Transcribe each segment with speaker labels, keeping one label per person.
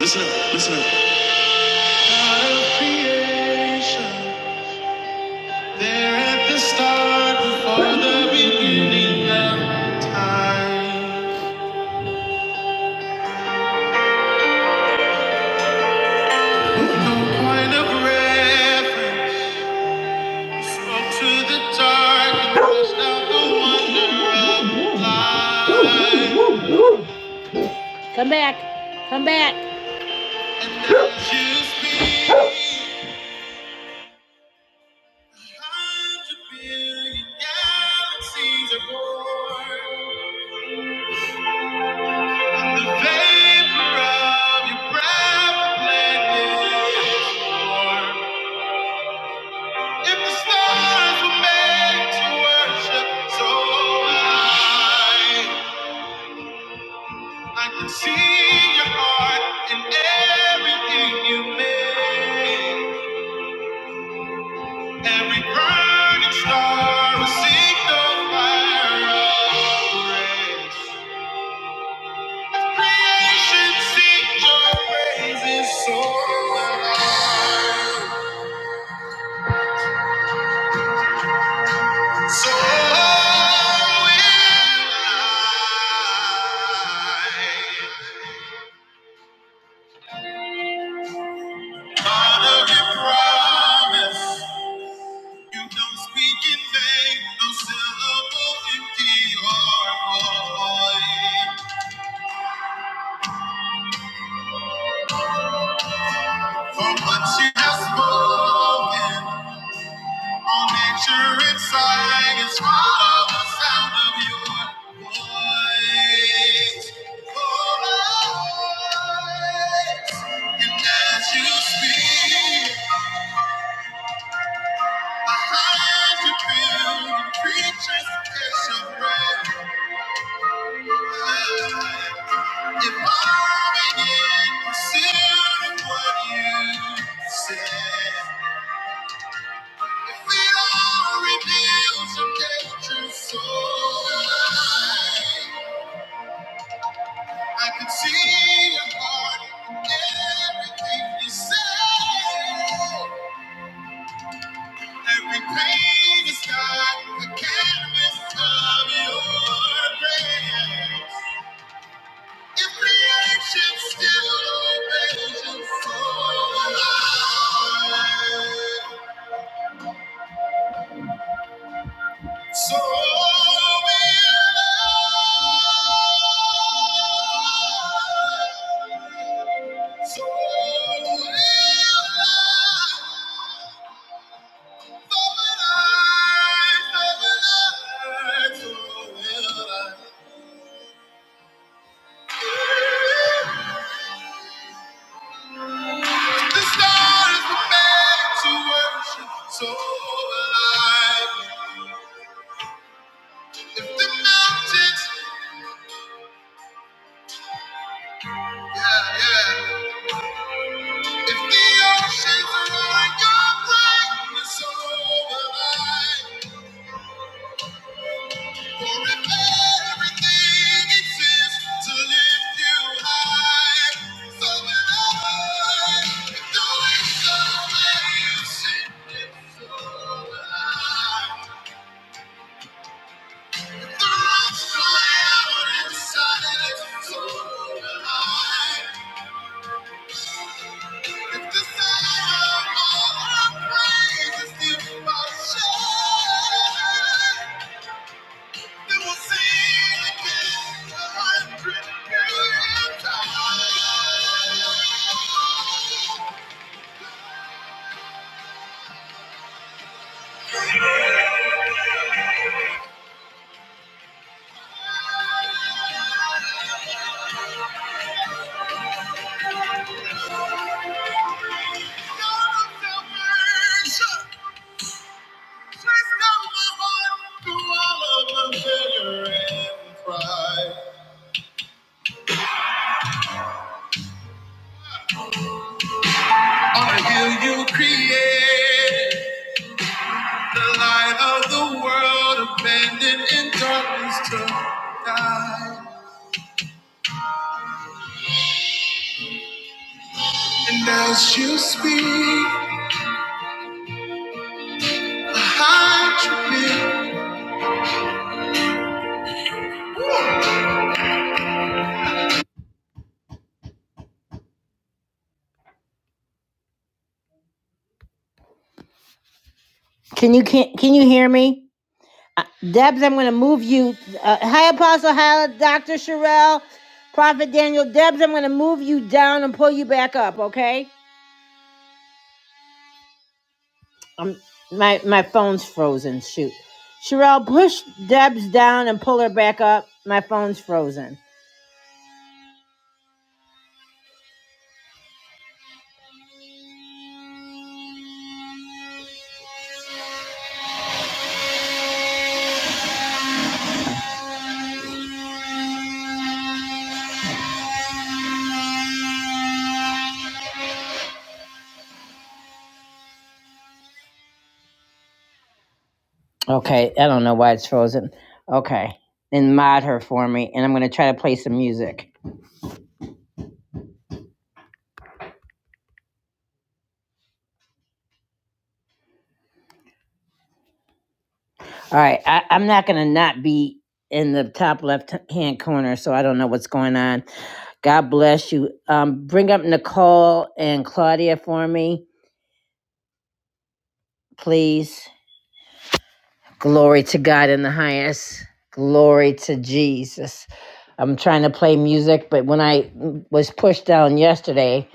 Speaker 1: Listen up, listen up. God of creation, there at the start, before the beginning of time. No point of reference, spoke to the dark and pushed out the wonder of light. Come back, come back. And as you speak, a hundred billion galaxies are born. The vapor of your breath blended warm. If the stars were made to worship so high, I can see your heart in everything you make. Every burning star will signal fire of grace. Creation sings your praises so loud. So will I. God of your promise, you don't speak in vain, no syllable empty your voice For what you have spoken. All nature is sighing, it's follow the sound of your voice. Voice. And as you speak, a hundred billion creatures catch your breath. Evolving in pursuit of what you said. If We are revealed to nature's soul. I can see your heart in everything you say. Every pain is not the canvas of your grace. If creation still obeys your soul, So will I. So will I. If the oceans are on your brightness, so will I. Thank you. on the hill you create the light of the world, abandoned in darkness to die. And as you speak, Can you can, can you hear me? Uh, Debs, I'm going to move you. Uh, hi, Apostle Hyla, Dr. Sherelle, Prophet Daniel. Debs, I'm going to move you down and pull you back up, okay? Um, my, my phone's frozen. Shoot. Sherelle, push Debs down and pull her back up. My phone's frozen. Okay, I don't know why it's frozen. Okay, then mod her for me, and I'm gonna try to play some music. All right, I, I'm not going to not be in the top left hand corner, so I don't know what's going on. God bless you. Um, bring up Nicole and Claudia for me, please. Glory to God in the highest. Glory to Jesus. I'm trying to play music, but when I was pushed down yesterday,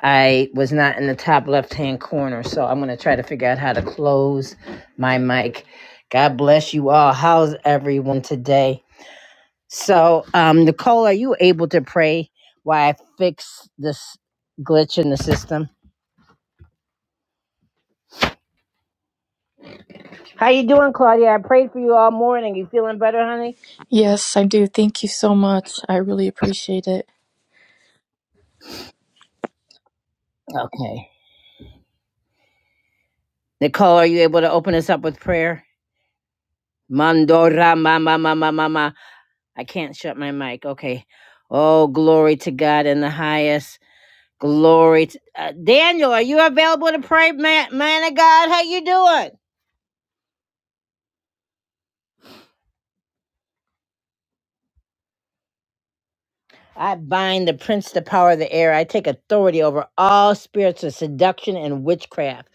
Speaker 1: I was not in the top left hand corner. So I'm going to try to figure out how to close my mic. God bless you all. How's everyone today? So, um, Nicole, are you able to pray while I fix this glitch in the system? How you doing, Claudia? I prayed for you all morning. You feeling better, honey?
Speaker 2: Yes, I do. Thank you so much. I really appreciate it.
Speaker 1: Okay. Nicole, are you able to open us up with prayer? Mandora mama mama mama. I can't shut my mic. Okay. Oh, glory to God in the highest. Glory to uh, Daniel. Are you available to pray, man, man of God? How you doing? I bind the prince, the power of the air. I take authority over all spirits of seduction and witchcraft,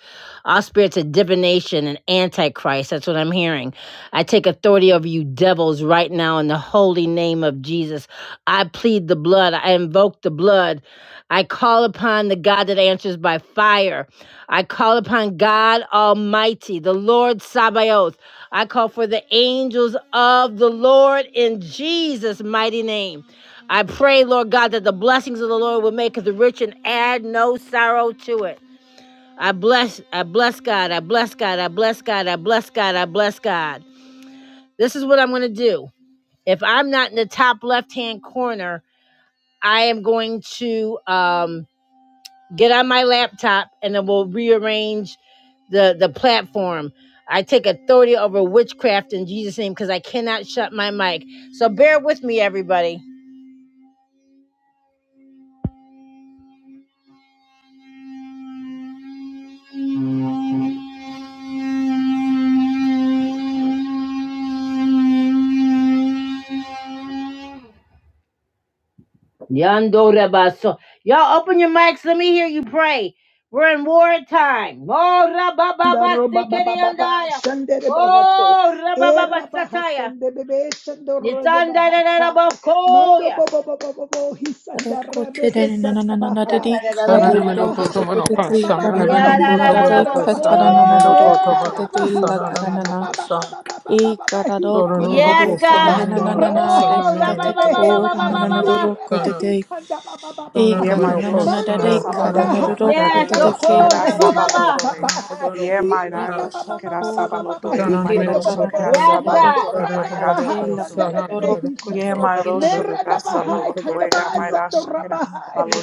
Speaker 1: all spirits of divination and antichrist. That's what I'm hearing. I take authority over you devils right now in the holy name of Jesus. I plead the blood. I invoke the blood. I call upon the God that answers by fire. I call upon God Almighty, the Lord Sabaoth. I call for the angels of the Lord in Jesus' mighty name. I pray, Lord God, that the blessings of the Lord will make us rich and add no sorrow to it. I bless, I bless God, I bless God, I bless God, I bless God, I bless God. This is what I'm going to do. If I'm not in the top left hand corner, I am going to um, get on my laptop and then we'll rearrange the, the platform. I take authority over witchcraft in Jesus' name because I cannot shut my mic. So bear with me, everybody. Yando Rabaso. Y'all open your mics. Let me hear you pray. We're in war time. Oh, Rabababa
Speaker 3: Daro ba ba
Speaker 1: Sikariandaya.
Speaker 3: shandere bahako
Speaker 1: Oh, Rabababa
Speaker 3: era
Speaker 1: Sataya.
Speaker 3: bahasande bebe shandoro de
Speaker 1: Nisanda da da da
Speaker 3: bahaka mando
Speaker 1: Bokoya.
Speaker 3: bo bo bo bo bo bo hisandara behe
Speaker 1: Da da da da
Speaker 4: Sana
Speaker 1: da
Speaker 3: era
Speaker 1: Bosoko.
Speaker 3: bahashanda ba ba ba ba
Speaker 1: Ya da da da da
Speaker 3: bahai
Speaker 1: Boso.
Speaker 3: merada bahasanda ba ba ba ba ba ba ba ba
Speaker 1: Yes, God.
Speaker 3: mando
Speaker 1: Oh,
Speaker 3: rabahashande
Speaker 1: rabba, ba, ba,
Speaker 3: behe
Speaker 1: ba, ba, ba, ba, ba, ba.
Speaker 3: irebe hikanda ba ba ba
Speaker 5: Ye mayrosho kera
Speaker 3: Mando roda
Speaker 5: sabalotore
Speaker 3: hapa
Speaker 1: Yes,
Speaker 3: sanda
Speaker 1: of
Speaker 3: ba ba
Speaker 5: mayrosho
Speaker 3: ba
Speaker 1: course,
Speaker 3: ba
Speaker 5: kera
Speaker 1: rabba, ba,
Speaker 3: hisha
Speaker 1: ba.
Speaker 3: da ba
Speaker 5: sabalotoe. Ye
Speaker 3: ira da ba
Speaker 2: Ikata
Speaker 5: mayrosho
Speaker 3: ba ba
Speaker 5: kera
Speaker 3: ba ba
Speaker 2: toro
Speaker 3: ba
Speaker 5: sabalotoe ra
Speaker 2: kutete la
Speaker 5: mayrosho
Speaker 2: karana
Speaker 3: bo
Speaker 5: kera
Speaker 1: Yes,
Speaker 3: mando
Speaker 1: God.
Speaker 2: rika
Speaker 5: sabalotora
Speaker 3: rada ba
Speaker 5: mayrata
Speaker 2: tate
Speaker 3: ha
Speaker 2: la
Speaker 3: sanda
Speaker 5: barotoe.
Speaker 3: be be
Speaker 2: kararoro
Speaker 3: be
Speaker 5: Ye
Speaker 2: kutete
Speaker 3: do
Speaker 2: la
Speaker 5: mayrosho
Speaker 3: mera
Speaker 5: kera
Speaker 3: da ba
Speaker 2: rika
Speaker 3: kanda
Speaker 5: sabalotoe ra
Speaker 3: ba
Speaker 2: tani
Speaker 3: sando
Speaker 5: mayrasha kera
Speaker 3: raba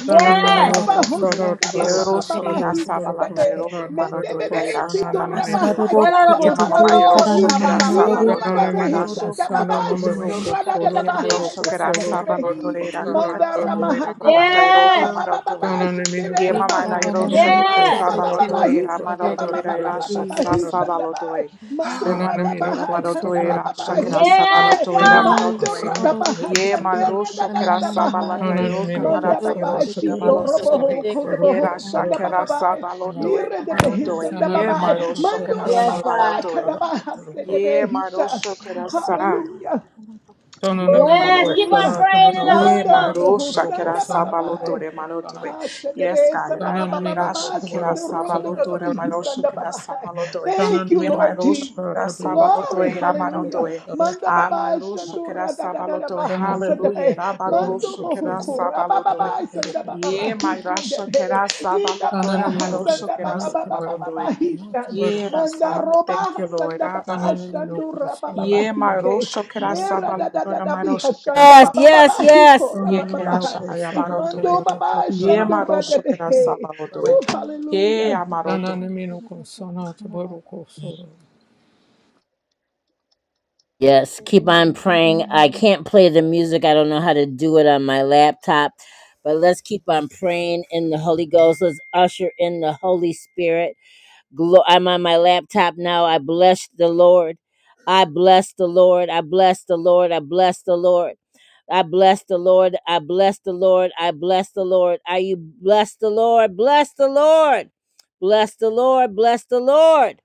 Speaker 4: Sana
Speaker 3: mando roba
Speaker 5: maratoe.
Speaker 3: ho
Speaker 2: nororo
Speaker 3: sanda
Speaker 5: Ye
Speaker 3: ba ba ba
Speaker 2: kutete
Speaker 5: rosho kera sabalata
Speaker 3: be
Speaker 5: erok
Speaker 3: mende be
Speaker 5: maratoe ra
Speaker 3: be si
Speaker 5: irasha balasodoe.
Speaker 2: kararoro
Speaker 3: kanda
Speaker 5: Ye
Speaker 1: Honorable
Speaker 3: ba
Speaker 2: kutete
Speaker 3: ba
Speaker 5: mama
Speaker 3: ba ba
Speaker 2: la
Speaker 3: ba
Speaker 1: soul,
Speaker 3: hi
Speaker 5: mayrosho
Speaker 2: karana
Speaker 1: rabba, ba,
Speaker 5: kera
Speaker 1: ba,
Speaker 2: nana
Speaker 1: ba, ba, ba,
Speaker 3: ira
Speaker 1: ba,
Speaker 2: rika
Speaker 1: ba.
Speaker 3: da
Speaker 5: sabalotore
Speaker 3: be hisha
Speaker 2: tatororo
Speaker 5: marasha
Speaker 3: da
Speaker 5: kera
Speaker 2: kutete
Speaker 5: balotoe.
Speaker 3: shando rada da da
Speaker 2: kararara
Speaker 5: Yemaroso
Speaker 2: rika
Speaker 5: kera
Speaker 3: sanda be be
Speaker 2: tatororo
Speaker 5: sabalo
Speaker 3: hi
Speaker 2: kutete
Speaker 5: toera
Speaker 2: la
Speaker 3: Manda
Speaker 5: camaroso
Speaker 2: karana
Speaker 5: doera,
Speaker 2: nana
Speaker 3: rabaha
Speaker 2: rika
Speaker 5: manata
Speaker 3: kora ba
Speaker 5: iro
Speaker 3: ba
Speaker 1: Yes,
Speaker 3: ba ba
Speaker 2: tatororo
Speaker 3: ba ba ba
Speaker 5: camarotoe.
Speaker 3: shandere
Speaker 5: Yemamana
Speaker 3: rabaha.
Speaker 2: ikata
Speaker 5: iroso
Speaker 2: nana
Speaker 5: kera
Speaker 3: Manda
Speaker 1: yes,
Speaker 3: ba ba
Speaker 5: sabalo
Speaker 2: kutete
Speaker 3: ba ba
Speaker 2: la
Speaker 5: toera
Speaker 2: kararara
Speaker 3: hisanda ba ba
Speaker 5: marotoera
Speaker 3: ba
Speaker 2: kutete
Speaker 5: irasha kera
Speaker 3: hisanda
Speaker 5: sabalo
Speaker 3: ba.
Speaker 5: toe.
Speaker 3: Mando rada
Speaker 5: Semanotora
Speaker 3: kanda ba
Speaker 5: marotoera
Speaker 3: ba
Speaker 5: shakera
Speaker 3: shita ba.
Speaker 1: yes,
Speaker 5: balotoera,
Speaker 1: God.
Speaker 2: Oh,
Speaker 3: Mando
Speaker 5: marotoe.
Speaker 3: rada
Speaker 5: Ye
Speaker 3: shandere da
Speaker 5: maroso
Speaker 3: da
Speaker 5: kera sabalata iro
Speaker 3: Manda
Speaker 5: camarata
Speaker 3: ba ba
Speaker 5: iroso da baloso doe.
Speaker 3: roboho kodo
Speaker 5: Yera
Speaker 3: boho sanda ba ba
Speaker 5: shakera sabalo
Speaker 3: Mire de
Speaker 5: marotoe.
Speaker 3: behisanda ba
Speaker 4: Sanana
Speaker 5: Ye
Speaker 3: ba.
Speaker 4: Miloko
Speaker 5: maroso
Speaker 3: Mando
Speaker 5: kera
Speaker 4: Sanata
Speaker 1: Yes,
Speaker 3: raba
Speaker 4: Miloko
Speaker 5: sabayo
Speaker 1: God.
Speaker 5: toe.
Speaker 3: kada ba
Speaker 4: Sanata
Speaker 3: se
Speaker 4: Miloko
Speaker 3: de
Speaker 5: Ye
Speaker 3: behisha.
Speaker 5: maroso kera
Speaker 3: Hallelujah.
Speaker 4: Sanana
Speaker 5: Thank
Speaker 3: Oh,
Speaker 5: you,
Speaker 4: Miloko
Speaker 1: Yes,
Speaker 5: Lord.
Speaker 1: keep on
Speaker 3: hallelujah.
Speaker 4: Sanata
Speaker 1: praying in the
Speaker 4: Miloko
Speaker 5: Ye
Speaker 1: Holy
Speaker 3: Manda
Speaker 1: Ghost.
Speaker 5: maro
Speaker 4: Sanata
Speaker 3: roboho
Speaker 4: Miloko
Speaker 5: shakera
Speaker 3: sanda
Speaker 4: Sanata
Speaker 3: bababae.
Speaker 5: sabalotore
Speaker 4: Miloko Sanata
Speaker 5: malotore.
Speaker 3: Hasha
Speaker 5: Yes, God. Ra
Speaker 4: Sanana
Speaker 5: ra ra
Speaker 4: Miloko
Speaker 5: shakera
Speaker 4: Miloko Sanata
Speaker 5: sabalotore maro
Speaker 4: Miloko
Speaker 5: shakera
Speaker 4: Sanata
Speaker 5: sabalotore.
Speaker 3: Thank
Speaker 4: Sanana
Speaker 3: you,
Speaker 5: Ye
Speaker 4: Miloko
Speaker 3: Lord
Speaker 5: maro
Speaker 3: Jesus.
Speaker 5: shakera
Speaker 4: Sanata Miloko
Speaker 3: Glory,
Speaker 5: sabalotore ra
Speaker 4: Sanata
Speaker 3: hallelujah.
Speaker 4: Miloko
Speaker 5: marotore.
Speaker 3: Manda
Speaker 5: Ah,
Speaker 3: babae,
Speaker 5: maro
Speaker 3: shando
Speaker 5: shakera
Speaker 3: rada da da da
Speaker 5: sabalotore.
Speaker 4: Sanata Miloko Sanata Miloko Sanata Miloko Sanata
Speaker 3: baha
Speaker 4: Miloko Sanana Miloko
Speaker 3: sanda
Speaker 5: Hallelujah. Ra maro
Speaker 3: Mando
Speaker 4: Sanata Miloko
Speaker 3: bohu
Speaker 4: Sanata Miloko Sanata
Speaker 5: shakera
Speaker 3: kura
Speaker 5: sabalotore.
Speaker 3: bababae, sanda
Speaker 5: Ye
Speaker 3: bababahi
Speaker 5: maro
Speaker 3: shanda bae.
Speaker 5: shakera
Speaker 3: Ida
Speaker 4: Sanana
Speaker 5: sabalotore
Speaker 3: babaha
Speaker 5: maro
Speaker 3: sanda
Speaker 5: shakera sabalotore.
Speaker 3: babababababahi shan.
Speaker 5: Ye ra
Speaker 3: Manda
Speaker 5: sabalo. Thank
Speaker 3: roba
Speaker 5: you,
Speaker 3: sanda babae,
Speaker 5: Lord.
Speaker 4: Miloko
Speaker 3: shando
Speaker 5: Ye
Speaker 3: rabababahi
Speaker 5: marosho
Speaker 4: Sanata
Speaker 5: kerasa
Speaker 3: Mera da
Speaker 4: Miloko
Speaker 3: da da
Speaker 5: balotora
Speaker 3: da bi
Speaker 5: marosho
Speaker 3: hashanda
Speaker 5: kerasa
Speaker 1: Yes,
Speaker 3: ba ba ba
Speaker 1: yes,
Speaker 3: ba
Speaker 5: balotore.
Speaker 1: yes.
Speaker 3: hiko
Speaker 4: Sanana
Speaker 5: Ye kerasha
Speaker 3: mando
Speaker 5: ayabarotore.
Speaker 3: ba ba
Speaker 5: Ye
Speaker 3: shando ra de
Speaker 5: marosho kerasa balotore.
Speaker 3: Oh
Speaker 5: Ye
Speaker 3: hallelujah.
Speaker 5: amarotore.
Speaker 1: Yes, keep on praying. I can't play the music. I don't know how to do it on my laptop. But let's keep on praying in the Holy Ghost. Let's usher in the Holy Spirit. Glo- I'm on my laptop now. I bless the Lord. I bless the Lord. I bless the Lord. I bless the Lord. I bless the Lord. I bless the Lord. I bless the Lord. Are you bless the Lord? Bless the Lord. Bless the Lord. Bless the Lord.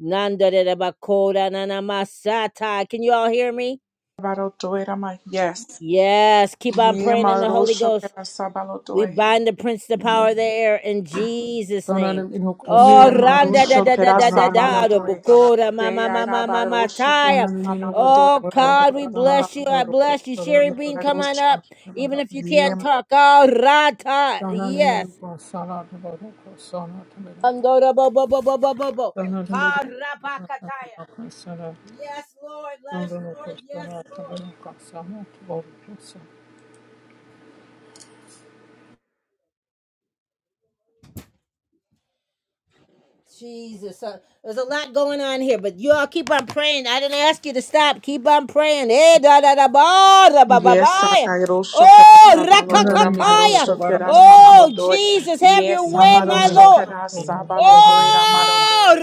Speaker 1: Nanda de de ba na na masata. Can you all hear me?
Speaker 5: Barotore rama. Yes.
Speaker 1: Yes. Keep on
Speaker 5: Ye
Speaker 1: praying in the Holy
Speaker 5: marosho
Speaker 1: Ghost.
Speaker 5: kerasa
Speaker 1: We
Speaker 5: balotore.
Speaker 1: bind the prince, the power of the air in Jesus' name. Oh,
Speaker 5: Ye
Speaker 1: randa da
Speaker 5: marosho
Speaker 1: da da da da
Speaker 5: kerasa
Speaker 1: da da
Speaker 5: balotore.
Speaker 1: bukura ma
Speaker 5: Se
Speaker 1: ma ma ma ma ma
Speaker 5: ayabarosho
Speaker 1: taya.
Speaker 5: kerasa malotore
Speaker 1: Oh God,
Speaker 5: marosho
Speaker 1: we
Speaker 5: kerasa
Speaker 1: bless you. I
Speaker 5: balotore.
Speaker 1: bless you, Sherry
Speaker 5: Ye
Speaker 1: Bean. Come on
Speaker 5: marosho.
Speaker 1: up, even if you can't talk. Oh, rata, yes. Andora bo bo bo bo bo bo bo. Ha rabakataya. Yes, Lord. Yes, Lord. Yes, Lord. Jesus, uh, there's a lot going on here, but you all keep on praying. I didn't ask you to stop. Keep on praying. Eh, da da da ba da ba ba
Speaker 5: Yes,
Speaker 1: ba.
Speaker 5: Sakairo Shokera
Speaker 1: Oh,
Speaker 4: Sarani
Speaker 5: Sabalotora
Speaker 4: mino
Speaker 5: Maro
Speaker 1: rakakakaya.
Speaker 4: koto
Speaker 5: Shokera
Speaker 4: baraka sana.
Speaker 1: Oh,
Speaker 5: Sabalotoe.
Speaker 1: Jesus, have your
Speaker 5: Yes,
Speaker 1: way,
Speaker 4: Sarani
Speaker 5: Hamaro
Speaker 1: my
Speaker 4: mino
Speaker 1: Lord.
Speaker 5: Shokera
Speaker 4: koto mino
Speaker 5: Sabalotoe
Speaker 4: baraka sana.
Speaker 1: Oh,
Speaker 5: Ramarotoe.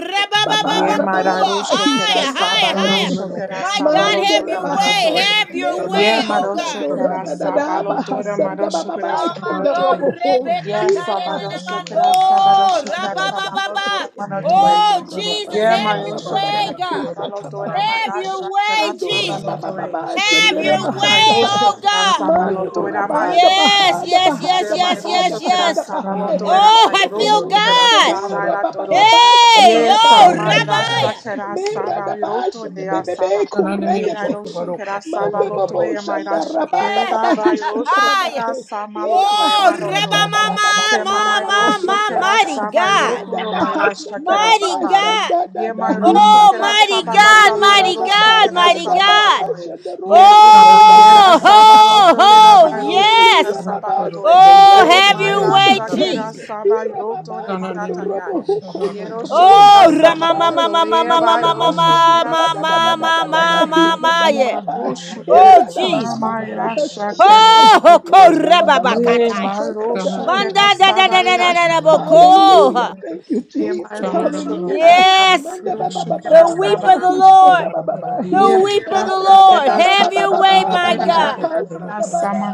Speaker 5: Ye
Speaker 3: baba ba baba ba ba ba
Speaker 5: Mararo
Speaker 3: ba hi
Speaker 5: Shokera
Speaker 1: Higher,
Speaker 3: shanda ba.
Speaker 1: higher,
Speaker 5: Sabairo
Speaker 4: Sarani
Speaker 1: higher.
Speaker 4: mino
Speaker 5: Shokera
Speaker 4: koto
Speaker 1: My
Speaker 4: mino
Speaker 1: God, have
Speaker 3: Mande ra
Speaker 5: Sabalotora
Speaker 1: your
Speaker 4: sana
Speaker 1: way.
Speaker 4: tebero
Speaker 5: Marotoe.
Speaker 1: Have your
Speaker 3: Me
Speaker 4: sana
Speaker 3: da
Speaker 5: Ye
Speaker 1: way, oh
Speaker 4: tebero
Speaker 5: Maro
Speaker 1: God.
Speaker 3: shando ra
Speaker 4: sana
Speaker 5: Shokera
Speaker 3: da da
Speaker 4: tebero
Speaker 3: da ba ha
Speaker 5: Sabalotora Maro
Speaker 3: shanda
Speaker 5: Shokera
Speaker 4: sana
Speaker 3: kanda ro
Speaker 5: Sabarotoe.
Speaker 1: Amando
Speaker 4: tebero
Speaker 3: ida ho.
Speaker 4: tebero
Speaker 1: Rebecca
Speaker 3: I
Speaker 5: Yes,
Speaker 3: baba
Speaker 5: Sabaro
Speaker 3: baba baba shanda
Speaker 5: Shokera Sabaro
Speaker 1: Amando
Speaker 5: Shokera
Speaker 1: Rabababa.
Speaker 5: Sabalotora
Speaker 3: shande.
Speaker 5: Marotoe.
Speaker 3: Mando
Speaker 1: Oh
Speaker 3: ra
Speaker 4: tebero
Speaker 3: baba
Speaker 1: Jesus,
Speaker 4: koto
Speaker 5: Ye
Speaker 3: baba
Speaker 1: have
Speaker 3: baba
Speaker 4: tebero
Speaker 5: Maro
Speaker 3: ba
Speaker 1: your
Speaker 3: ba ba
Speaker 1: way,
Speaker 5: Shokera
Speaker 4: sana
Speaker 1: God.
Speaker 4: tebero
Speaker 5: Sabalotora
Speaker 4: sana
Speaker 1: Have
Speaker 5: Mara
Speaker 4: tebero
Speaker 1: your
Speaker 5: Shokera
Speaker 1: way,
Speaker 3: Andorra
Speaker 1: Jesus.
Speaker 5: Sabalotoe.
Speaker 3: Baba
Speaker 1: Have
Speaker 5: Yes,
Speaker 3: Sandera
Speaker 1: your way,
Speaker 5: Amaira
Speaker 3: Bahashai.
Speaker 1: oh
Speaker 5: Shakara
Speaker 1: God.
Speaker 4: sarani mino
Speaker 3: Mando
Speaker 4: koto mino
Speaker 3: Rabada
Speaker 1: Yes,
Speaker 3: Bahada
Speaker 1: yes, yes,
Speaker 3: Bahada
Speaker 1: yes,
Speaker 3: Bahada
Speaker 1: yes, yes.
Speaker 3: Bahada Bahai.
Speaker 4: sarani mino
Speaker 1: Oh,
Speaker 4: koto
Speaker 1: I
Speaker 3: Mando
Speaker 1: feel
Speaker 4: tebero
Speaker 3: Bohosha
Speaker 4: tebero
Speaker 1: God.
Speaker 4: sana
Speaker 3: Dedera Baba
Speaker 4: tebero
Speaker 3: Baba Kanda
Speaker 1: Hey,
Speaker 4: sana
Speaker 3: Baba
Speaker 1: oh
Speaker 4: tebero sana
Speaker 1: Rabaya.
Speaker 3: Bahashai. Mera
Speaker 5: Saba
Speaker 3: da
Speaker 5: Roto
Speaker 3: de
Speaker 5: de
Speaker 3: Bebe
Speaker 5: Asaba.
Speaker 4: sarani
Speaker 3: Kure
Speaker 4: mino
Speaker 3: de
Speaker 5: Kira
Speaker 4: koto
Speaker 5: Rosho
Speaker 3: Behi.
Speaker 4: baroko
Speaker 5: Kera
Speaker 4: soro
Speaker 5: Saba
Speaker 3: Mando
Speaker 5: Loto e
Speaker 3: Bobosha
Speaker 5: Amaira
Speaker 3: da
Speaker 4: tebero
Speaker 3: Rababa
Speaker 5: Shakera
Speaker 3: Baba
Speaker 1: Yeah.
Speaker 3: Hishanda
Speaker 5: Bairosho Kera Sama
Speaker 3: Ida
Speaker 5: Loto e
Speaker 1: Oh,
Speaker 3: Bahasha
Speaker 5: Maroto
Speaker 1: Rabba
Speaker 3: da
Speaker 5: e.
Speaker 3: Baba
Speaker 1: Mama,
Speaker 5: Sema
Speaker 3: Baba
Speaker 4: Sana
Speaker 1: Mama,
Speaker 5: mairosho
Speaker 1: Mama,
Speaker 5: kera
Speaker 1: mighty
Speaker 3: Hikata,
Speaker 5: saba
Speaker 1: God.
Speaker 5: iroko do
Speaker 3: Mandaba
Speaker 5: bairasha
Speaker 3: Hasanda
Speaker 5: kera
Speaker 3: Baba
Speaker 1: Mighty
Speaker 5: saba.
Speaker 1: God.
Speaker 3: Shanda
Speaker 5: Ye
Speaker 3: Dada
Speaker 5: mairosho
Speaker 1: Oh,
Speaker 5: kera
Speaker 3: Hisaba,
Speaker 1: mighty
Speaker 5: saba lata
Speaker 1: God,
Speaker 3: Era
Speaker 1: mighty
Speaker 5: mairosho
Speaker 3: Baba
Speaker 1: God,
Speaker 5: kera
Speaker 1: mighty
Speaker 5: saba
Speaker 1: God.
Speaker 5: latoe. Ye rosho kera
Speaker 1: Oh,
Speaker 5: saba
Speaker 1: ho,
Speaker 5: lotore la
Speaker 1: ho,
Speaker 5: bairosho
Speaker 1: yes.
Speaker 5: kera
Speaker 3: Hallelujah,
Speaker 5: saba
Speaker 3: Baba
Speaker 5: lotoe.
Speaker 3: Sando
Speaker 5: O
Speaker 1: Oh,
Speaker 3: Rede
Speaker 1: have your
Speaker 3: Bebe
Speaker 1: way,
Speaker 5: mairasha
Speaker 3: Sande,
Speaker 5: kera
Speaker 1: Jesus.
Speaker 5: saba
Speaker 3: Era
Speaker 5: iroto de
Speaker 3: Baba Sando
Speaker 5: magataya.
Speaker 3: Robo
Speaker 5: Ye
Speaker 3: Hukoso
Speaker 5: rosho
Speaker 3: Tobo
Speaker 5: kera
Speaker 1: Oh,
Speaker 3: Shanda
Speaker 5: saba
Speaker 1: ma, ma, ma, ma,
Speaker 5: lotoe
Speaker 1: ma, ma,
Speaker 3: Manda
Speaker 1: ma,
Speaker 5: bairosho
Speaker 3: bahasho
Speaker 1: ma, ma,
Speaker 5: kera
Speaker 1: ma, ma,
Speaker 3: rada da
Speaker 5: saba
Speaker 3: da da
Speaker 1: ma,
Speaker 3: da da
Speaker 5: lotoe.
Speaker 3: da
Speaker 1: ma, ma,
Speaker 3: hisa da
Speaker 1: ma,
Speaker 5: Ye
Speaker 3: ba
Speaker 1: yeah.
Speaker 3: ba ba
Speaker 5: maro shukera
Speaker 1: Oh,
Speaker 3: era da ba ba
Speaker 1: Jesus.
Speaker 5: sama
Speaker 3: ba ba
Speaker 5: ira
Speaker 3: hashande
Speaker 5: shakera
Speaker 3: de
Speaker 1: Oh,
Speaker 5: malo
Speaker 1: ho,
Speaker 5: doe.
Speaker 1: ko,
Speaker 3: manda
Speaker 1: reba
Speaker 3: ba
Speaker 1: ba,
Speaker 3: ba
Speaker 5: Ye
Speaker 3: ba ba ba
Speaker 1: kataya.
Speaker 5: maro
Speaker 3: hakada
Speaker 5: shukera
Speaker 1: Banda, da, da,
Speaker 5: sama
Speaker 1: da, da,
Speaker 5: ira
Speaker 1: da, da, da, bo,
Speaker 5: shira malo
Speaker 3: Hallelujah.
Speaker 5: doe.
Speaker 3: Thank you,
Speaker 5: Ye
Speaker 3: Jesus.
Speaker 5: maro shukera
Speaker 3: Hallelujah.
Speaker 5: sama
Speaker 1: Yes,
Speaker 3: Manda
Speaker 5: iro
Speaker 3: ba ba ba ba
Speaker 5: shukera
Speaker 1: the
Speaker 3: ba ba
Speaker 1: weep
Speaker 3: ba
Speaker 5: sama
Speaker 3: ba
Speaker 1: of
Speaker 5: lo
Speaker 1: the
Speaker 3: hi
Speaker 5: doe.
Speaker 1: Lord
Speaker 3: shanda ba ba ba
Speaker 5: Ye
Speaker 3: hi.
Speaker 1: the weep of the
Speaker 5: marasha
Speaker 3: Arada
Speaker 1: Lord.
Speaker 5: kera
Speaker 3: ba ba ba
Speaker 1: Have
Speaker 3: ba
Speaker 1: your
Speaker 3: ba
Speaker 1: way,
Speaker 3: ba ba
Speaker 5: sabarotoe,
Speaker 1: my
Speaker 3: ba ba
Speaker 1: God.
Speaker 3: ha
Speaker 5: marasha
Speaker 3: sanda ba ba.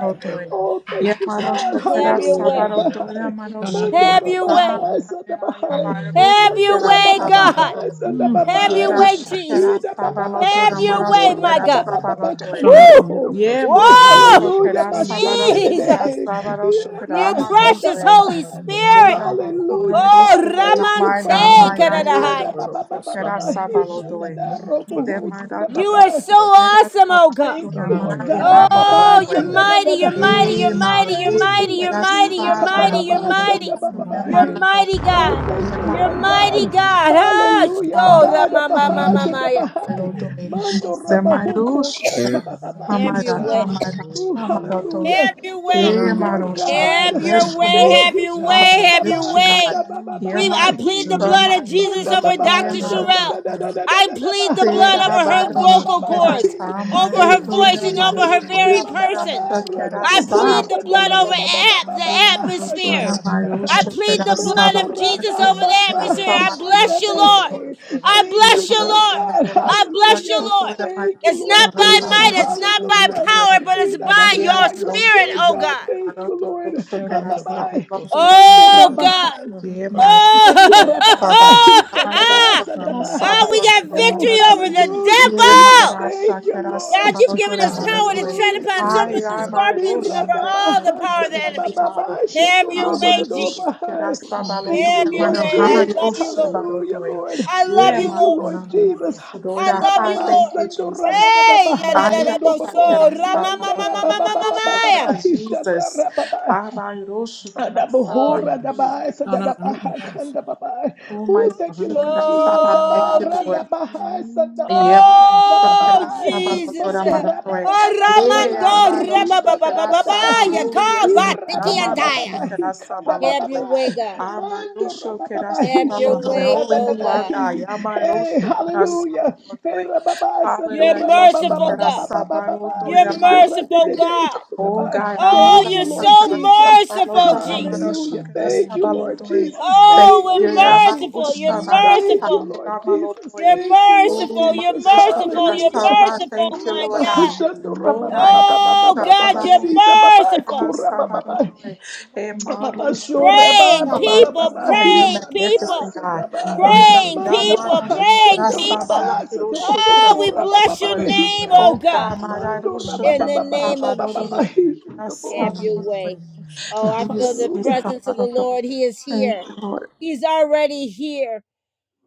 Speaker 3: Oh, thank you, God.
Speaker 1: Have your way.
Speaker 3: Hallelujah. Da ba hai.
Speaker 4: Sana
Speaker 3: Mando
Speaker 1: Have
Speaker 3: ra
Speaker 4: Niro
Speaker 1: your
Speaker 3: ba
Speaker 1: way.
Speaker 3: hai
Speaker 4: Pasana.
Speaker 3: sanda ba hai.
Speaker 1: Have
Speaker 3: Mando
Speaker 1: your
Speaker 3: ra ba
Speaker 1: way,
Speaker 3: ba ba
Speaker 1: God.
Speaker 3: hai sanda
Speaker 4: Mm.
Speaker 3: ba ba.
Speaker 1: Have your way, Jesus.
Speaker 3: Ida ba ba ba ba
Speaker 1: Have your
Speaker 3: shando
Speaker 1: way,
Speaker 3: ra
Speaker 1: my
Speaker 5: kera
Speaker 3: ba ba
Speaker 1: God.
Speaker 3: ba ba ba
Speaker 5: samarotoe,
Speaker 3: kando
Speaker 4: Sana
Speaker 3: bo
Speaker 1: Woo!
Speaker 3: ho.
Speaker 4: Niro
Speaker 5: Yeah,
Speaker 4: Pasana.
Speaker 3: Oh,
Speaker 4: Niro
Speaker 1: Whoa!
Speaker 3: hallelujah. Ma
Speaker 4: Pasana.
Speaker 3: shande
Speaker 4: Niro
Speaker 3: de de.
Speaker 1: Jesus!
Speaker 4: Pasana. Niro
Speaker 3: Ira
Speaker 1: You
Speaker 4: Pasana.
Speaker 3: ba
Speaker 4: Niro
Speaker 3: sanda
Speaker 1: precious
Speaker 3: ba
Speaker 1: Holy
Speaker 3: ba.
Speaker 1: Spirit.
Speaker 5: Sera
Speaker 4: Pasana.
Speaker 5: bakuru
Speaker 3: Hallelujah,
Speaker 1: Oh,
Speaker 3: God.
Speaker 5: rusho kena
Speaker 3: Thank you,
Speaker 5: mai na
Speaker 4: Sana
Speaker 1: Ramante
Speaker 3: Father.
Speaker 5: mai na
Speaker 4: Niro
Speaker 3: Ira
Speaker 5: ira
Speaker 4: Pasana.
Speaker 1: Kadadahaya.
Speaker 3: ba
Speaker 4: Niro
Speaker 3: ba
Speaker 5: rusho
Speaker 3: ba ba ba
Speaker 5: kera
Speaker 4: Pasana.
Speaker 3: ba.
Speaker 4: Niro Pasana.
Speaker 5: sabalo
Speaker 3: Hisha da da ro
Speaker 4: Sana Niro Pasana. Niro
Speaker 3: bo
Speaker 5: Ser
Speaker 3: da
Speaker 5: mandata
Speaker 3: ba
Speaker 4: Pasana.
Speaker 1: You are
Speaker 3: ba.
Speaker 1: so
Speaker 5: rosso era
Speaker 1: awesome, oh God.
Speaker 5: sábado
Speaker 3: Thank you,
Speaker 5: na
Speaker 4: Sana
Speaker 3: Lord
Speaker 4: Niro Pasana.
Speaker 3: God.
Speaker 5: mairava roto
Speaker 1: Oh,
Speaker 4: Niro Pasana. Niro
Speaker 1: you're
Speaker 5: ele.
Speaker 4: Pasana.
Speaker 1: mighty, you're
Speaker 3: Abba-ba-sa-da-da-da-da.
Speaker 4: Sana
Speaker 1: mighty, you're
Speaker 5: Ye
Speaker 4: Niro
Speaker 1: mighty, you're
Speaker 3: Thank
Speaker 5: marusso
Speaker 3: you,
Speaker 1: mighty, you're
Speaker 3: Lord
Speaker 5: era
Speaker 1: mighty, you're
Speaker 3: Jesus.
Speaker 1: mighty,
Speaker 5: sábado
Speaker 1: you're
Speaker 4: Pasana.
Speaker 5: que
Speaker 1: mighty.
Speaker 5: matato de
Speaker 3: Abba-ba-ba-sa-da-ba-ba-ba.
Speaker 1: You're
Speaker 5: maratão.
Speaker 1: mighty
Speaker 3: Oh, thank
Speaker 5: Ye
Speaker 3: you,
Speaker 1: God. You're
Speaker 3: Lord
Speaker 1: mighty
Speaker 3: God.
Speaker 5: marusso
Speaker 1: God.
Speaker 5: era
Speaker 1: Huh?
Speaker 3: Hallelujah. Babada
Speaker 1: Oh,
Speaker 3: ba da
Speaker 5: sábado
Speaker 3: ba
Speaker 5: de
Speaker 3: ha sa da ba
Speaker 1: Ramamamamamaya.
Speaker 5: maratava roto ele.
Speaker 4: Niro
Speaker 3: mando ra
Speaker 5: Ser
Speaker 4: Pasana. Sana
Speaker 3: ba ho
Speaker 5: marusso era
Speaker 4: Niro
Speaker 1: Have your
Speaker 5: samarata
Speaker 1: way.
Speaker 4: Pasana.
Speaker 3: Oh,
Speaker 5: marata maratão.
Speaker 1: Have
Speaker 3: hallelujah.
Speaker 1: your way.
Speaker 3: Thank
Speaker 5: Ye
Speaker 3: you,
Speaker 4: Sana
Speaker 3: Lord
Speaker 5: marusso,
Speaker 3: God.
Speaker 1: Have your
Speaker 5: bless your
Speaker 1: way,
Speaker 5: name,
Speaker 3: Oh,
Speaker 5: God.
Speaker 1: have
Speaker 3: he
Speaker 1: your
Speaker 3: shall da
Speaker 5: Father,
Speaker 1: way,
Speaker 3: ba
Speaker 5: we
Speaker 3: ba
Speaker 1: have
Speaker 5: lift
Speaker 1: your
Speaker 5: you,
Speaker 1: way.
Speaker 5: God.
Speaker 3: da ba
Speaker 5: Ye
Speaker 1: We I plead the
Speaker 5: marusso,
Speaker 1: blood of Jesus
Speaker 5: marusso,
Speaker 3: Manda
Speaker 1: over
Speaker 5: ye
Speaker 3: baba,
Speaker 1: Dr.
Speaker 3: sanda da
Speaker 1: Sherelle.
Speaker 3: da
Speaker 5: maratão.
Speaker 3: da da da
Speaker 1: I
Speaker 3: da da
Speaker 1: plead the blood
Speaker 3: ba,
Speaker 5: Tera
Speaker 3: da
Speaker 1: over
Speaker 3: ba ba
Speaker 1: her
Speaker 3: ba
Speaker 5: barosh
Speaker 3: ba ba
Speaker 1: vocal
Speaker 3: ba
Speaker 5: kera
Speaker 3: ba.
Speaker 1: cords, over
Speaker 5: samaru
Speaker 1: her
Speaker 3: Thank you,
Speaker 1: voice,
Speaker 5: tora
Speaker 1: and over
Speaker 5: maru
Speaker 3: Jesus.
Speaker 1: her
Speaker 5: tora
Speaker 1: very
Speaker 3: Iba ba
Speaker 5: mara
Speaker 3: ba
Speaker 1: person.
Speaker 3: ba,
Speaker 5: shikera
Speaker 3: rada bo
Speaker 1: I
Speaker 3: ho,
Speaker 1: plead the
Speaker 5: samaru
Speaker 3: sanda
Speaker 1: blood
Speaker 3: ba ba
Speaker 1: over
Speaker 5: tora.
Speaker 3: ba ba ba
Speaker 1: at
Speaker 3: ba
Speaker 1: the
Speaker 3: ba
Speaker 5: Ye
Speaker 3: ba,
Speaker 5: maru tora
Speaker 1: atmosphere.
Speaker 3: sanda ba ba.
Speaker 5: maru
Speaker 1: I plead
Speaker 5: shikera
Speaker 1: the blood
Speaker 3: Mando
Speaker 1: of
Speaker 5: samaru
Speaker 3: ra
Speaker 1: Jesus
Speaker 3: ba
Speaker 5: tora
Speaker 1: over
Speaker 3: ba
Speaker 1: the
Speaker 5: shikera
Speaker 1: atmosphere.
Speaker 3: ba,
Speaker 1: I
Speaker 5: samaru
Speaker 1: bless
Speaker 3: sanda
Speaker 5: tora
Speaker 1: you,
Speaker 3: be.
Speaker 5: maru
Speaker 1: Lord.
Speaker 5: tora.
Speaker 1: I
Speaker 3: Thank you,
Speaker 1: bless you,
Speaker 5: Yamaro
Speaker 3: Lord
Speaker 1: Lord.
Speaker 3: God.
Speaker 5: Sakara
Speaker 1: I bless you,
Speaker 3: Hallelujah.
Speaker 5: Sabaro
Speaker 1: Lord.
Speaker 5: Tora Mara
Speaker 3: Thank you,
Speaker 1: It's
Speaker 3: Lord
Speaker 1: not
Speaker 5: Shakara
Speaker 1: by
Speaker 3: Jesus.
Speaker 1: might,
Speaker 5: Sabaro
Speaker 1: it's
Speaker 5: Tora
Speaker 1: not by
Speaker 5: Mara
Speaker 3: Hallelujah.
Speaker 5: Tora
Speaker 1: power, but it's
Speaker 3: Ida da da
Speaker 1: by
Speaker 3: da,
Speaker 1: your
Speaker 3: By your
Speaker 5: Yamaro
Speaker 1: spirit,
Speaker 3: spirit,
Speaker 1: oh
Speaker 5: Shakara
Speaker 3: God.
Speaker 1: God.
Speaker 3: Thank you,
Speaker 5: Sabaro Toro
Speaker 3: Lord.
Speaker 5: Shakara
Speaker 3: Abba,
Speaker 5: Sabaro Tora
Speaker 3: Mando
Speaker 5: Mara
Speaker 3: ra
Speaker 1: Oh God.
Speaker 5: Tora Yamaro
Speaker 3: Mandora
Speaker 5: Shakara Sabala
Speaker 1: Oh,
Speaker 3: bababahi,
Speaker 5: Tamaro
Speaker 3: shandaba,
Speaker 5: Shakara
Speaker 4: to
Speaker 1: oh, we
Speaker 3: shandabahai.
Speaker 5: Sabaro
Speaker 1: got
Speaker 4: the
Speaker 5: Tora
Speaker 3: Oh,
Speaker 5: Mara
Speaker 1: victory
Speaker 5: Tora
Speaker 1: over
Speaker 4: Thank
Speaker 1: the
Speaker 3: hallelujah, Jesus.
Speaker 1: devil.
Speaker 5: Yamara
Speaker 3: Thank you,
Speaker 5: Shakara
Speaker 1: God,
Speaker 3: Lord.
Speaker 1: you've
Speaker 5: Sabaro
Speaker 1: given
Speaker 5: Tora
Speaker 1: us
Speaker 5: Mara
Speaker 1: power to
Speaker 5: Tora
Speaker 1: tread
Speaker 3: Hallelujah,
Speaker 1: upon
Speaker 5: Hi
Speaker 1: serpents
Speaker 3: Jesus.
Speaker 1: and
Speaker 5: Yamaro
Speaker 1: scorpions and over
Speaker 5: Shakara
Speaker 1: all the
Speaker 3: Miradabaha,
Speaker 1: power
Speaker 5: Sabaro
Speaker 1: of the
Speaker 5: Thank you
Speaker 1: enemy.
Speaker 5: Father
Speaker 3: sandabababai,
Speaker 1: Have your way,
Speaker 5: Hamaro
Speaker 1: Jesus.
Speaker 5: Shakara
Speaker 3: shandorodododobahai.
Speaker 5: Sabalo
Speaker 3: Thank
Speaker 1: Have
Speaker 3: you,
Speaker 5: Tora
Speaker 1: your
Speaker 5: Mara
Speaker 3: Lord
Speaker 1: way. I
Speaker 5: Hi
Speaker 1: love
Speaker 3: Jesus.
Speaker 1: you,
Speaker 5: Rosha
Speaker 1: Lord.
Speaker 3: Hallelujah,
Speaker 5: Baro
Speaker 3: Lord.
Speaker 1: I love
Speaker 5: yeah,
Speaker 1: you,
Speaker 3: Thank
Speaker 5: Manu,
Speaker 3: you,
Speaker 1: Lord.
Speaker 3: Lord
Speaker 5: Manu,
Speaker 3: Jesus.
Speaker 1: I
Speaker 5: Sodora.
Speaker 1: love
Speaker 5: Hi,
Speaker 1: you,
Speaker 3: Bababa
Speaker 1: Lord.
Speaker 5: Thank you,
Speaker 3: sandora da da
Speaker 5: Jesus.
Speaker 3: da
Speaker 1: Hey,
Speaker 3: baha
Speaker 5: Aira
Speaker 3: shando babo
Speaker 5: shakera
Speaker 1: yadadadaboso,
Speaker 3: mandara
Speaker 5: sabalodona
Speaker 3: bababa
Speaker 5: mano
Speaker 1: ramamamamamamamamaya.
Speaker 5: shakera Jesus.
Speaker 3: bababa
Speaker 5: Abairo shakera
Speaker 1: Oh,
Speaker 3: Adabohora
Speaker 5: sabairo
Speaker 1: Jesus.
Speaker 3: dabai,
Speaker 5: shakera
Speaker 3: sadadabaha,
Speaker 5: sabala.
Speaker 3: kandababai.
Speaker 5: Oh my
Speaker 3: Oh,
Speaker 5: iro
Speaker 3: thank you, Lord
Speaker 5: shakera
Speaker 3: Jesus.
Speaker 5: sabala. Thank you,
Speaker 1: Oh,
Speaker 3: Abara
Speaker 5: Lord.
Speaker 1: Jesus.
Speaker 3: dabaha,
Speaker 5: Yeah,
Speaker 3: sadababai,
Speaker 5: Maro
Speaker 1: Oh,
Speaker 5: Shokera
Speaker 3: kandababai.
Speaker 5: Saba
Speaker 1: Jesus.
Speaker 5: Lodora
Speaker 3: Mando
Speaker 5: Manatoe.
Speaker 1: Oh,
Speaker 5: Yeah,
Speaker 1: Ramando,
Speaker 5: Maro
Speaker 3: rababababababababahi,
Speaker 5: Shokera Saba,
Speaker 1: Rabababababaya,
Speaker 3: sadadadadahi.
Speaker 5: holy yes,
Speaker 1: Kaba,
Speaker 5: God.
Speaker 1: Tiki and
Speaker 5: Amano
Speaker 1: Taya.
Speaker 3: Irabababababahi,
Speaker 5: Shokera Saba
Speaker 1: Have your
Speaker 5: Lodoe.
Speaker 1: way,
Speaker 3: kandababai.
Speaker 1: God.
Speaker 5: Amano
Speaker 3: Mando
Speaker 5: Shokera
Speaker 1: Have
Speaker 3: rabababahi,
Speaker 5: Saba
Speaker 1: your
Speaker 5: Lotoe,
Speaker 1: way,
Speaker 5: Holy
Speaker 1: oh
Speaker 5: you are,
Speaker 1: God.
Speaker 5: God.
Speaker 3: he-
Speaker 5: Amano
Speaker 3: Hey,
Speaker 5: Shokera Saba
Speaker 3: hallelujah. Hey,
Speaker 5: Lotoe.
Speaker 3: rababa,
Speaker 1: You're
Speaker 5: Hallelujah,
Speaker 3: sandura, ba, ba, ba,
Speaker 1: merciful,
Speaker 3: ba, ba,
Speaker 5: Shokera
Speaker 1: God.
Speaker 3: ba, ba, ba,
Speaker 5: Saba
Speaker 3: ba, ba,
Speaker 5: Lodoe.
Speaker 1: You're
Speaker 5: Amaro
Speaker 3: sandura, de,
Speaker 5: Doe.
Speaker 1: merciful,
Speaker 3: de, de,
Speaker 1: God.
Speaker 5: Oh
Speaker 3: kodaba.
Speaker 5: God,
Speaker 1: Oh,
Speaker 3: Thank
Speaker 5: Amano
Speaker 3: you,
Speaker 1: you're
Speaker 3: Lord
Speaker 1: so
Speaker 5: Shokera
Speaker 3: Jesus.
Speaker 5: Saba
Speaker 1: merciful,
Speaker 5: Lotoe,
Speaker 1: Jesus.
Speaker 5: Amano
Speaker 3: Hallelujah.
Speaker 5: Shokera
Speaker 3: Thank you,
Speaker 5: Saba
Speaker 3: Lord
Speaker 5: Lodoe.
Speaker 3: Jesus.
Speaker 5: Thank
Speaker 1: Oh,
Speaker 3: Thank
Speaker 5: you,
Speaker 3: you,
Speaker 1: we're
Speaker 3: Lord
Speaker 5: Yabaro
Speaker 1: merciful.
Speaker 3: Jesus.
Speaker 1: You're
Speaker 5: Shabara
Speaker 3: Thank you,
Speaker 1: merciful.
Speaker 3: Lord
Speaker 5: Sakera
Speaker 3: Jesus.
Speaker 1: You're
Speaker 5: Malodoe.
Speaker 3: Thank you, Lord
Speaker 5: Oh,
Speaker 1: merciful.
Speaker 5: my
Speaker 1: You're
Speaker 3: Jesus.
Speaker 5: Lord,
Speaker 1: merciful.
Speaker 5: Shaka
Speaker 1: You're
Speaker 3: Hallelujah.
Speaker 5: Saba,
Speaker 1: merciful,
Speaker 5: thank you,
Speaker 1: my
Speaker 5: Lord God.
Speaker 1: God.
Speaker 3: Shandura,
Speaker 5: Oh,
Speaker 3: ba, ba,
Speaker 5: God,
Speaker 3: ba, ba, ba, ba,
Speaker 1: Oh,
Speaker 3: ba, ba,
Speaker 1: God,
Speaker 3: ba,
Speaker 1: you're
Speaker 5: Yasharabalo,
Speaker 3: sita, ba, ba,
Speaker 1: merciful.
Speaker 5: Shaka
Speaker 3: kura, ba, ba,
Speaker 5: Sabado,
Speaker 3: ba
Speaker 5: Dore, and my Lord Saba,
Speaker 1: praying people,
Speaker 5: Yasa, you're
Speaker 1: praying people,
Speaker 5: magnificent, God. Oh, God,
Speaker 1: praying people,
Speaker 5: Ramada,
Speaker 1: praying
Speaker 5: Shaka
Speaker 1: people.
Speaker 5: Sabala, Guru, Shaka
Speaker 1: Oh, we
Speaker 5: Sabado,
Speaker 1: bless your
Speaker 5: Dore.
Speaker 1: name, oh
Speaker 5: Oh, God,
Speaker 1: God,
Speaker 5: Madaru,
Speaker 1: in
Speaker 5: Lord
Speaker 1: the name of
Speaker 5: Sabado, Dore,
Speaker 1: Jesus.
Speaker 5: Shaka
Speaker 1: Have
Speaker 5: Sabado,
Speaker 1: your
Speaker 5: Dore.
Speaker 1: way.
Speaker 4: you.
Speaker 1: Oh, I feel the
Speaker 5: Jesus,
Speaker 3: hallelujah
Speaker 1: presence of the
Speaker 5: Sabado, Dore.
Speaker 1: Lord. He is
Speaker 5: Thank
Speaker 1: here.
Speaker 5: you, Lord.
Speaker 1: He's already here.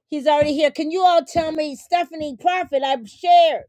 Speaker 1: He's already here. Can you all tell me, Stephanie Prophet? I've shared.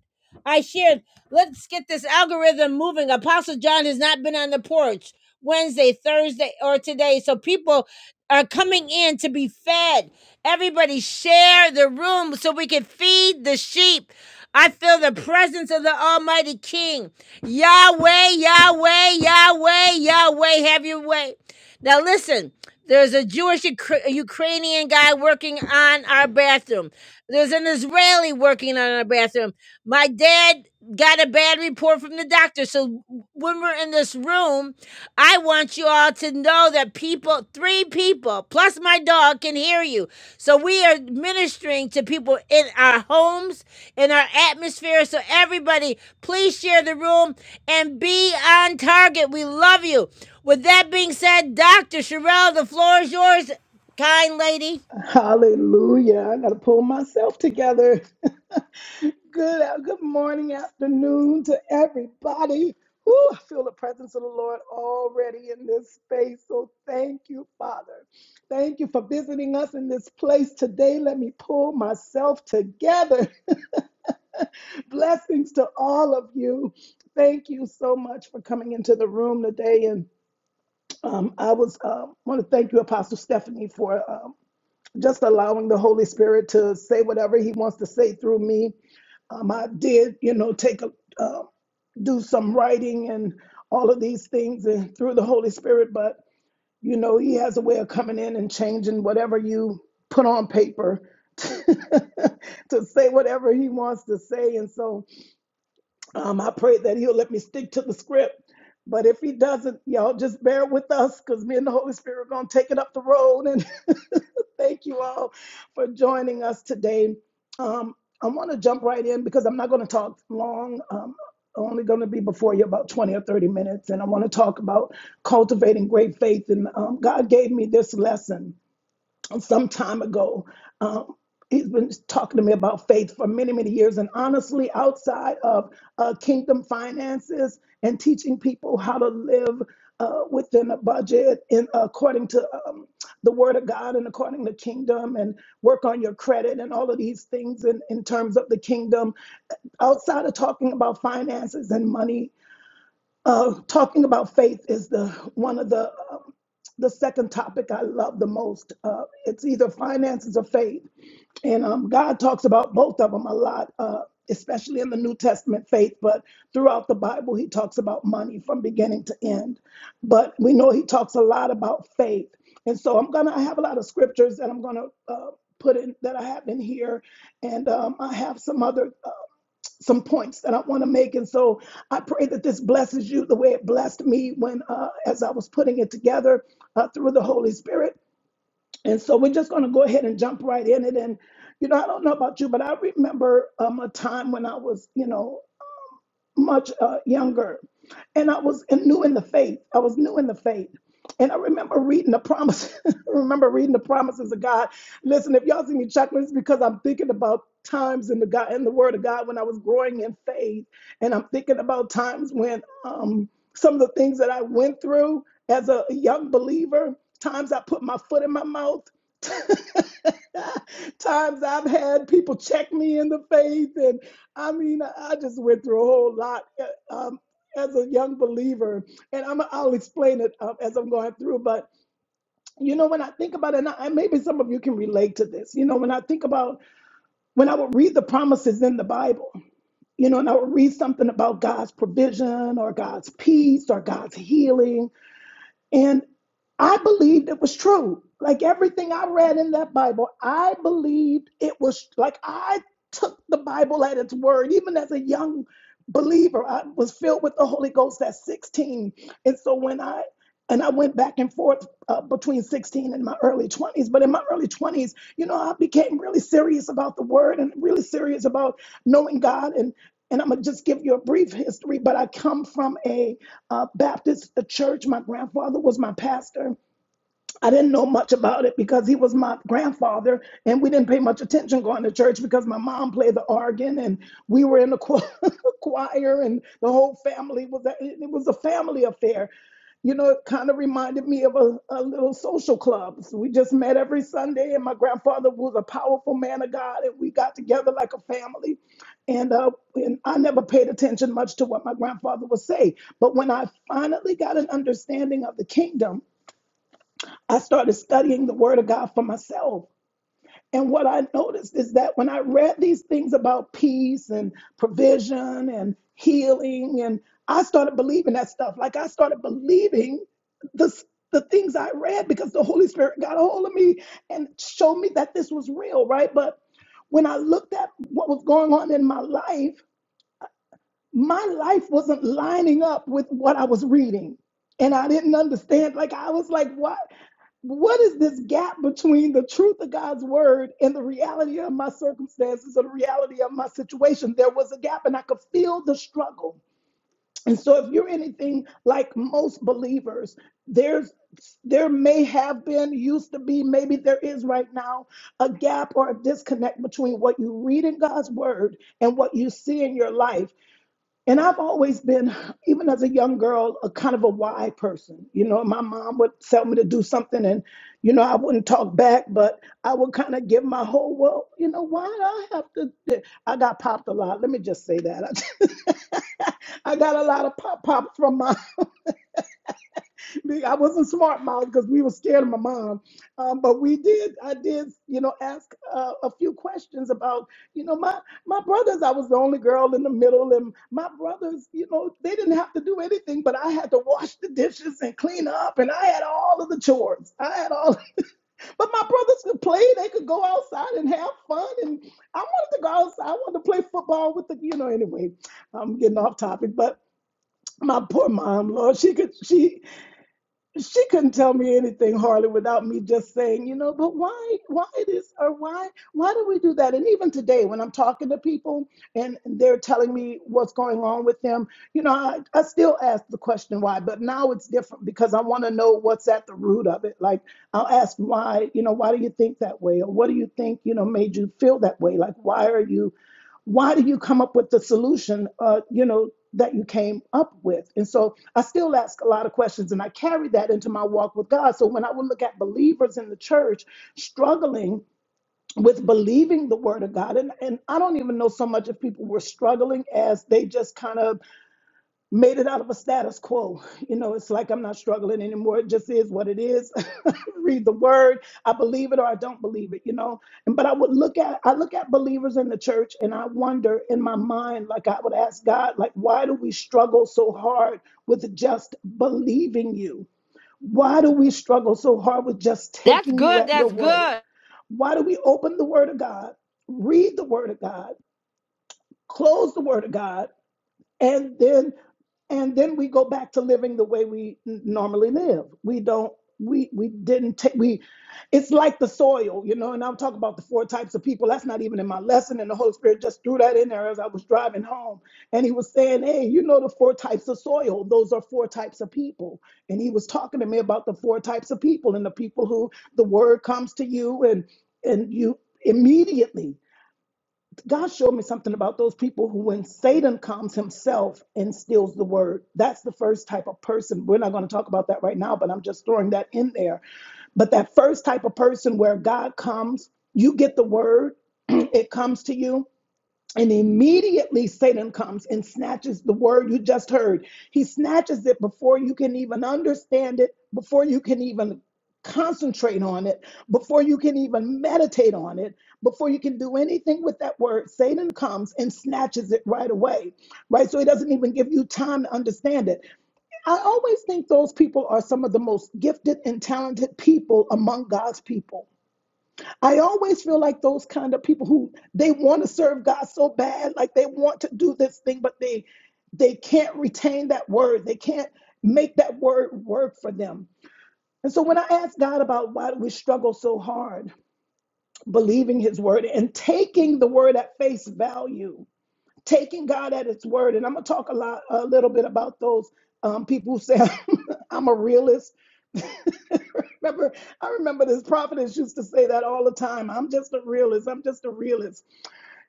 Speaker 1: I shared. Let's get this algorithm moving. Apostle John has not been on the porch Wednesday, Thursday, or today. So people are coming in to be fed. Everybody share the room so we can feed the sheep. I feel the presence of the Almighty King. Yahweh, Yahweh, Yahweh, Yahweh, have your way. Now listen. There's a Jewish Ukra- Ukrainian guy working on our bathroom. There's an Israeli working on our bathroom. My dad got a bad report from the doctor. So when we're in this room, I want you all to know that people, three people plus my dog can hear you. So we are ministering to people in our homes, in our atmosphere. So everybody, please share the room and be on target. We love you. With that being said, Dr. Sherelle, the floor is yours, kind lady.
Speaker 3: hallelujah I gotta pull myself together Good, uh, good morning, afternoon to everybody. Ooh, I feel the presence of the Lord already in this space. So thank you, Father. Thank you for visiting us in this place today. Let me pull myself together. Blessings to all of you. Thank you so much for coming into the room today. And um, I was um, want to thank you, Apostle Stephanie, for um, just allowing the Holy Spirit to say whatever He wants to say through me. Um, I did, you know, take a uh, do some writing and all of these things and through the Holy Spirit, but you know, He has a way of coming in and changing whatever you put on paper. to say whatever he wants to say. And so um, I pray that he'll let me stick to the script. But if he doesn't, y'all just bear with us because me and the Holy Spirit are going to take it up the road and Thank you all for joining us today. Um, I want to jump right in because I'm not going to talk long. Um, I'm only going to be before you about 20 or 30 minutes. And I want to talk about cultivating great faith. And um, God gave me this lesson some time ago. Um, he's been talking to me about faith for many, many years. And honestly, outside of uh, kingdom finances and teaching people how to live uh, within a budget in according to um, the word of God and according to kingdom and work on your credit and all of these things in, in terms of the kingdom, outside of talking about finances and money, uh, talking about faith is the one of the uh, the second topic I love the most. Uh, it's either finances or faith. And um, God talks about both of them a lot, uh, especially in the New Testament faith, but throughout the Bible, he talks about money from beginning to end. But we know he talks a lot about faith. And so I'm going to have a lot of scriptures that I'm going to uh, put in that I have in here. And um, I have some other. uh, some points that I want to make. And so I pray that this blesses you the way it blessed me when, uh, as I was putting it together uh, through the Holy Spirit. And so we're just going to go ahead and jump right in it. And, you know, I don't know about you, but I remember um, a time when I was, you know, much uh, younger, and I was and new in the faith. I was new in the faith. And I remember reading the promise. I remember reading the promises of God. Listen, if y'all see me chuckling, it's because I'm thinking about times in the God in the Word of God when I was growing in faith, and I'm thinking about times when um, some of the things that I went through as a young believer, times I put my foot in my mouth, Times I've had people check me in the face, and I mean, I just went through a whole lot uh, um, as a young believer, and I'm, I'll explain it uh, as I'm going through. But you know, when I think about it, and I, maybe some of you can relate to this. You know, when I think about when I would read the promises in the Bible, you know, and I would read something about God's provision or God's peace or God's healing and I believed it was true. Like everything I read in that Bible, I believed it was like I took the Bible at its word. Even as a young believer, I was filled with the Holy Ghost at 16. And so when I and I went back and forth uh, between 16 and my early 20s. But in my early 20s, you know, I became really serious about the word and really serious about knowing God. And and I'm gonna just give you a brief history. But I come from a uh, Baptist church. My grandfather was my pastor. I didn't know much about it because he was my grandfather, and we didn't pay much attention going to church because my mom played the organ, and we were in the cho- choir, and the whole family was. A, it was a family affair. You know, it kind of reminded me of a, a little social club. So we just met every Sunday, and my grandfather was a powerful man of God, and we got together like a family. And, uh, and I never paid attention much to what my grandfather would say. But when I finally got an understanding of the kingdom, I started studying the Word of God for myself. And what I noticed is that when I read these things about peace and provision and healing, and I started believing that stuff. Like I started believing the, the things I read because the Holy Spirit got a hold of me and showed me that this was real, right? But when I looked at what was going on in my life, my life wasn't lining up with what I was reading. And I didn't understand. Like I was like, what? what is this gap between the truth of God's word and the reality of my circumstances or the reality of my situation? There was a gap, and I could feel the struggle. And so, if you're anything like most believers, there's there may have been, used to be, maybe there is right now, a gap or a disconnect between what you read in God's word and what you see in your life. And I've always been, even as a young girl, a kind of a why person. You know, my mom would tell me to do something and, you know, I wouldn't talk back, but I would kind of give my whole, well, you know, why do I have to? do-" I got popped a lot. Let me just say that. I got a lot of pop pops from my I wasn't smart mouth because we were scared of my mom. Um, but we did, I did, you know, ask uh, a few questions about, you know, my my brothers. I was the only girl in the middle, and my brothers, you know, they didn't have to do anything, but I had to wash the dishes and clean up, and I had all of the chores. I had all, but my brothers could play. They could go outside and have fun, and I wanted to go outside. I wanted to play football with the, you know. Anyway, I'm getting off topic, but my poor mom, Lord, she could she she couldn't tell me anything hardly without me just saying, you know, but why, why this or why, why do we do that? And even today, when I'm talking to people and they're telling me what's going on with them, you know, I, I still ask the question why, but now it's different because I want to know what's at the root of it. Like I'll ask why, you know, why do you think that way? Or what do you think, you know, made you feel that way? Like, why are you why do you come up with the solution uh, you know that you came up with and so i still ask a lot of questions and i carry that into my walk with god so when i would look at believers in the church struggling with believing the word of god and, and i don't even know so much if people were struggling as they just kind of made it out of a status quo you know it's like i'm not struggling anymore it just is what it is read the word i believe it or i don't believe it you know and but i would look at i look at believers in the church and i wonder in my mind like i would ask god like why do we struggle so hard with just believing you why do we struggle so hard with just
Speaker 1: That's
Speaker 3: taking you
Speaker 1: good.
Speaker 3: at your
Speaker 1: That's
Speaker 3: word
Speaker 1: good.
Speaker 3: why do we open the word of god read the word of god close the word of god and then and then we go back to living the way we n- normally live we don't we we didn't take we it's like the soil you know and i'm talking about the four types of people that's not even in my lesson and the holy spirit just threw that in there as i was driving home and he was saying hey you know the four types of soil those are four types of people and he was talking to me about the four types of people and the people who the word comes to you and and you immediately God showed me something about those people who, when Satan comes himself and steals the word, that's the first type of person. We're not going to talk about that right now, but I'm just throwing that in there. But that first type of person where God comes, you get the word, it comes to you, and immediately Satan comes and snatches the word you just heard. He snatches it before you can even understand it, before you can even concentrate on it, before you can even meditate on it, before you can do anything with that word. Satan comes and snatches it right away, right? So he doesn't even give you time to understand it. I always think those people are some of the most gifted and talented people among God's people I always feel like those kind of people who they want to serve God so bad, like they want to do this thing, but they they can't retain that word. They can't make that word work for them. And so when I ask God about why do we struggle so hard believing his word and taking the word at face value, taking God at its word, and I'm gonna talk a lot a little bit about those um, people who say I'm a realist. Remember, I remember this prophetess used to say that all the time. I'm just a realist. I'm just a realist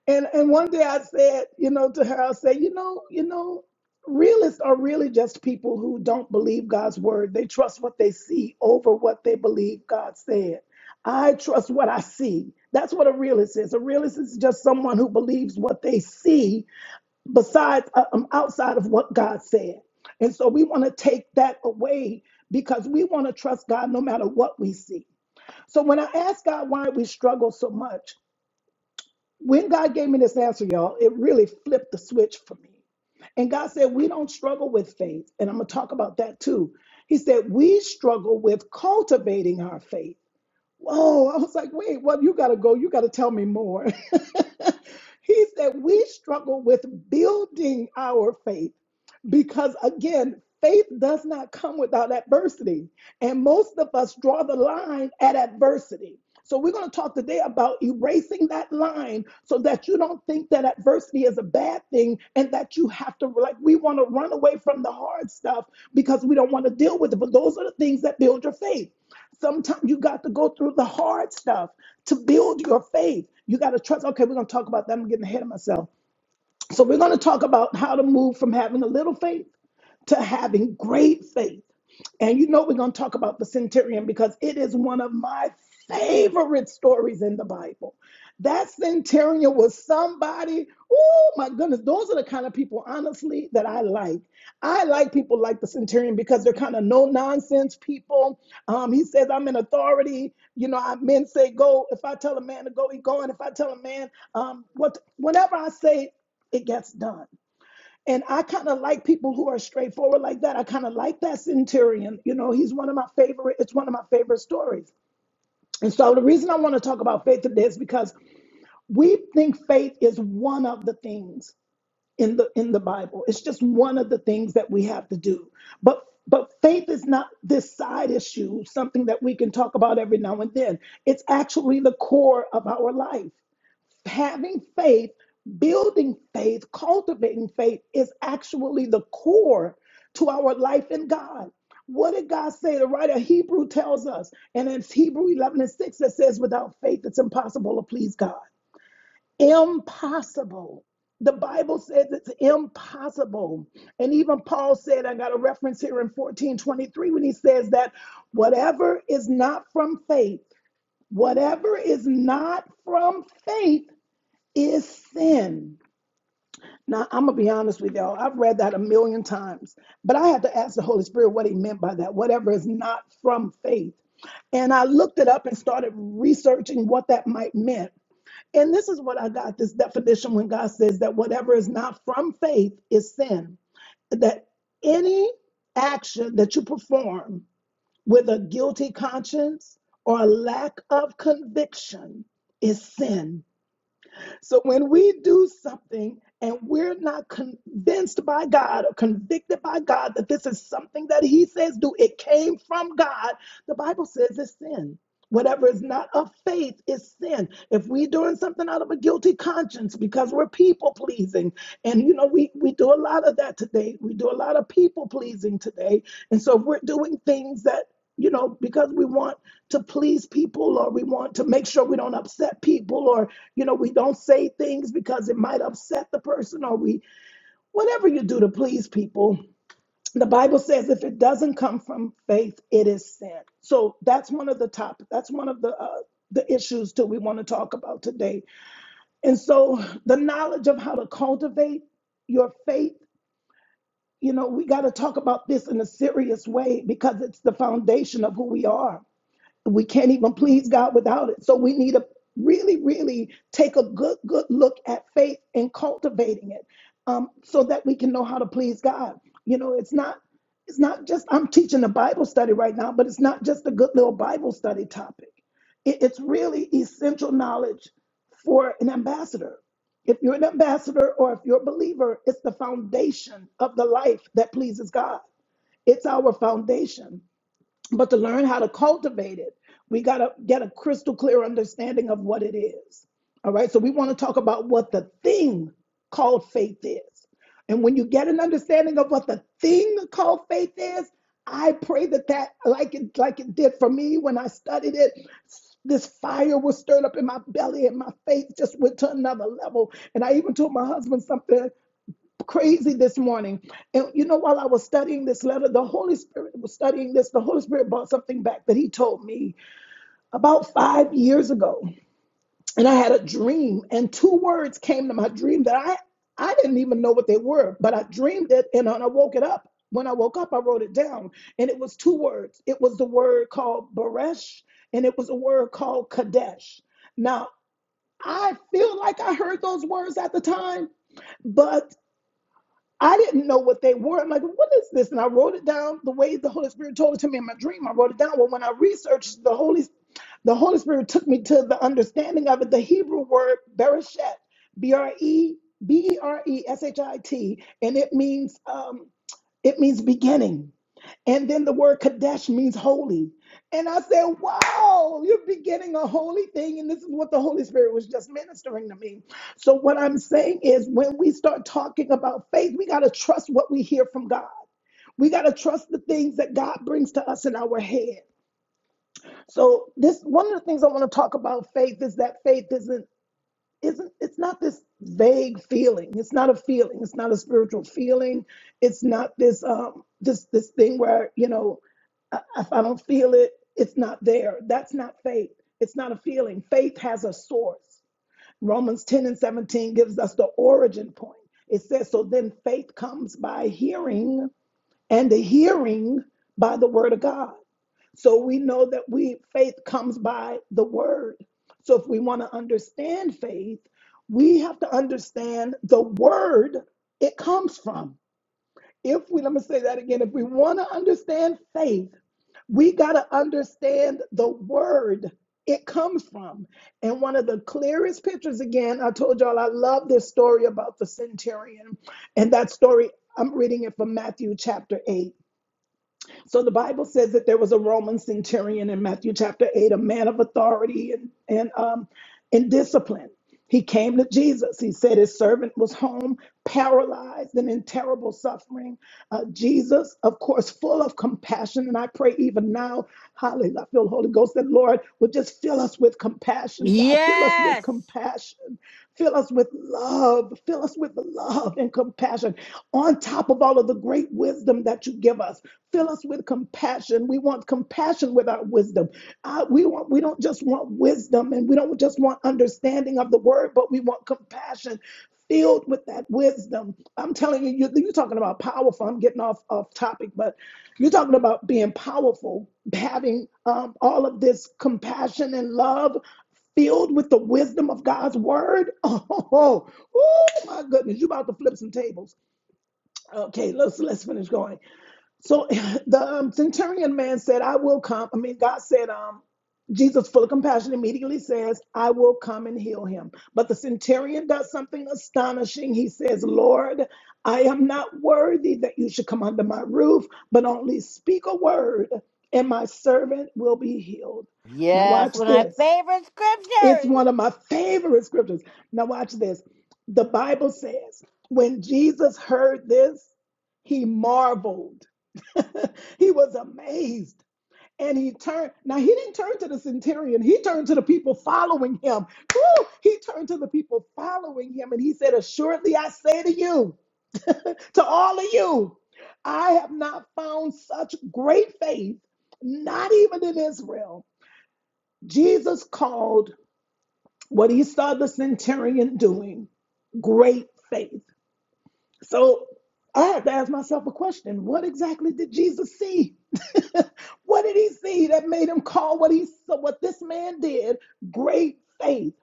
Speaker 3: And and one day I said, you know, to her, I said, you know, you know, realists are really just people who don't believe God's word. They trust what they see over what they believe God said. I trust what I see. That's what a realist is. A realist is just someone who believes what they see besides uh, um, outside of what God said. And so we want to take that away because we want to trust God no matter what we see. So when I asked God why we struggle so much, when God gave me this answer, y'all, it really flipped the switch for me. And God said, We don't struggle with faith. And I'm going to talk about that too. He said, We struggle with cultivating our faith. Whoa, I was like, wait, well, you got to go. You got to tell me more. he said, we struggle with building our faith because, again, faith does not come without adversity. And most of us draw the line at adversity. So we're going to talk today about erasing that line so that you don't think that adversity is a bad thing and that you have to, like, we want to run away from the hard stuff because we don't want to deal with it. But those are the things that build your faith. Sometimes you got to go through the hard stuff to build your faith. You got to trust. Okay, we're going to talk about that. I'm getting ahead of myself. So, we're going to talk about how to move from having a little faith to having great faith. And you know, we're going to talk about the centurion because it is one of my favorite stories in the Bible. That centurion was somebody, oh my goodness, those are the kind of people, honestly, that I like. I like people like the centurion because they're kind of no nonsense people. Um, he says, I'm in authority. You know, I, men say go. If I tell a man to go, he go. And if I tell a man um, what, whatever I say, it gets done. And I kind of like people who are straightforward like that. I kind of like that centurion. You know, he's one of my favorite, it's one of my favorite stories. And so the reason I want to talk about faith today is because we think faith is one of the things in the in the Bible. It's just one of the things that we have to do. But but faith is not this side issue, something that we can talk about every now and then. It's actually the core of our life having faith, building faith, cultivating faith is actually the core to our life in God. What did God say? The writer of Hebrew tells us, and it's Hebrew 11 and 6 that says, without faith, it's impossible to please God. Impossible. The Bible says it's impossible. And even Paul said, I got a reference here in 1423 when he says that whatever is not from faith, whatever is not from faith is sin. Now, I'm going to be honest with y'all. I've read that a million times, but I had to ask the Holy Spirit what he meant by that. Whatever is not from faith. And I looked it up and started researching what that might mean. And this is what I got this definition when God says that whatever is not from faith is sin. That any action that you perform with a guilty conscience or a lack of conviction is sin. So when we do something and we're not convinced by God or convicted by God that this is something that He says do, it came from God, the Bible says it's sin. Whatever is not of faith is sin. If we're doing something out of a guilty conscience because we're people pleasing, and you know, we, we do a lot of that today. We do a lot of people pleasing today. And so if we're doing things that, you know, because we want to please people or we want to make sure we don't upset people or you know, we don't say things because it might upset the person or we, whatever you do to please people. The Bible says if it doesn't come from faith, it is sin. So that's one of the top, that's one of the, uh, the issues that we want to talk about today. And so the knowledge of how to cultivate your faith, you know, we got to talk about this in a serious way because it's the foundation of who we are we can't even please God without it. So we need to really, really take a good, good look at faith and cultivating it, um, so that we can know how to please God. You know, it's not, it's not just I'm teaching a Bible study right now, but it's not just a good little Bible study topic. It- it's really essential knowledge for an ambassador. If you're an ambassador or if you're a believer, it's the foundation of the life that pleases God. It's our foundation but to learn how to cultivate it, we got to get a crystal clear understanding of what it is. All right. So we want to talk about what the thing called faith is. And when you get an understanding of what the thing called faith is, I pray that that, like it, like it did for me when I studied it, this fire was stirred up in my belly and my faith just went to another level. And I even told my husband something crazy this morning. And you know, while I was studying this letter, the Holy Spirit was studying this. The Holy Spirit brought something back that He told me about five years ago. And I had a dream, and two words came to my dream that I I didn't even know what they were, but I dreamed it, and when I woke it up, when I woke up, I wrote it down, and it was two words. It was the word called Baresh, and it was a word called Kadesh. Now I feel like I heard those words at the time, but I didn't know what they were. I'm like, what is this? And I wrote it down the way the Holy Spirit told it to me in my dream. I wrote it down. Well, when I researched the Holy, the Holy Spirit took me to the understanding of it. The Hebrew word bereshet, B R E B E R E S H I T, and it means um, it means beginning. And then the word Kadesh means holy. And I said, Wow, you're beginning a holy thing. And this is what the Holy Spirit was just ministering to me. So, what I'm saying is, when we start talking about faith, we got to trust what we hear from God. We got to trust the things that God brings to us in our head. So, this one of the things I want to talk about faith is that faith isn't isn't it's not this vague feeling it's not a feeling it's not a spiritual feeling it's not this um this this thing where you know I- if i don't feel it it's not there that's not faith it's not a feeling faith has a source romans 10 and 17 gives us the origin point it says so then faith comes by hearing and the hearing by the word of god so we know that we faith comes by the word. So if we want to understand faith, we have to understand the word it comes from. If we let me say that again, if we want to understand faith, we got to understand the word it comes from. And one of the clearest pictures again, I told y'all I love this story about the centurion. And that story, I'm reading it from Matthew chapter 8. So the Bible says that there was a Roman centurion in Matthew chapter 8, a man of authority and, and, um, and discipline. He came to Jesus. He said his servant was home, paralyzed and in terrible suffering. Uh, Jesus, of course, full of compassion. And I pray even now, hallelujah, I feel the Holy Ghost, that Lord would just fill us with compassion. God, fill us with
Speaker 1: Yes.
Speaker 3: compassion. Fill us with love. Fill us with love and compassion on top of all of the great wisdom that you give us. Fill us with compassion. We want compassion with our wisdom. Uh, we want we don't just want wisdom and we don't just want understanding of the word, but we want compassion filled with that wisdom. I'm telling you, you you're talking about powerful. I'm getting off off topic, but you're talking about being powerful, having um, all of this compassion and love filled with the wisdom of God's word. Oh, oh, oh, oh, my goodness, you about to flip some tables. Okay, let's let's finish going. So the um, centurion man said, "I will come." I mean, God said, um, Jesus, full of compassion, immediately says, "I will come and heal him." But the centurion does something astonishing. He says, "Lord, I am not worthy that you should come under my roof, but only speak a word, and my servant will be healed." Now
Speaker 1: Yes.
Speaker 3: watch
Speaker 1: One of my
Speaker 3: this.
Speaker 1: favorite
Speaker 3: It's
Speaker 1: scriptures.
Speaker 3: one of my favorite scriptures. Now, watch this. The Bible says, when Jesus heard this, he marveled. he was amazed. And he turned. Now, he didn't turn to the centurion, he turned to the people following him. Woo! He turned to the people following him and he said, Assuredly, I say to you, to all of you, I have not found such great faith, not even in Israel. Jesus called what he saw the centurion doing, great faith. So I had to ask myself a question what exactly did Jesus see? What did he see that made him call what he so what this man did great faith?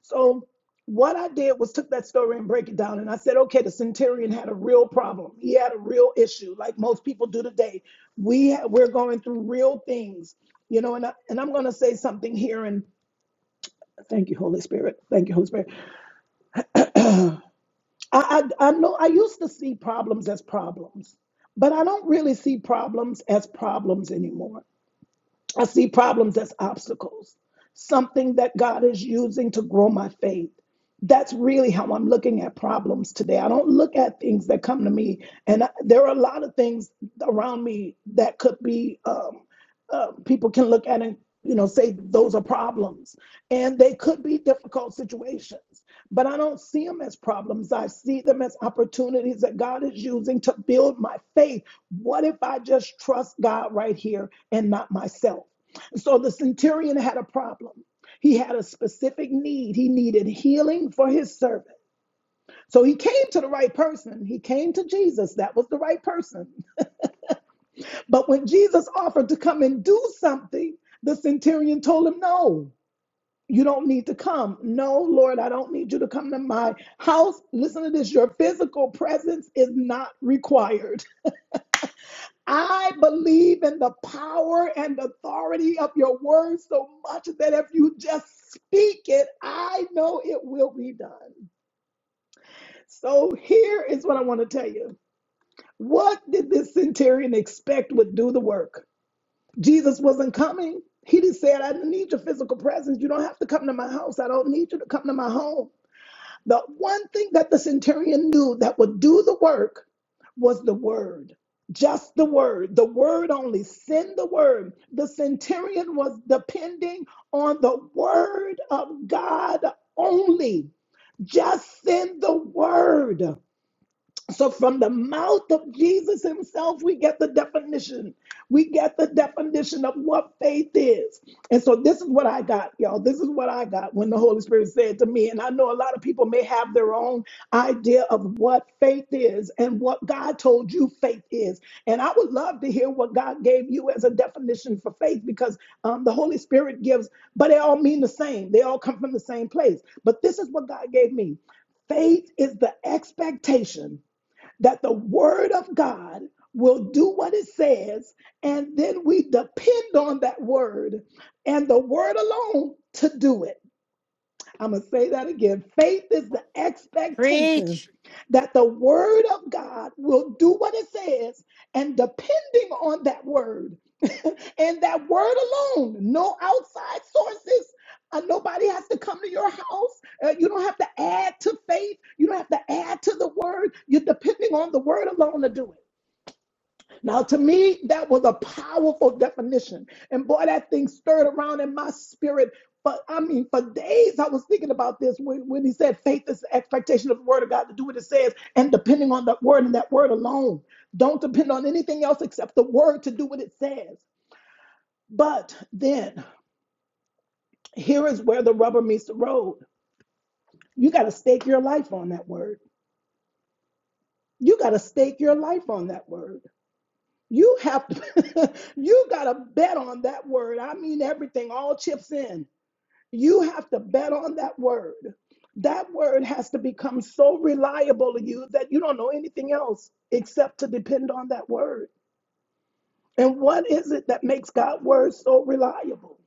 Speaker 3: So what I did was took that story and break it down and I said, okay, the centurion had a real problem. He had a real issue, like most people do today. We ha- we're going through real things, you know. And I, and I'm going to say something here and thank you, Holy Spirit. Thank you, Holy Spirit I, I, I know I used to see problems as problems, but I don't really see problems as problems anymore. I see problems as obstacles, something that God is using to grow my faith. That's really how I'm looking at problems today. I don't look at things that come to me, and I, there are a lot of things around me that could be. um, uh, people can look at and you know say those are problems and they could be difficult situations but i don't see them as problems i see them as opportunities that god is using to build my faith what if i just trust god right here and not myself so the centurion had a problem he had a specific need he needed healing for his servant so he came to the right person he came to jesus that was the right person but when Jesus offered to come and do something, the centurion told him, No, you don't need to come. No, Lord, I don't need you to come to my house. Listen to this your physical presence is not required. I believe in the power and authority of your word so much that if you just speak it, I know it will be done. So here is what I want to tell you. What did this centurion expect would do the work? Jesus wasn't coming. He just said, I don't need your physical presence. You don't have to come to my house. I don't need you to come to my home. The one thing that the centurion knew that would do the work was the word. Just the word, the word only, send the word. The centurion was depending on the word of God only. Just send the word. So, from the mouth of Jesus himself, we get the definition. We get the definition of what faith is. And so, this is what I got, y'all. This is what I got when the Holy Spirit said to me. And I know a lot of people may have their own idea of what faith is and what God told you faith is. And I would love to hear what God gave you as a definition for faith because um, the Holy Spirit gives, but they all mean the same. They all come from the same place. But this is what God gave me faith is the expectation that the word of God will do what it says, and then we depend on that word and the word alone to do it. I'm going to say that again. Faith is the expectation
Speaker 1: Preach.
Speaker 3: that the word of God will do what it says, and depending on that word, and that word alone no outside sources Uh, nobody has to come to your house Uh, you don't have to add to faith you don't have to add to the word you're depending on the word alone to do it now to me that was a powerful definition and boy that thing stirred around in my spirit but I mean, for days I was thinking about this when, when he said faith is the expectation of the word of God to do what it says and depending on that word and that word alone. Don't depend on anything else except the word to do what it says. But then here is where the rubber meets the road. You got to stake your life on that word. You got to stake your life on that word. You have to, you got to bet on that word. I mean, everything, all chips in. You have to bet on that word. That word has to become so reliable to you that you don't know anything else except to depend on that word. And what is it that makes God's word so reliable?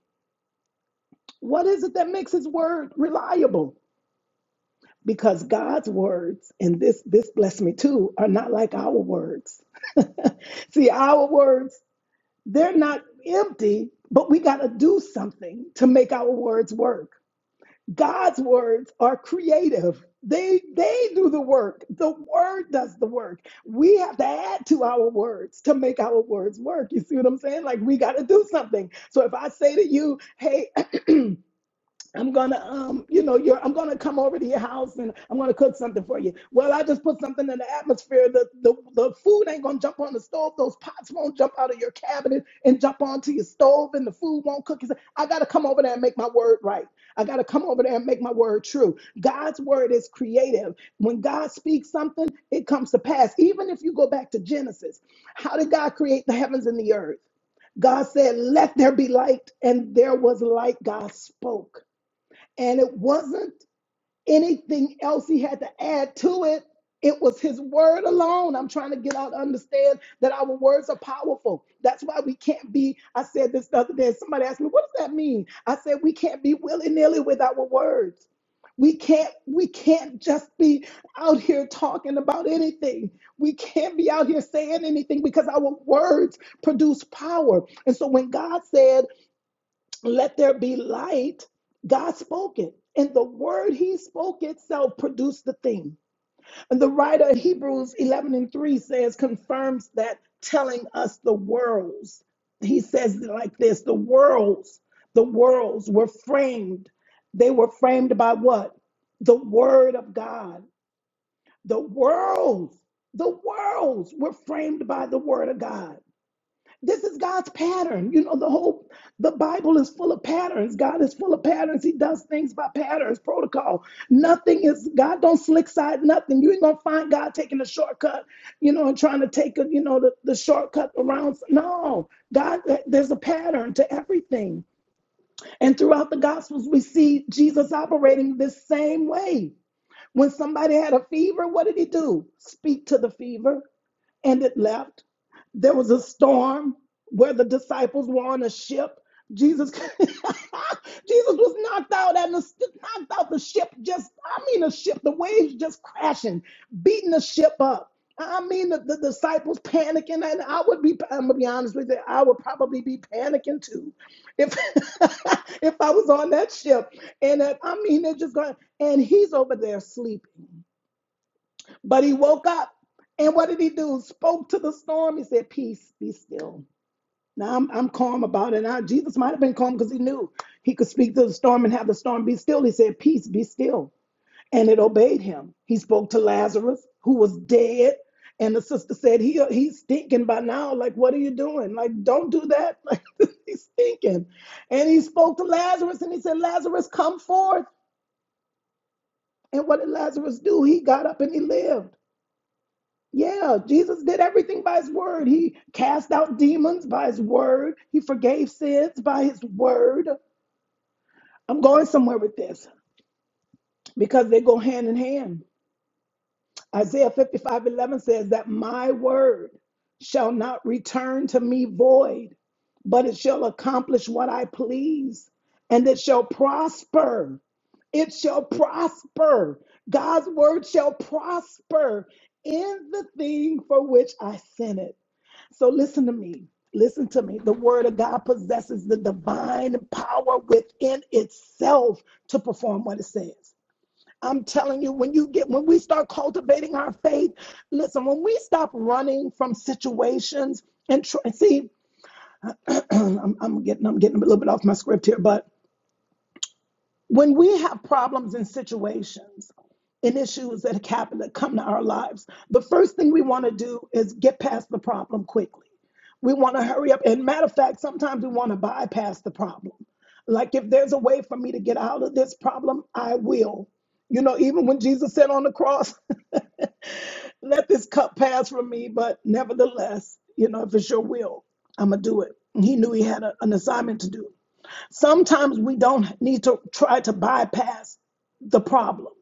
Speaker 3: What is it that makes his word reliable? because God's words, and this this blessed me too, are not like our words. See, our words, they're not empty, but we got to do something to make our words work. God's words are creative. They they do the work. The word does the work. We have to add to our words to make our words work. You see what I'm saying? Like we got to do something. So if I say to you, "Hey, I'm gonna, um, you know, you're, I'm gonna come over to your house and I'm gonna cook something for you. Well, I just put something in the atmosphere. The, the the food ain't gonna jump on the stove. Those pots won't jump out of your cabinet and jump onto your stove, and the food won't cook. He said, I gotta come over there and make my word right. I gotta come over there and make my word true. God's word is creative. When God speaks something, it comes to pass. Even if you go back to Genesis, how did God create the heavens and the earth? God said, Let there be light, and there was light. God spoke. And it wasn't anything else he had to add to it. It was his word alone. I'm trying to get out, to understand that our words are powerful. That's why we can't be. I said this the other day. Somebody asked me, what does that mean? I said, we can't be willy-nilly with our words. We can't, we can't just be out here talking about anything. We can't be out here saying anything because our words produce power. And so when God said, let there be light. God spoke it. And the word he spoke itself produced the thing. And the writer of Hebrews 11 and 3 says, confirms that, telling us the worlds. He says it like this the worlds, the worlds were framed. They were framed by what? The word of God. The worlds, the worlds were framed by the word of God. This is God's pattern. You know, the whole the Bible is full of patterns. God is full of patterns. He does things by patterns, protocol. Nothing is God don't slick side nothing. You ain't gonna find God taking a shortcut, you know, and trying to take a, you know, the, the shortcut around. No, God, there's a pattern to everything. And throughout the gospels, we see Jesus operating this same way. When somebody had a fever, what did he do? Speak to the fever and it left. There was a storm where the disciples were on a ship. Jesus, Jesus was knocked out and the, knocked out the ship. Just, I mean, the ship, the waves just crashing, beating the ship up. I mean, the, the disciples panicking, and I would be, I'm gonna be honest with you, I would probably be panicking too, if if I was on that ship. And uh, I mean, they're just going, and he's over there sleeping. But he woke up and what did he do? Spoke to the storm. He said, Peace, be still. Now I'm, I'm calm about it. Now Jesus might have been calm because he knew he could speak to the storm and have the storm be still. He said, Peace, be still. And it obeyed him. He spoke to Lazarus, who was dead. And the sister said, he, He's stinking by now. Like, what are you doing? Like, don't do that. Like, he's stinking. And he spoke to Lazarus and he said, Lazarus, come forth. And what did Lazarus do? He got up and he lived. Yeah, Jesus did everything by his word. He cast out demons by his word. He forgave sins by his word. I'm going somewhere with this because they go hand in hand. Isaiah 55:11 says that my word shall not return to me void, but it shall accomplish what I please, and it shall prosper. It shall prosper. God's word shall prosper in the thing for which I sent it. So listen to me. Listen to me. The word of God possesses the divine power within itself to perform what it says. I'm telling you, when you get when we start cultivating our faith, listen, when we stop running from situations and try, see, I'm, I'm getting I'm getting a little bit off my script here, but when we have problems and situations and issues that happen that come to our lives, the first thing we want to do is get past the problem quickly. We want to hurry up. And matter of fact, sometimes we want to bypass the problem. Like if there's a way for me to get out of this problem, I will. You know, even when Jesus said on the cross, let this cup pass from me, but nevertheless, you know, if it's your will, I'm going to do it. And He knew he had a- an assignment to do. Sometimes we don't need to try to bypass the problem.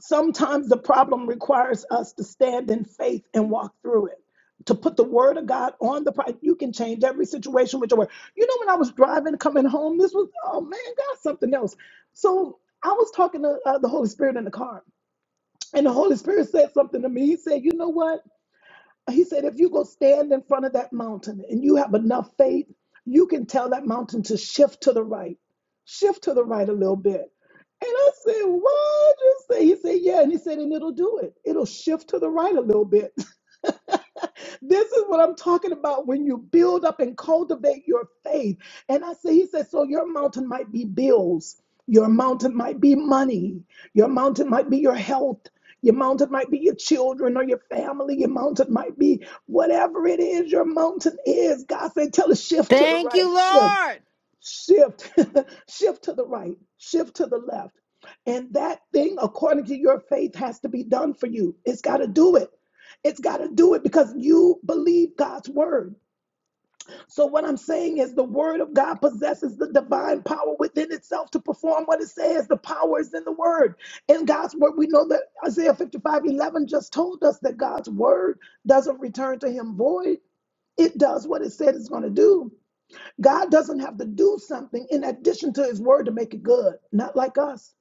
Speaker 3: Sometimes the problem requires us to stand in faith and walk through it. To put the word of God on the pri you can change every situation with your word. You know, when I was driving coming home, this was oh man, God, something else. So I was talking to uh, the Holy Spirit in the car, and the Holy Spirit said something to me. He said, "You know what? He said, if you go stand in front of that mountain and you have enough faith, you can tell that mountain to shift to the right, shift to the right a little bit. And I said, "What?" you say? He said, yeah. And he said, and it'll do it. It'll shift to the right a little bit. this is what I'm talking about when you build up and cultivate your faith. And I say, he says, so your mountain might be bills, your mountain might be money, your mountain might be your health. Your mountain might be your children or your family. Your mountain might be whatever it is your mountain is. God said, tell it shift to the
Speaker 1: Thank you,
Speaker 3: right, shift
Speaker 1: Lord.
Speaker 3: shift, shift to the right, shift to the left. And that thing, according to your faith, has to be done for you. It's got to do it. It's got to do it because you believe God's word. So, what I'm saying is, the word of God possesses the divine power within itself to perform what it says. The power is in the word. In God's word, we know that Isaiah 55:11 just told us that God's word doesn't return to him void, it does what it said it's going to do. God doesn't have to do something in addition to his word to make it good, not like us.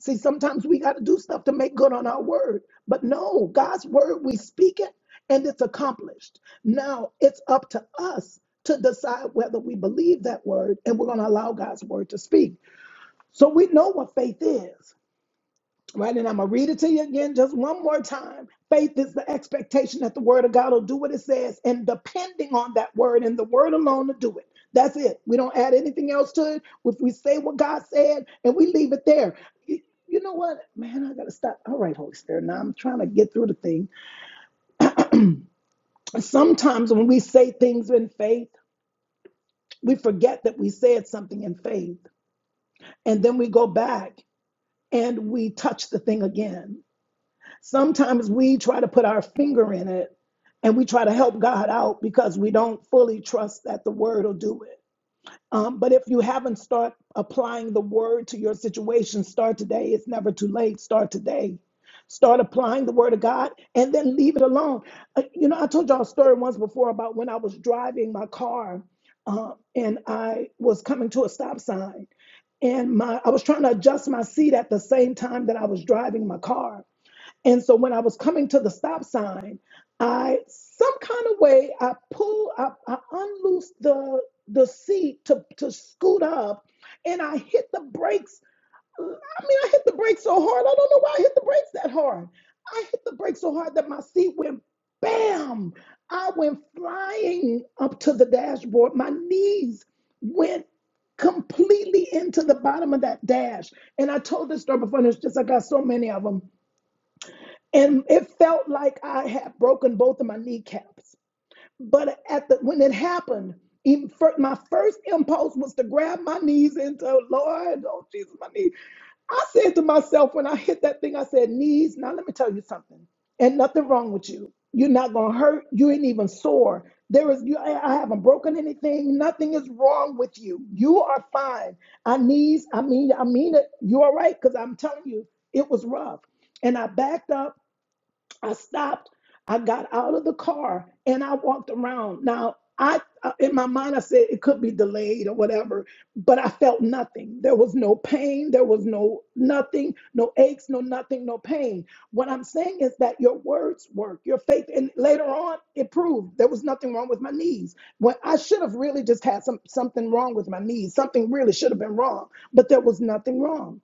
Speaker 3: See, sometimes we got to do stuff to make good on our word. But no, God's word, we speak it and it's accomplished. Now it's up to us to decide whether we believe that word and we're going to allow God's word to speak. So we know what faith is. Right, and I'm gonna read it to you again just one more time. Faith is the expectation that the word of God will do what it says, and depending on that word and the word alone to do it. That's it. We don't add anything else to it. If we say what God said and we leave it there. You you know what, man, I gotta stop. All right, Holy Spirit. Now I'm trying to get through the thing. Sometimes when we say things in faith, we forget that we said something in faith, and then we go back and we touch the thing again Sometimes we try to put our finger in it and we try to help God out because we don't fully trust that the word will do it. Um, but if you haven't start applying the word to your situation, start today. It's never too late. Start today. Start applying the word of God and then leave it alone. Uh, you know, I told y'all a story once before about when I was driving my car uh, and I was coming to a stop sign and my I was trying to adjust my seat at the same time that I was driving my car and so when I was coming to the stop sign, I some kind of way I pulled, I, I unloosed the the seat to to scoot up, and I hit the brakes. I mean, I hit the brakes so hard. I don't know why I hit the brakes that hard. I hit the brakes so hard that my seat went bam. I went flying up to the dashboard. My knees went completely into the bottom of that dash. And I told this story before, and it's just I got so many of them and it felt like I had broken both of my kneecaps. But at the when it happened, even fir- my first impulse was to grab my knees and into Lord, oh Jesus, my knees. I said to myself when I hit that thing, I said, knees. Now let me tell you something. Ain't nothing wrong with you. You're not gonna hurt. You ain't even sore. There is you. I I haven't broken anything. Nothing is wrong with you. You are fine. I knees. I mean, I mean it. You all right? Because I'm telling you, it was rough. And I backed up I stopped. I got out of the car and I walked around. Now, I uh, in my mind I said it could be delayed or whatever, but I felt nothing. There was no pain, there was no nothing, no aches, no nothing, no pain. What I'm saying is that your words work, your faith, and later on it proved there was nothing wrong with my knees. When I should have really just had some something wrong with my knees, something really should have been wrong, but there was nothing wrong.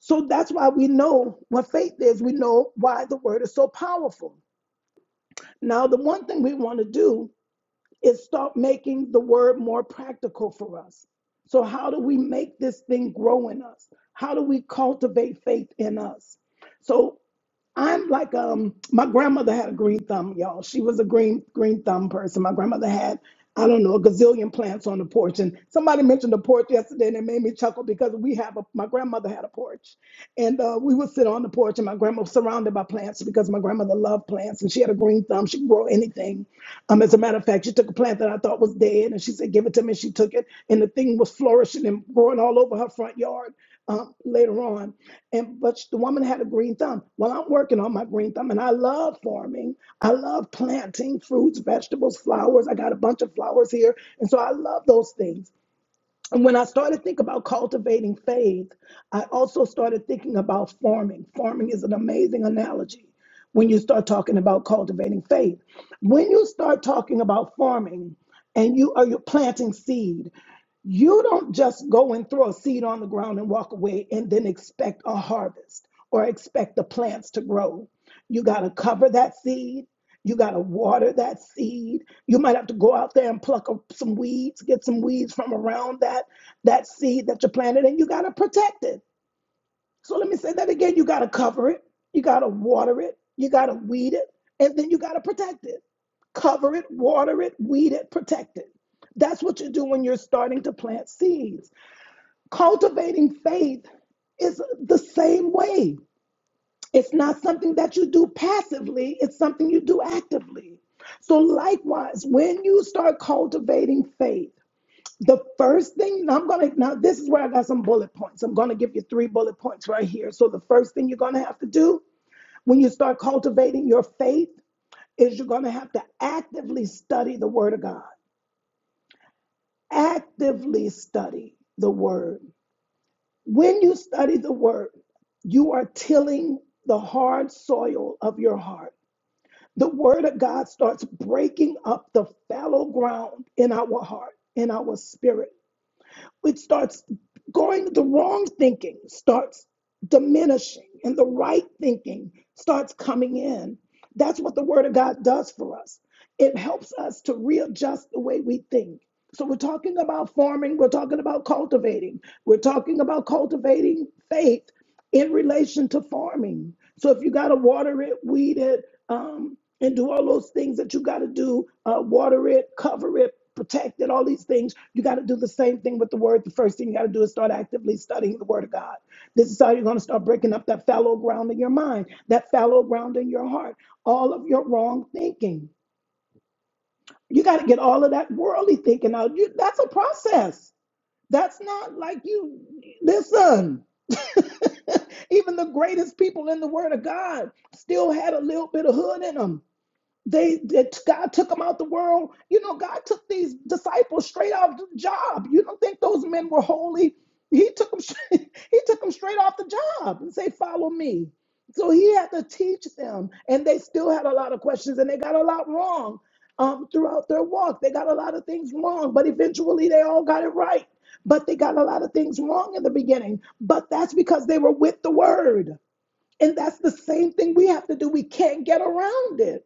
Speaker 3: So that's why we know what faith is. We know why the word is so powerful. Now, the one thing we want to do is start making the word more practical for us. So, how do we make this thing grow in us? How do we cultivate faith in us? So, I'm like um my grandmother had a green thumb, y'all. She was a green green thumb person. My grandmother had I don't know a gazillion plants on the porch, and somebody mentioned the porch yesterday, and it made me chuckle because we have a my grandmother had a porch, and uh, we would sit on the porch, and my grandma was surrounded by plants because my grandmother loved plants, and she had a green thumb. She could grow anything. Um, as a matter of fact, she took a plant that I thought was dead, and she said, "Give it to me." She took it, and the thing was flourishing and growing all over her front yard um, later on. And but the woman had a green thumb. Well, I'm working on my green thumb, and I love farming. I love planting fruits, vegetables, flowers. I got a bunch of flowers here, and so I love those things. And when I started thinking about cultivating faith, I also started thinking about farming. Farming is an amazing analogy when you start talking about cultivating faith. When you start talking about farming, and you are you're planting seed. You don't just go and throw a seed on the ground and walk away and then expect a harvest or expect the plants to grow. You got to cover that seed. You got to water that seed. You might have to go out there and pluck up some weeds, get some weeds from around that, that seed that you planted, and you got to protect it. So let me say that again. You got to cover it, you got to water it, you got to weed it, and then you got to protect it. Cover it, water it, weed it, protect it. That's what you do when you're starting to plant seeds. Cultivating faith is the same way. It's not something that you do passively, it's something you do actively. So, likewise, when you start cultivating faith, the first thing now I'm gonna now this is where I got some bullet points. I'm gonna give you three bullet points right here. So the first thing you're gonna have to do when you start cultivating your faith is you're gonna have to actively study the word of God. Actively study the word. When you study the word, you are tilling the hard soil of your heart. The word of God starts breaking up the fallow ground in our heart, in our spirit it starts going the wrong thinking starts diminishing and the right thinking starts coming in that's what the word of god does for us it helps us to readjust the way we think so we're talking about forming we're talking about cultivating we're talking about cultivating faith in relation to farming. So if you got to water it, weed it, um, and do all those things that you got to do, uh, water it, cover it, protect it, all these things, you got to do the same thing with the word. The first thing you got to do is start actively studying the word of God. This is how you're going to start breaking up that fallow ground in your mind, that fallow ground in your heart, all of your wrong thinking. You got to get all of that worldly thinking out. You, that's a process. That's not like you, listen. Even the greatest people in the Word of God still had a little bit of hood in them. They that God took them out the world. You know, God took these disciples straight off the job. You don't think those men were holy? He took them. He took them straight off the job and say, "Follow me." So he had to teach them, and they still had a lot of questions, and they got a lot wrong um, throughout their walk. They got a lot of things wrong, but eventually they all got it right. But they got a lot of things wrong in the beginning. But that's because they were with the word. And that's the same thing we have to do. We can't get around it.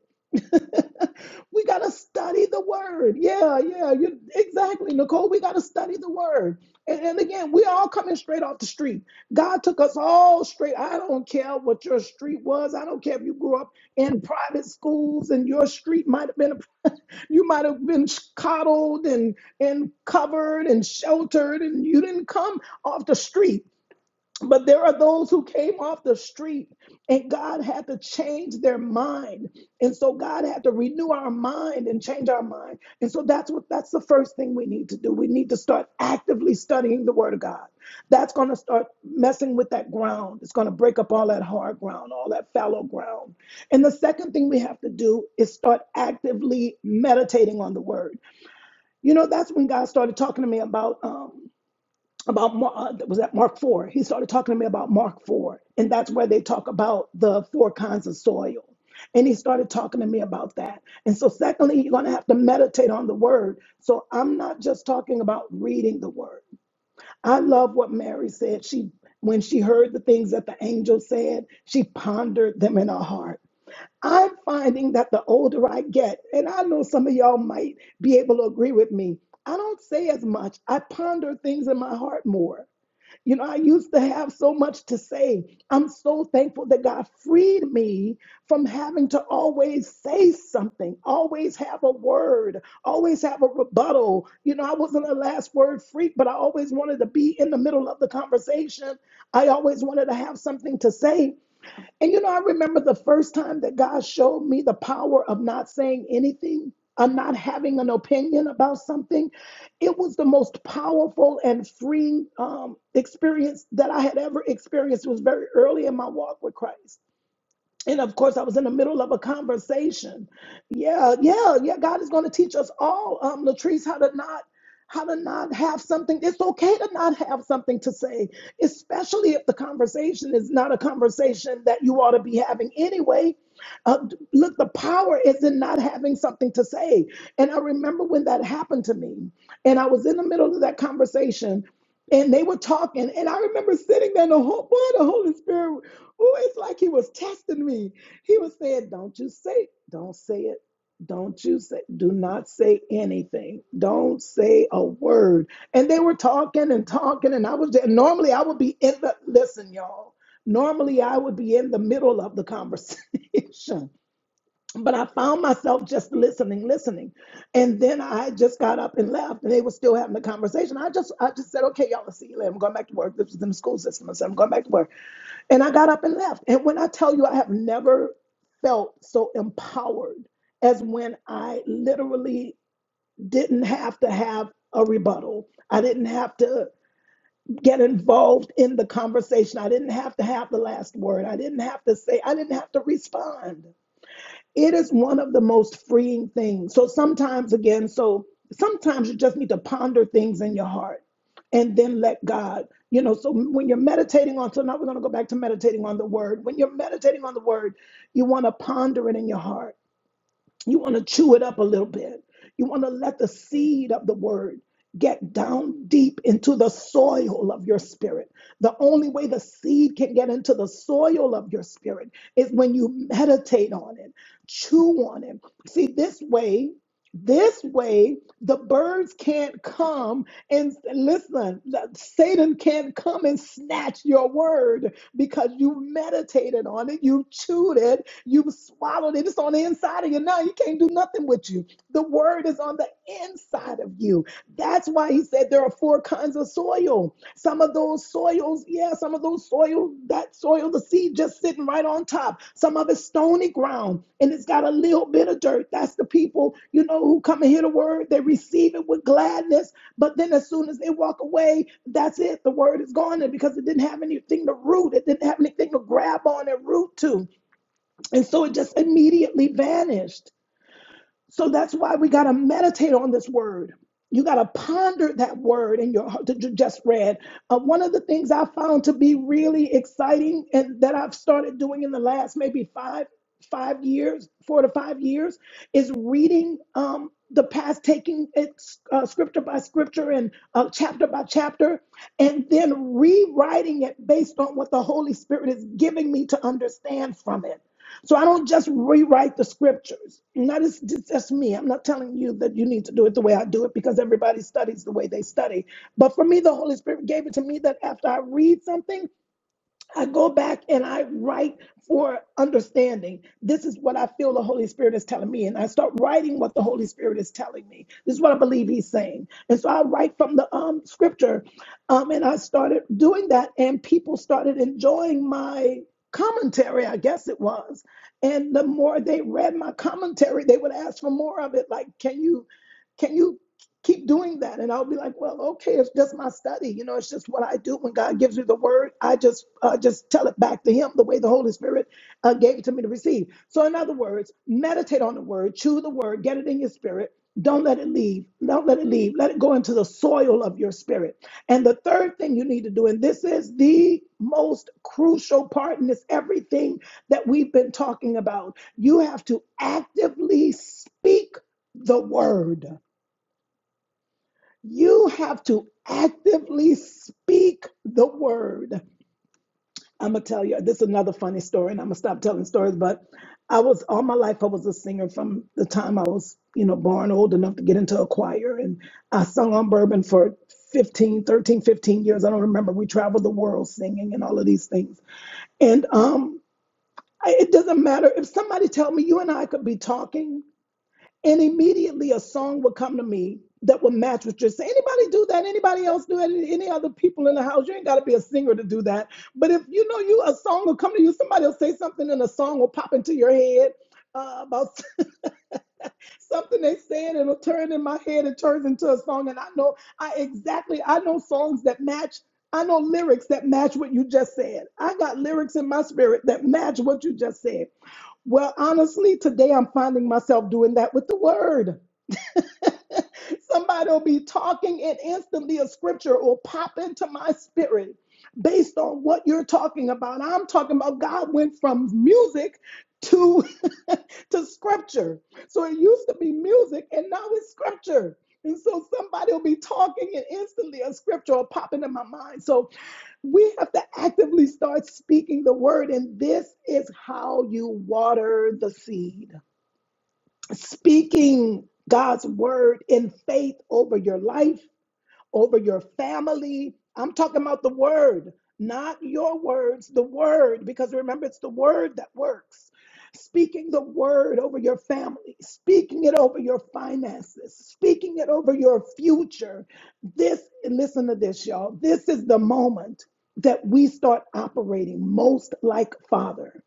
Speaker 3: we got to study the word. Yeah, yeah, you exactly, Nicole. We got to study the word. And, and again, we all coming straight off the street. God took us all straight. I don't care what your street was. I don't care if you grew up in private schools and your street might have been, you might have been coddled and, and covered and sheltered, and you didn't come off the street. But there are those who came off the street and God had to change their mind. And so God had to renew our mind and change our mind. And so that's what that's the first thing we need to do. We need to start actively studying the word of God. That's going to start messing with that ground. It's going to break up all that hard ground, all that fallow ground. And the second thing we have to do is start actively meditating on the word. You know, that's when God started talking to me about um, about uh, was that Mark Four. He started talking to me about Mark Four, and that's where they talk about the four kinds of soil. And he started talking to me about that. And so, secondly, you're going to have to meditate on the word. So I'm not just talking about reading the word. I love what Mary said. She when she heard the things that the angel said, she pondered them in her heart. I'm finding that the older I get, and I know some of y'all might be able to agree with me, I don't say as much. I ponder things in my heart more. You know, I used to have so much to say. I'm so thankful that God freed me from having to always say something, always have a word, always have a rebuttal. You know, I wasn't a last word freak, but I always wanted to be in the middle of the conversation. I always wanted to have something to say. And you know, I remember the first time that God showed me the power of not saying anything, of not having an opinion about something. It was the most powerful and freeing um, experience that I had ever experienced. It was very early in my walk with Christ and of course, I was in the middle of a conversation. Yeah, yeah, yeah. God is going to teach us all, um, Latrice, how to not how to not have something. It's okay to not have something to say, especially if the conversation is not a conversation that you ought to be having anyway. Uh, look, the power is in not having something to say. And I remember when that happened to me, and I was in the middle of that conversation. And they were talking, and I remember sitting there. And the whole boy, the Holy Spirit Oh, it's like he was testing me. He was saying, Don't you say, don't say it. Don't you say, do not say anything. Don't say a word. And they were talking and talking, and I was there. Normally, I would be in the, listen, y'all, normally I would be in the middle of the conversation. But I found myself just listening, listening. And then I just got up and left, and they were still having the conversation. I just I just said, okay, y'all, I'll see you later. I'm going back to work. This was in the school system. I said, I'm going back to work. And I got up and left. And when I tell you, I have never felt so empowered as when I literally didn't have to have a rebuttal. I didn't have to get involved in the conversation. I didn't have to have the last word. I didn't have to say, I didn't have to respond. It is one of the most freeing things. So sometimes, again, so sometimes you just need to ponder things in your heart and then let God, you know. So when you're meditating on, so now we're going to go back to meditating on the word. When you're meditating on the word, you want to ponder it in your heart you want to chew it up a little bit. You want to let the seed of the word get down deep into the soil of your spirit. The only way the seed can get into the soil of your spirit is when you meditate on it, chew on it. See, this way, this way, the birds can't come and listen, the- Satan can't come and snatch your word because you meditated on it, you chewed it, You've swallowed it. It's on the inside of you now. You can't do nothing with you. The word is on the inside of you. That's why he said there are four kinds of soil. Some of those soils, yeah, some of those soil, that soil, the seed just sitting right on top. Some of it's stony ground and it's got a little bit of dirt. That's the people, you know, who come and hear the word. They receive it with gladness. But then as soon as they walk away, that's it. The word is gone there because it didn't have anything to root. It didn't have anything to grab on and root to. And so it just immediately vanished. So that's why we got to meditate on this word. You got to ponder that word in your heart that you just read. Uh, one of the things I found to be really exciting and that I've started doing in the last maybe five, five years, four to five years, is reading um, the past, taking it uh, scripture by scripture and uh, chapter by chapter, and then rewriting it based on what the Holy Spirit is giving me to understand from it. So I don't just rewrite the scriptures. Not it's just that's me. I'm not telling you that you need to do it the way I do it because everybody studies the way they study. But for me, the Holy Spirit gave it to me that after I read something, I go back and I write for understanding. This is what I feel the Holy Spirit is telling me. And I start writing what the Holy Spirit is telling me. This is what I believe He's saying. And so I write from the um, scripture. Um, and I started doing that, and people started enjoying my commentary, I guess it was. And the more they read my commentary, they would ask for more of it. Like, can you? Can you keep doing that. And I'll be like, well, okay, it's just my study. You know, it's just what I do. When God gives me the word, I just uh, just tell it back to Him the way the Holy Spirit uh, gave it to me to receive. So, in other words, meditate on the word, chew the word, get it in your spirit. Don't let it leave. Don't let it leave. Let it go into the soil of your spirit. And the third thing you need to do, and this is the most crucial part, and it's everything that we've been talking about. You have to actively speak the word you have to actively speak the word. I'm gonna tell you this is another funny story, and I'm gonna stop telling stories. But I was all my life I was a singer from the time I was, you know, born old enough to get into a choir, and I sung on bourbon for 15, 13, 15 years. I don't remember. We traveled the world singing and all of these things, and um, I- it doesn't matter if somebody tell me you and I could be talking. And immediately a song would come to me that would match what you're saying. Anybody do that? Anybody else do that? Any other people in the house? You ain't got to be a singer to do that. But if you know you, a song will come to you. Somebody will say something, and a song will pop into your head uh, about something they said. It'll turn in my head. It turns into a song, and I know I exactly. I know songs that match. I know lyrics that match what you just said. I got lyrics in my spirit that match what you just said. Well, honestly, today I'm finding myself doing that with the word. Somebody will be talking, and instantly a scripture will pop into my spirit based on what you're talking about. I'm talking about God went from music to to scripture. So it used to be music, and now it's scripture. And so somebody will be talking, and instantly a scripture will pop into my mind. So we have to actively start speaking the word, and this is how you water the seed speaking God's word in faith over your life, over your family. I'm talking about the word, not your words, the word, because remember, it's the word that works. Speaking the word over your family, speaking it over your finances, speaking it over your future. This, listen to this, y'all. This is the moment that we start operating most like Father.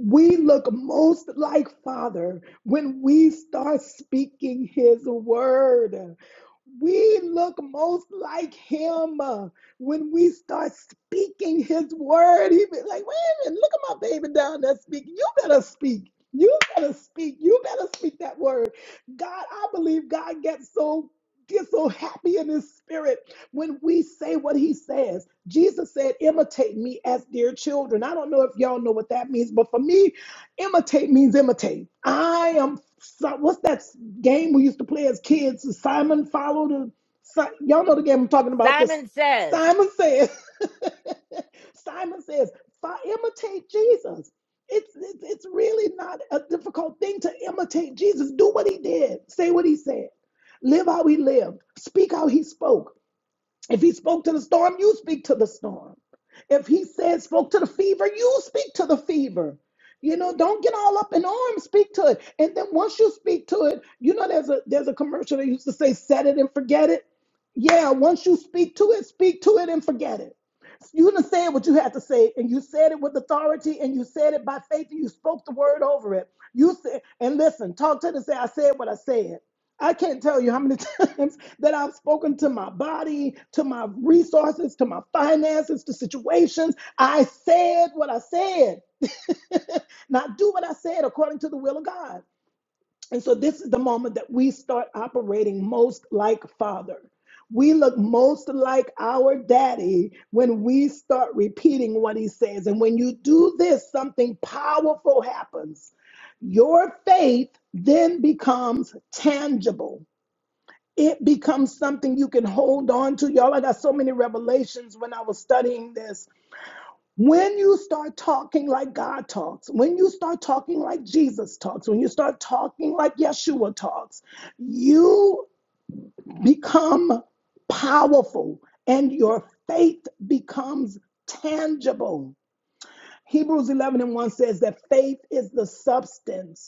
Speaker 3: We look most like Father when we start speaking His word. We look most like him uh, when we start speaking his word. He be like, wait a minute, look at my baby down there speaking. You better speak. You better speak. You better speak that word. God, I believe God gets so gets so happy in his spirit when we say what he says. Jesus said, imitate me as dear children. I don't know if y'all know what that means, but for me, imitate means imitate. I am so- what's that? game we used to play as kids. Simon followed. A, Si- y'all know the game I'm talking about. The
Speaker 1: Simon says,
Speaker 3: Simon says. Simon says, "Fi- imitate Jesus. It's, it's it's really not a difficult thing to imitate Jesus. Do what he did. Say what he said. Live how he lived. Speak how he spoke if he spoke to the storm, you speak to the storm. If he said spoke to the fever, you speak to the fever. You know, don't get all up in arms, speak to it. And then once you speak to it, you know there's a there's a commercial that used to say set it and forget it. Yeah, once you speak to it, speak to it and forget it. You done said what you had to say, and you said it with authority, and you said it by faith, and you spoke the word over it. You said, and listen, talk to it and say, I said what I said. I can't tell you how many times that I've spoken to my body, to my resources, to my finances, to situations. I said what I said. Now do what I said according to the will of God. And so this is the moment that we start operating most like Father. We look most like our daddy when we start repeating what he says. And when you do this, something powerful happens. Your faith then becomes tangible it becomes something you can hold on to. Y'all, I got so many revelations when I was studying this. When you start talking like God talks, when you start talking like Jesus talks, when you start talking like Yeshua talks, you become powerful and your faith becomes tangible. Hebrews 11 and 1 says that faith is the substance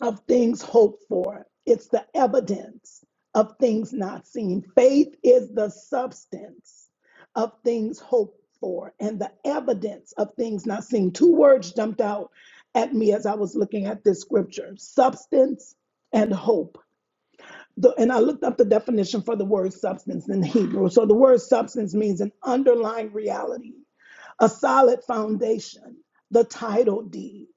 Speaker 3: of things hoped for. It's the evidence of things not seen. Faith is the substance of things hoped for and the evidence of things not seen. Two words jumped out at me as I was looking at this scripture substance and hope. The- and I looked up the definition for the word substance in Hebrew. So the word substance means an underlying reality a solid foundation, the title deed.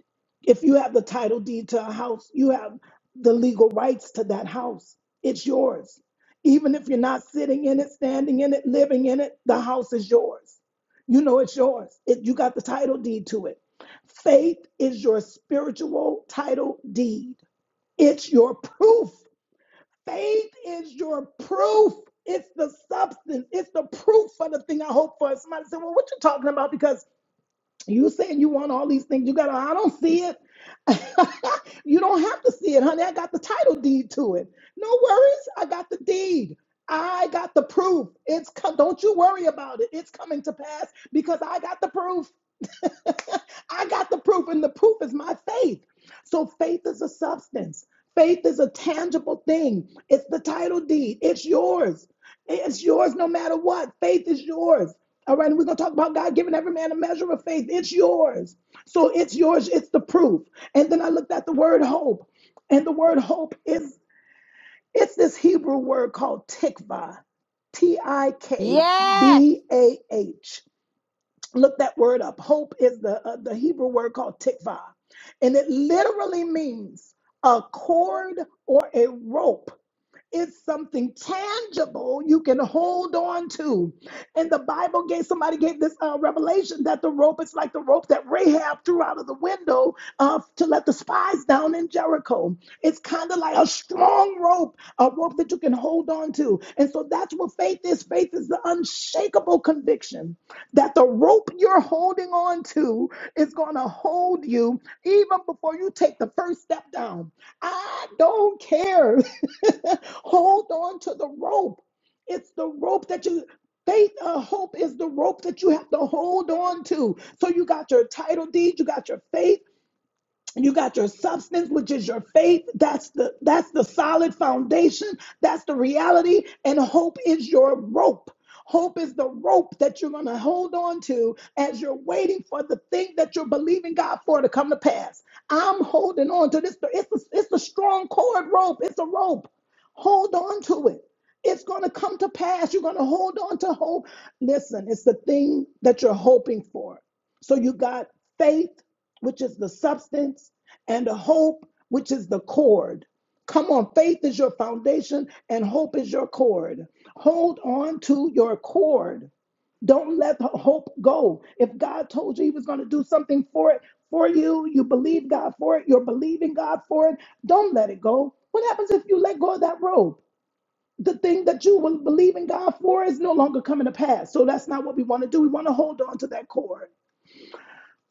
Speaker 3: If you have the title deed to a house, you have the legal rights to that house. It's yours. Even if you're not sitting in it, standing in it, living in it, the house is yours. You know it's yours. It, you got the title deed to it. Faith is your spiritual title deed. It's your proof. Faith is your proof. It's the substance. It's the proof for the thing I hope for. Somebody said, Well, what you talking about? Because you saying you want all these things. You gotta, I don't see it. you don't have to see it, honey. I got the title deed to it. No worries. I got the deed. I got the proof. It's co- don't you worry about it. It's coming to pass because I got the proof. I got the proof, and the proof is my faith. So faith is a substance. Faith is a tangible thing. It's the title deed. It's yours. It's yours no matter what. Faith is yours. All right, and we're gonna talk about God giving every man a measure of faith. It's yours. So it's yours, it's the proof. And then I looked at the word hope. And the word hope is it's this Hebrew word called tikva. T I K
Speaker 1: Yes.
Speaker 3: B A H look that word up. Hope is the uh, the Hebrew word called tikvah, and it literally means a cord or a rope it's something tangible you can hold on to. And the Bible gave somebody gave this uh, revelation that the rope is like the rope that Rahab threw out of the window uh, to let the spies down in Jericho. It's kind of like a strong rope, a rope that you can hold on to. And so that's what faith is. Faith is the unshakable conviction that the rope you're holding on to is going to hold you even before you take the first step down. I don't care Hold on to the rope. It's the rope that you faith uh, hope is the rope that you have to hold on to. So you got your title deed, you got your faith, you got your substance which is your faith that's the that's the solid foundation that's the reality and hope is your rope hope is the rope that you're going to hold on to as you're waiting for the thing that you're believing god for to come to pass i'm holding on to this it's a, it's a strong cord rope it's a rope hold on to it it's going to come to pass you're going to hold on to hope listen it's the thing that you're hoping for so you got faith which is the substance, and hope, which is the cord. Come on, faith is your foundation and hope is your cord. Hold on to your cord. Don't let the hope go. If God told you He was going to do something for it, for you, you believe God for it, you're believing God for it, don't let it go. What happens if you let go of that rope? The thing that you will believe in God for is no longer coming to pass. So that's not what we want to do. We want to hold on to that cord.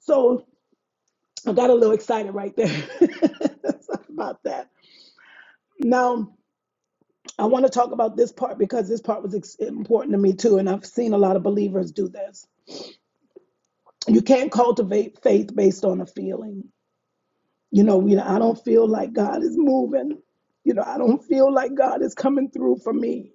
Speaker 3: So I got a little excited right there about that. Now, I want to talk about this part because this part was ex- important to me too. And I've seen a lot of believers do this. You can't cultivate faith based on a feeling. You know, we, I don't feel like God is moving. You know, I don't feel like God is coming through for me.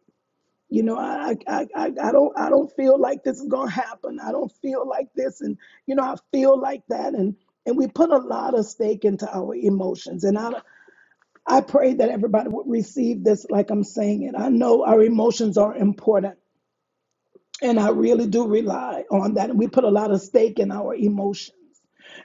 Speaker 3: You know, I, I, I, I I don't, I don't feel like this is going to happen. I don't feel like this. And, you know, I feel like that. And, and we put a lot of stake into our emotions. And I, I pray that everybody would receive this like I'm saying it. I know our emotions are important. And I really do rely on that. And we put a lot of stake in our emotions.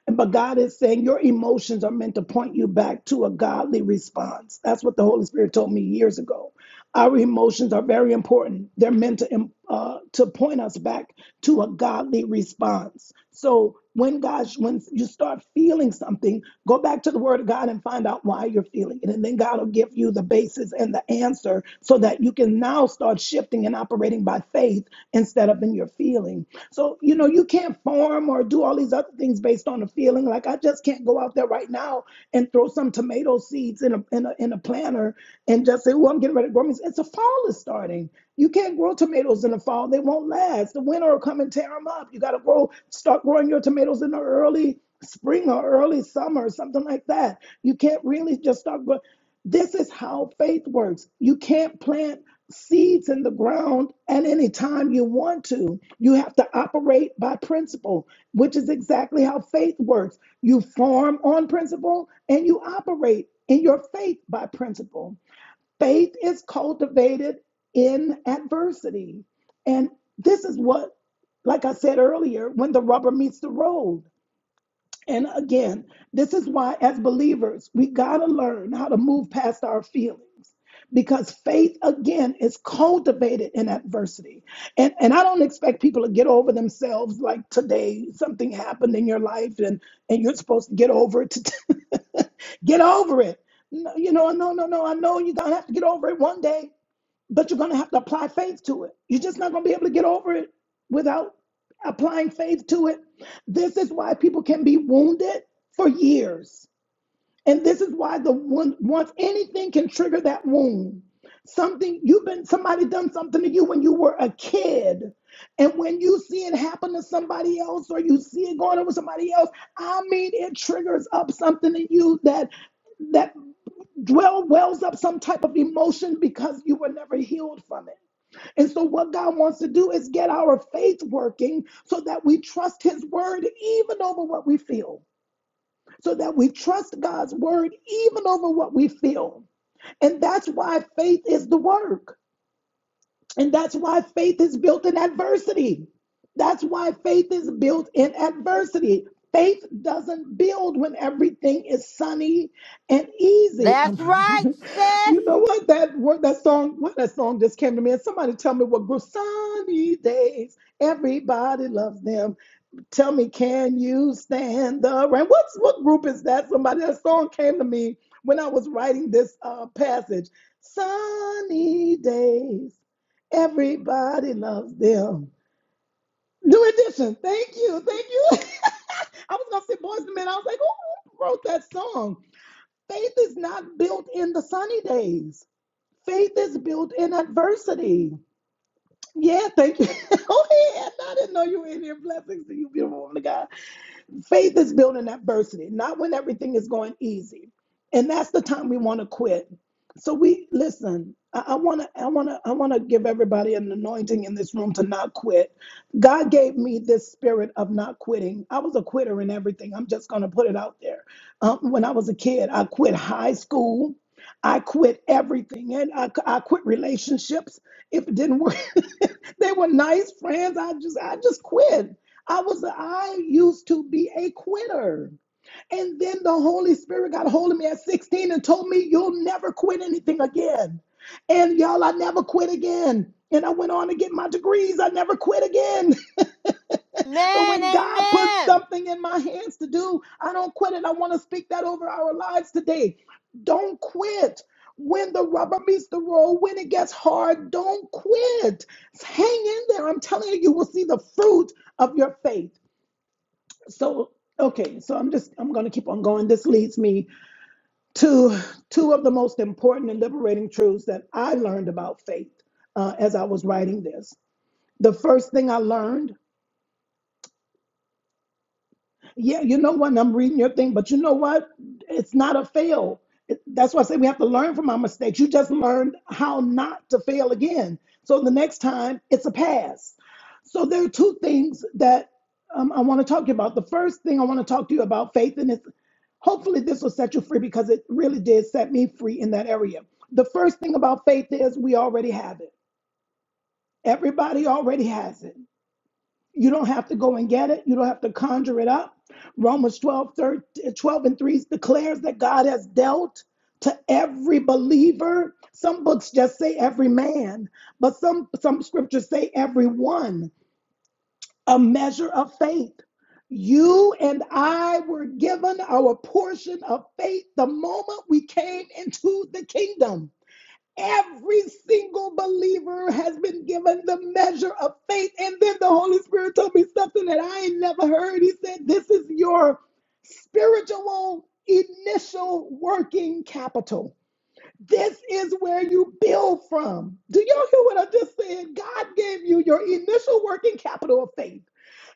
Speaker 3: And but God is saying your emotions are meant to point you back to a godly response. That's what the Holy Spirit told me years ago. Our emotions are very important. They're meant to um, uh, to point us back to a godly response. So when God, when you start feeling something, go back to the Word of God and find out why you're feeling it, and then God will give you the basis and the answer, so that you can now start shifting and operating by faith instead of in your feeling. So, you know, you can't farm or do all these other things based on a feeling. Like I just can't go out there right now and throw some tomato seeds in a in a in a planter and just say, "Well, I'm getting ready to grow It's a fall is starting. You can't grow tomatoes in the fall; they won't last. The winter will come and tear them up. You got to grow, start growing your tomatoes in the early spring or early summer, something like that. You can't really just start growing. This is how faith works. You can't plant seeds in the ground and any time you want to. You have to operate by principle, which is exactly how faith works. You form on principle and you operate in your faith by principle. Faith is cultivated in adversity. And this is what, like I said earlier, when the rubber meets the road. And again, this is why, as believers, we got to learn how to move past our feelings because faith, again, is cultivated in adversity. And, and I don't expect people to get over themselves like today, something happened in your life and, and you're supposed to get over it. to- get over it. No, you know, no, no, no. I know you're going to have to get over it one day but you're going to have to apply faith to it. You're just not going to be able to get over it without applying faith to it. This is why people can be wounded for years. And this is why the one once anything can trigger that wound. Something you've been somebody done something to you when you were a kid. And when you see it happen to somebody else or you see it going on with somebody else, I mean it triggers up something in you that that dwell wells up some type of emotion because you were never healed from it. And so, what God wants to do is get our faith working so that we trust His word even over what we feel, so that we trust God's word even over what we feel. And that's why faith is the work. And that's why faith is built in adversity. That's why faith is built in adversity. Faith doesn't build when everything is sunny and easy.
Speaker 1: That's right,
Speaker 3: Um,
Speaker 1: sis.
Speaker 3: you know what that word, that song, what that song just came to me. And somebody tell me what group sunny days. Everybody loves them. Tell me, can you stand the rain? What's what group is that? Somebody that song came to me when I was writing this uh, passage. Sunny days, everybody loves them. New edition. Thank you, thank you. I was gonna say Boys and Men. I was like, who wrote that song? Faith is not built in the sunny days. Faith is built in adversity. Yeah, thank you. oh, yeah, I didn't know you were in here. Blessings to you, beautiful woman of God. Faith is built in adversity, not when everything is going easy. And that's the time we want to quit. So we listen, I want to I want to I want to give everybody an anointing in this room to not quit. God gave me this spirit of not quitting. I was a quitter in everything. I'm just going to put it out there. Um, when I was a kid, I quit high school. I quit everything and I, I quit relationships if it didn't work they were nice friends. I just I just quit. I was I used to be a quitter. And then the Holy Spirit got a hold of me at 16 and told me you'll never quit anything again. And y'all, I never quit again. And I went on to get my degrees. I never quit again. So
Speaker 1: Amen.
Speaker 3: when God puts
Speaker 1: Amen.
Speaker 3: something in my hands to do, I don't quit it. I want to speak that over our lives today. Don't quit. When the rubber meets the road, when it gets hard, don't quit. Hang in there. I'm telling you, you will see the fruit of your faith. So, okay, so I'm just I'm going to keep on going. This leads me to two of the most important and liberating truths that I learned about faith uh, as I was writing this. The first thing I learned Yeah, you know what? and I'm reading your thing, but you know what? It's not a fail. It- That's why I say we have to learn from our mistakes. You just learned how not to fail again. So the next time, it's a pass. So there are two things that um, I want to talk to you about. The first thing I want to talk to you about faith, and it's hopefully this will set you free because it really did set me free in that area. The first thing about faith is we already have it. Everybody already has it. You don't have to go and get it. You don't have to conjure it up. Romans 12, thirteen, twelve and 3 declares that God has dealt to every believer. Some books just say every man, but some, some scriptures say every one, a measure of faith. You and I were given our portion of faith the moment we came into the kingdom. Every single believer has been given the measure of faith. And then the Holy Spirit told me something that I ain't never heard. He said, This is your spiritual initial working capital. This is where you build from. Do y'all hear what I just said? God gave you your initial working capital of faith.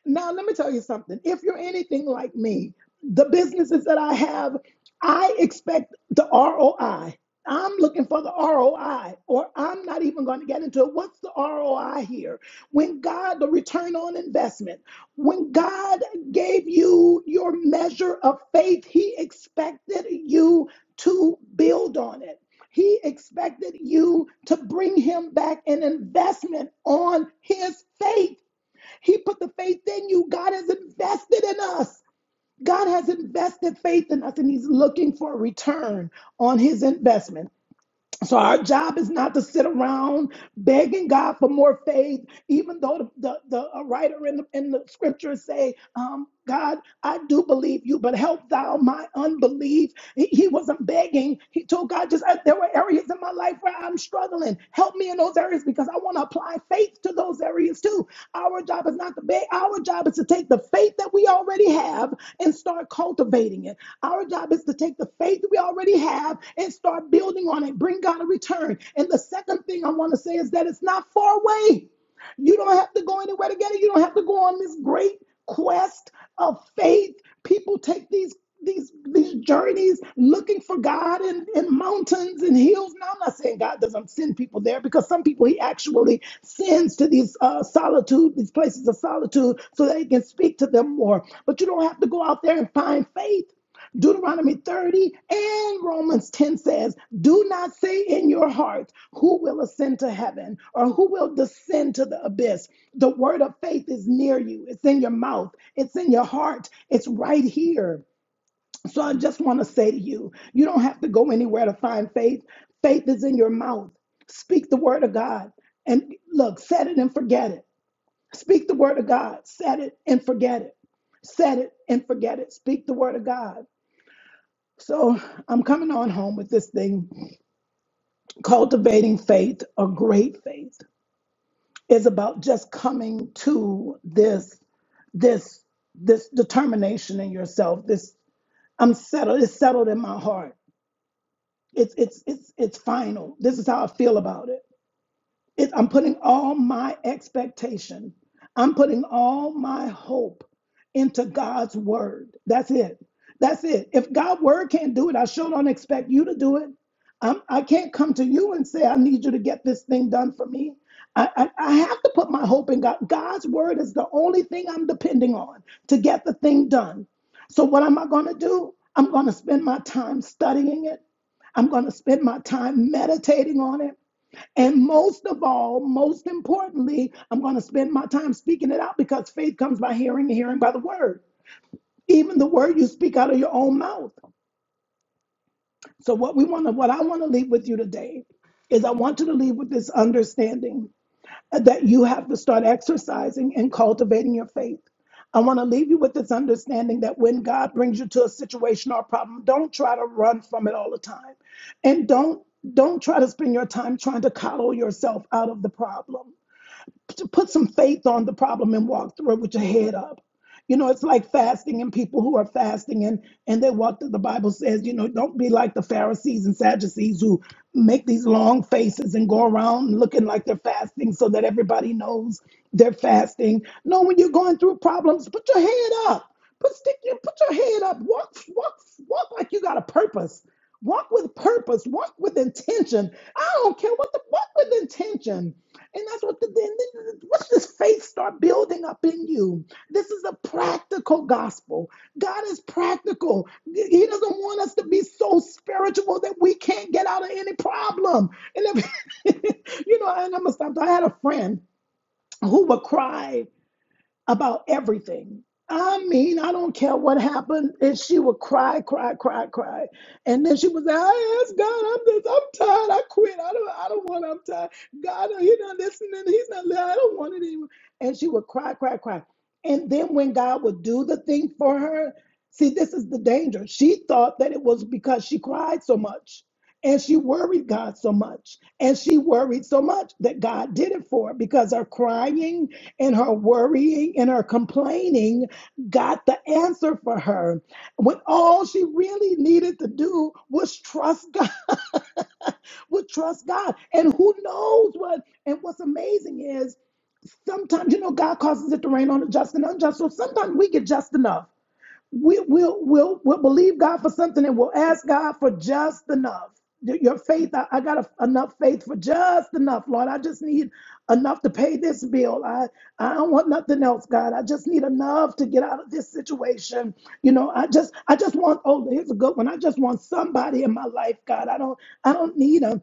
Speaker 3: Now, let me tell you something. If you're anything like me, the businesses that I have, I expect the ROI. I'm looking for the ROI, or I'm not even going to get into it. What's the ROI here? When God, the return on investment, when God gave you your measure of faith, He expected you to build on it. He expected you to bring Him back an investment on His faith. He put the faith in you. God has invested in us. God has invested faith in us and He's looking for a return on His investment. So our job is not to sit around begging God for more faith, even though the, the, the uh, writer in the, in the scriptures say, um, God, I do believe you, but help thou my unbelief. He, he wasn't begging. He told God, just uh, there were areas in my life where I'm struggling. Help me in those areas because I want to apply faith to those areas too. Our job is not to beg. Our job is to take the faith that we already have and start cultivating it. Our job is to take the faith we already have and start building on it. Bring God a return. And the second thing I want to say is that it's not far away. You don't have to go anywhere to get it. You don't have to go on this great quest of faith. People take these these these journeys looking for God in, in mountains and hills. Now I'm not saying God doesn't send people there because some people He actually sends to these uh, solitude, these places of solitude, so that He can speak to them more. But you don't have to go out there and find faith. Deuteronomy 30 and Romans 10 says, Do not say in your heart, Who will ascend to heaven or who will descend to the abyss? The word of faith is near you, it's in your mouth, it's in your heart, it's right here. So I just want to say to you, you don't have to go anywhere to find faith. Faith is in your mouth. Speak the word of God and look, set it and forget it. Speak the word of God, set it and forget it. Set it and forget it. Speak the word of God. So I'm coming on home with this thing, cultivating faith or great faith is about just coming to this this this determination in yourself. This I'm settled. It's settled in my heart. It's it's it's it's final. This is how I feel about it. It, I'm putting all my expectation, I'm putting all my hope into God's word. That's it. That's it. If God's word can't do it, I sure don't expect you to do it. I'm, I can't come to you and say, I need you to get this thing done for me. I, I, I have to put my hope in God. God's word is the only thing I'm depending on to get the thing done. So, what am I going to do? I'm going to spend my time studying it. I'm going to spend my time meditating on it. And most of all, most importantly, I'm going to spend my time speaking it out because faith comes by hearing and hearing by the word. Even the word you speak out of your own mouth. So what we want to what I want to leave with you today is I want you to leave with this understanding that you have to start exercising and cultivating your faith. I want to leave you with this understanding that when God brings you to a situation or a problem, don't try to run from it all the time. And don't don't try to spend your time trying to coddle yourself out of the problem to put some faith on the problem and walk through it with your head up. You know, it's like fasting and people who are fasting and and they walk through the Bible says, you know, don't be like the Pharisees and Sadducees who make these long faces and go around looking like they're fasting so that everybody knows they're fasting. No, when you're going through problems, put your head up. Put stick your put your head up. Walk, walk, walk like you got a purpose. Walk with purpose. Walk with intention. I don't care what the walk with intention and that's what the, then What's this faith start building up in you, this is a practical gospel. God is practical. He doesn't want us to be so spiritual that we can't get out of any problem. And if, you know, and I'm gonna stop. I had a friend who would cry about everything. I mean, I don't care what happened. And she would cry, cry, cry, cry. And then she would say, I asked God, I'm this, I'm tired. I quit. I don't I don't want I'm tired. God, he's not listening. He's not listening. I don't want it anymore. And she would cry, cry, cry. And then when God would do the thing for her, see, this is the danger. She thought that it was because she cried so much. And she worried God so much. And she worried so much that God did it for her because her crying and her worrying and her complaining got the answer for her when all she really needed to do was trust God, was trust God. And who knows what? And what's amazing is sometimes, you know, God causes it to rain on the just and unjust. So sometimes we get just enough we, we'll, we'll, we'll believe God for something and we'll ask God for just enough. Y- Your faith, I, I got a- enough faith for just enough, Lord. I just need enough to pay this bill. I, I don't want nothing else, God. I just need enough to get out of this situation. You know, I just I just want oh, here's a good one. I just want somebody in my life, God. I don't I don't need 'em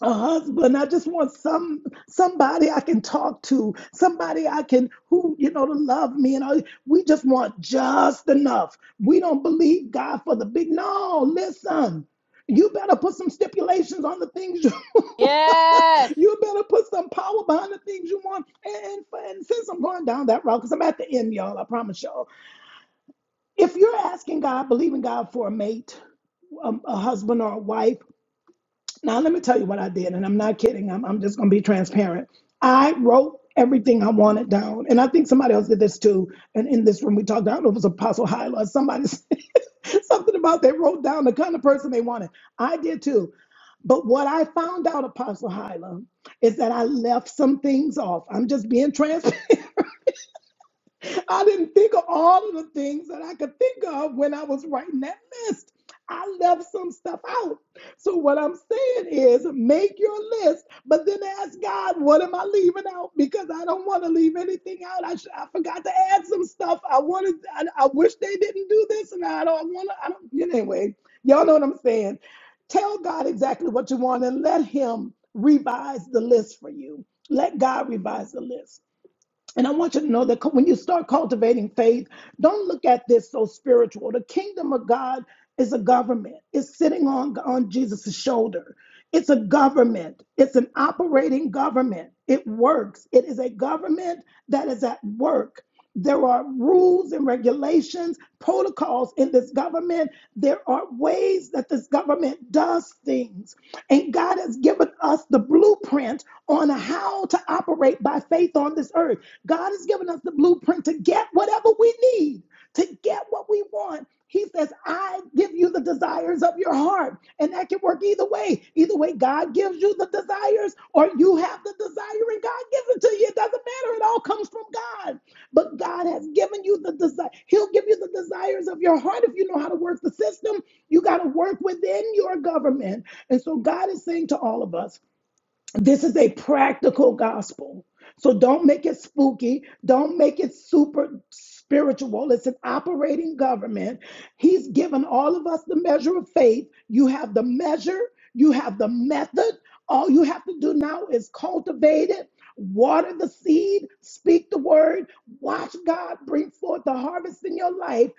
Speaker 3: a husband. I just want some somebody I can talk to, somebody I can who you know to love me. And all. we just want just enough. We don't believe God for the big. No, listen. You better put some stipulations on the things you.
Speaker 1: Yes.
Speaker 3: you better put some power behind the things you want. And, and since I'm going down that route, because I'm at the end, y'all, I promise y'all. If you're asking God, believing God for a mate, a, a husband or a wife now, let me tell you what I did, and I'm not kidding. I'm, I'm just going to be transparent. I wrote everything I wanted down, and I think somebody else did this too. And in this room, we talked about it was Apostle Hyla. Somebody said something about they wrote down the kind of person they wanted. I did too. But what I found out, Apostle Hyla, is that I left some things off. I'm just being transparent. I didn't think of all of the things that I could think of when I was writing that list. I left some stuff out. So, what I'm saying is make your list, but then ask God, what am I leaving out? Because I don't want to leave anything out. I, should, I forgot to add some stuff. I wanted, I, I wish they didn't do this, and I don't want to. I don't, anyway, y'all know what I'm saying. Tell God exactly what you want and let Him revise the list for you. Let God revise the list. And I want you to know that when you start cultivating faith, don't look at this so spiritual. The kingdom of God is a government. It's sitting on, on Jesus' shoulder. It's a government. It's an operating government. It works. It is a government that is at work. There are rules and regulations, protocols in this government. There are ways that this government does things. And God has given us the blueprint on how to operate by faith on this earth. God has given us the blueprint to get whatever we need, to get what we want. He says, I give you the desires of your heart. And that can work either way. Either way, God gives you the desires, or you have the desire and God gives it to you. It doesn't matter. It all comes from God. But God has given you the desire. He'll give you the desires of your heart if you know how to work the system. You got to work within your government. And so God is saying to all of us, this is a practical gospel. So don't make it spooky. Don't make it super spiritual. It's an operating government. He's given all of us the measure of faith. You have the measure, you have the method. All you have to do now is cultivate it, water the seed, speak the word, watch God bring forth the harvest in your life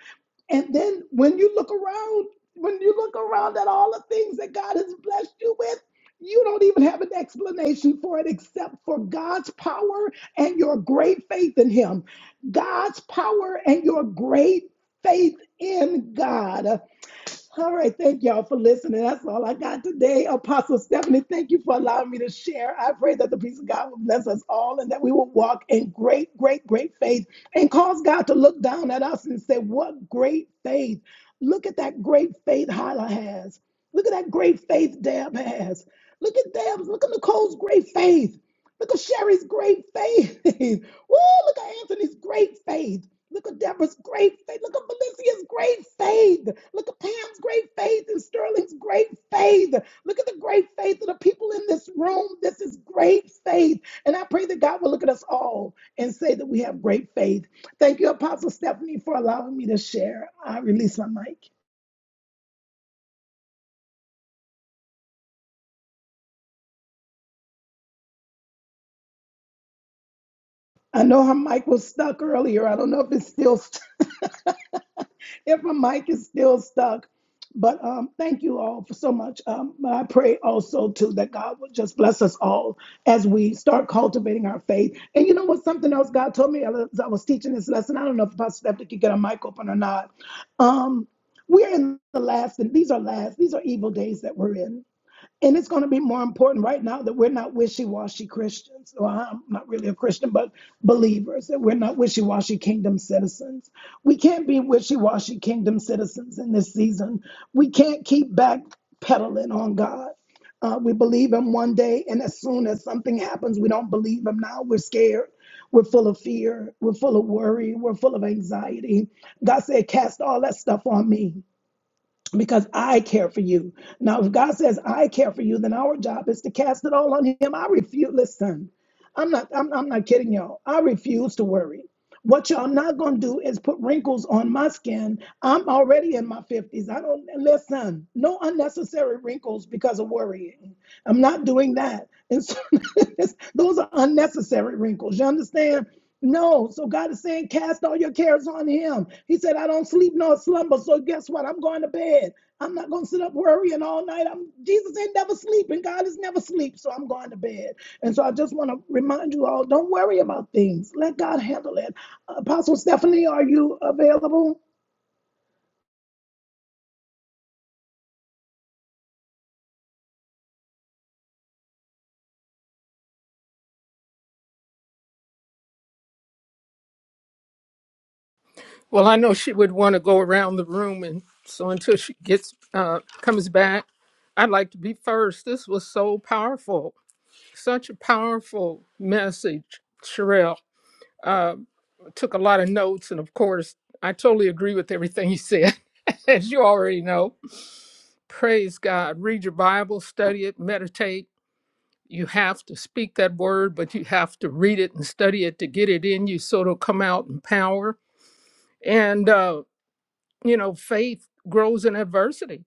Speaker 3: and then when you look around, when you look around at all the things that God has blessed you with, you don't even have an explanation for it except for God's power and your great faith in Him. God's power and your great faith in God. All right, thank y'all for listening. That's all I got today. Apostle Stephanie, thank you for allowing me to share. I pray that the peace of God will bless us all and that we will walk in great, great, great faith and cause God to look down at us and say, What great faith! Look at that great faith Hyla has. Look at that great faith Deb has. Look at Deb's, look at Nicole's great faith. Look at Sherry's great faith. Woo, look at Anthony's great faith. Look at Deborah's great faith. Look at Felicia's great faith. Look at Pam's great faith and Sterling's great faith. Look at the great faith of the people in this room. This is great faith. And I pray that God will look at us all and say that we have great faith. Thank you, Apostle Stephanie, for allowing me to share. I release my mic. I know her mic was stuck earlier. I don't know if it's still stuck. if my mic is still stuck. But um, thank you all for so much. Um, but I pray also too that God will just bless us all as we start cultivating our faith. And you know what? Something else God told me as I was teaching this lesson. I don't know if Pastor Stephanie could get a mic open or not. Um, we're in the last, and these are last, these are evil days that we're in. And it's going to be more important right now that we're not wishy washy Christians. Well, I'm not really a Christian, but believers, that we're not wishy washy kingdom citizens. We can't be wishy washy kingdom citizens in this season. We can't keep backpedaling on God. Uh, we believe Him one day, and as soon as something happens, we don't believe Him now. We're scared. We're full of fear. We're full of worry. We're full of anxiety. God said, Cast all that stuff on me because I care for you. Now, if God says I care for you, then our job is to cast it all on Him. I refuse. Listen, I'm not. I'm, I'm not kidding y'all. I refuse to worry. What y'all not gonna do is put wrinkles on my skin. I'm already in my fifties. I don't listen. No unnecessary wrinkles because of worrying. I'm not doing that. And so those are unnecessary wrinkles. You understand? No, so God is saying, cast all your cares on Him. He said, I don't sleep nor slumber. So guess what? I'm going to bed. I'm not going to sit up worrying all night. I'm Jesus ain't never sleeping. God is never sleep. So I'm going to bed. And so I just want to remind you all, don't worry about things. Let God handle it. Apostle Stephanie, are you available?
Speaker 4: Well, I know she would want to go around the room, and so until she gets uh, comes back, I'd like to be first. This was so powerful, such a powerful message, Sherelle. Uh, took a lot of notes, and of course, I totally agree with everything you said, as you already know. Praise God. Read your Bible, study it, meditate. You have to speak that word, but you have to read it and study it to get it in you, so it'll come out in power. And uh, you know, faith grows in adversity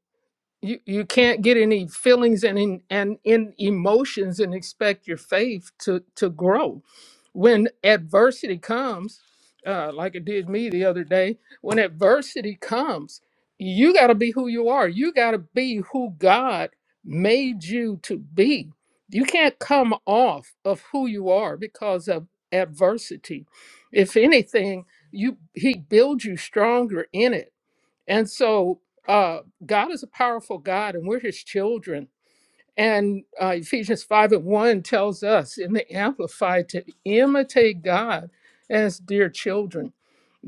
Speaker 4: you you can't get any feelings and in, and in emotions and expect your faith to to grow when adversity comes uh like it did me the other day when adversity comes you got to be who you are you got to be who god made you to be you can't come off of who you are because of adversity if anything you he builds you stronger in it and so uh, God is a powerful God, and we're his children. And uh, Ephesians 5 and 1 tells us in the Amplified to imitate God as dear children.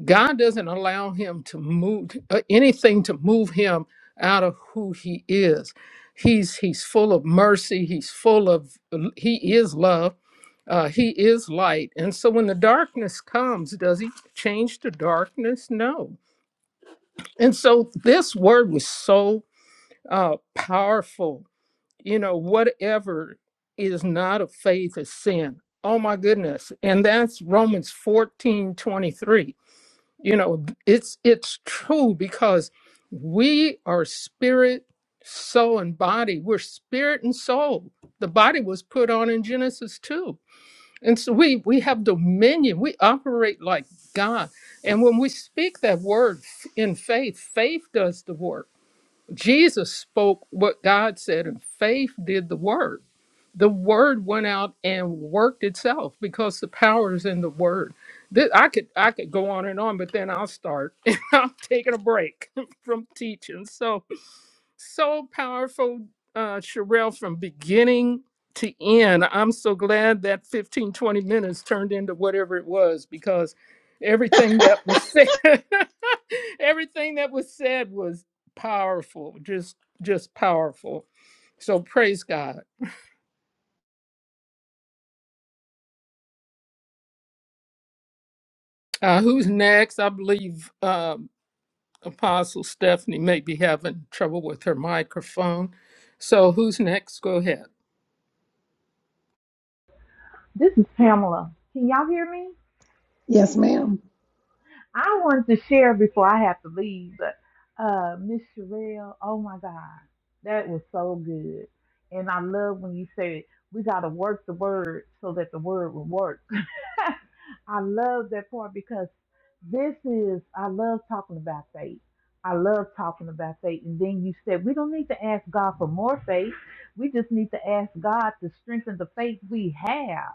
Speaker 4: God doesn't allow him to move uh, anything to move him out of who he is. He's, he's full of mercy, he's full of, he is love, uh, he is light. And so when the darkness comes, does he change to darkness? No and so this word was so uh, powerful. You know, whatever is not of faith is sin. Oh my goodness. And that's Romans 14 23. You know, it's it's true because we are spirit, soul, and body. We're spirit and soul. The body was put on in Genesis 2 and so we, we have dominion. We operate like God. And when we speak that word f- in faith, faith does the work. Jesus spoke what God said, and faith did the word. The word went out and worked itself because the power is in the word. This, I could I could go on and on, but then I'll start. I'm taking a break from teaching. So so powerful, uh, Sherelle, from beginning to end. I'm so glad that 15, 20 minutes turned into whatever it was because everything that was said, everything that was said was powerful, just just powerful. So praise God. Uh, who's next? I believe um, Apostle Stephanie may be having trouble with her microphone. So who's next? Go ahead.
Speaker 6: This is Pamela. Can y'all hear me?
Speaker 3: Yes, ma'am.
Speaker 6: I wanted to share before I have to leave, but uh, Miss Sherelle, oh my God, that was so good. And I love when you said we got to work the word so that the word will work. I love that part because this is, I love talking about faith. I love talking about faith. And then you said we don't need to ask God for more faith. We just need to ask God to strengthen the faith we have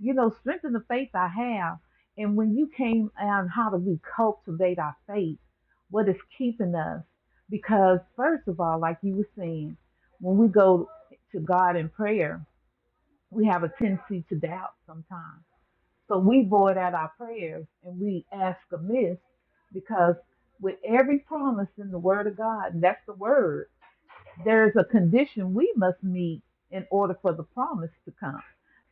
Speaker 6: you know, strengthen the faith I have. And when you came on how do we cultivate our faith, what is keeping us? Because first of all, like you were saying, when we go to God in prayer, we have a tendency to doubt sometimes. So we void out our prayers and we ask amiss because with every promise in the word of God, and that's the word, there's a condition we must meet in order for the promise to come.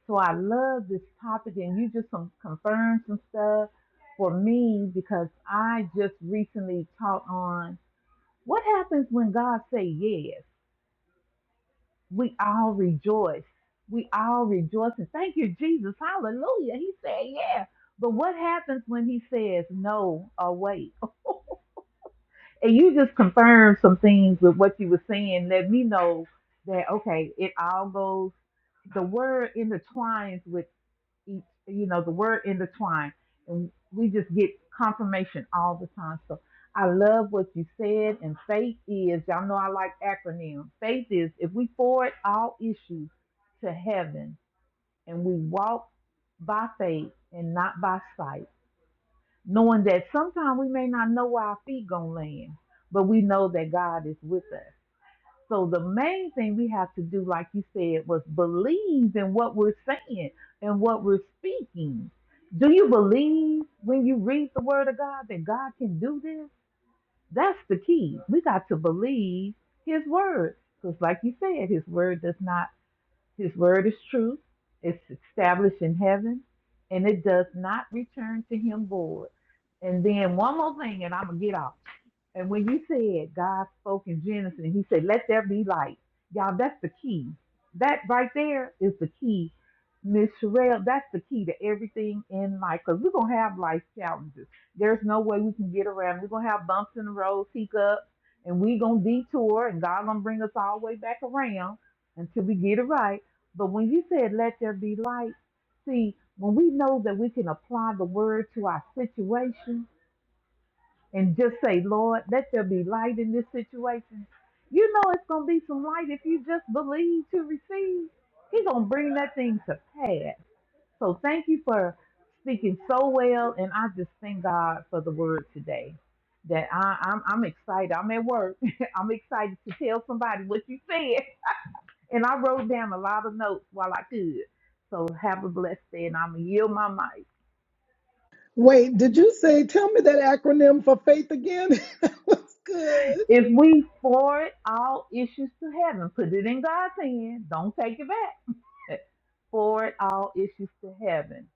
Speaker 6: So I love this topic, and you just some confirmed some stuff for me because I just recently taught on what happens when God say yes. We all rejoice. We all rejoice and thank you, Jesus. Hallelujah. He said yeah. But what happens when he says no or wait? And you just confirmed some things with what you were saying. Let me know that okay, it all goes. The word intertwines with each. You know, the word intertwine, and we just get confirmation all the time. So I love what you said. And faith is. Y'all know I like acronyms. Faith is if we forward all issues to heaven and we walk by faith and not by sight knowing that sometimes we may not know where our feet gonna land, but we know that God is with us. So the main thing we have to do, like you said, was believe in what we're saying and what we're speaking. Do you believe when you read the word of God that God can do this? That's the key. We got to believe his word. Because like you said, his word does not his word is truth, it's established in heaven, and it does not return to him void. And then one more thing, and I'm going to get off. And when you said God spoke in Genesis and he said, Let there be light, y'all, that's the key. That right there is the key. Miss Sherelle, that's the key to everything in life because we're going to have life challenges. There's no way we can get around. We're going to have bumps in the road, hiccups, and we're going to detour, and God going to bring us all the way back around until we get it right. But when you said, Let there be light, see, when we know that we can apply the word to our situation, and just say, Lord, let there be light in this situation. You know it's gonna be some light if you just believe to receive. He's gonna bring that thing to pass. So thank you for speaking so well, and I just thank God for the word today. That I, I'm I'm excited. I'm at work. I'm excited to tell somebody what you said, and I wrote down a lot of notes while I could. So have a blessed day, and I'm gonna yield my mic.
Speaker 3: Wait, did you say tell me that acronym for faith again? that was good.
Speaker 6: If we forward all issues to heaven, put it in God's hand. Don't take it back. forward all issues to heaven.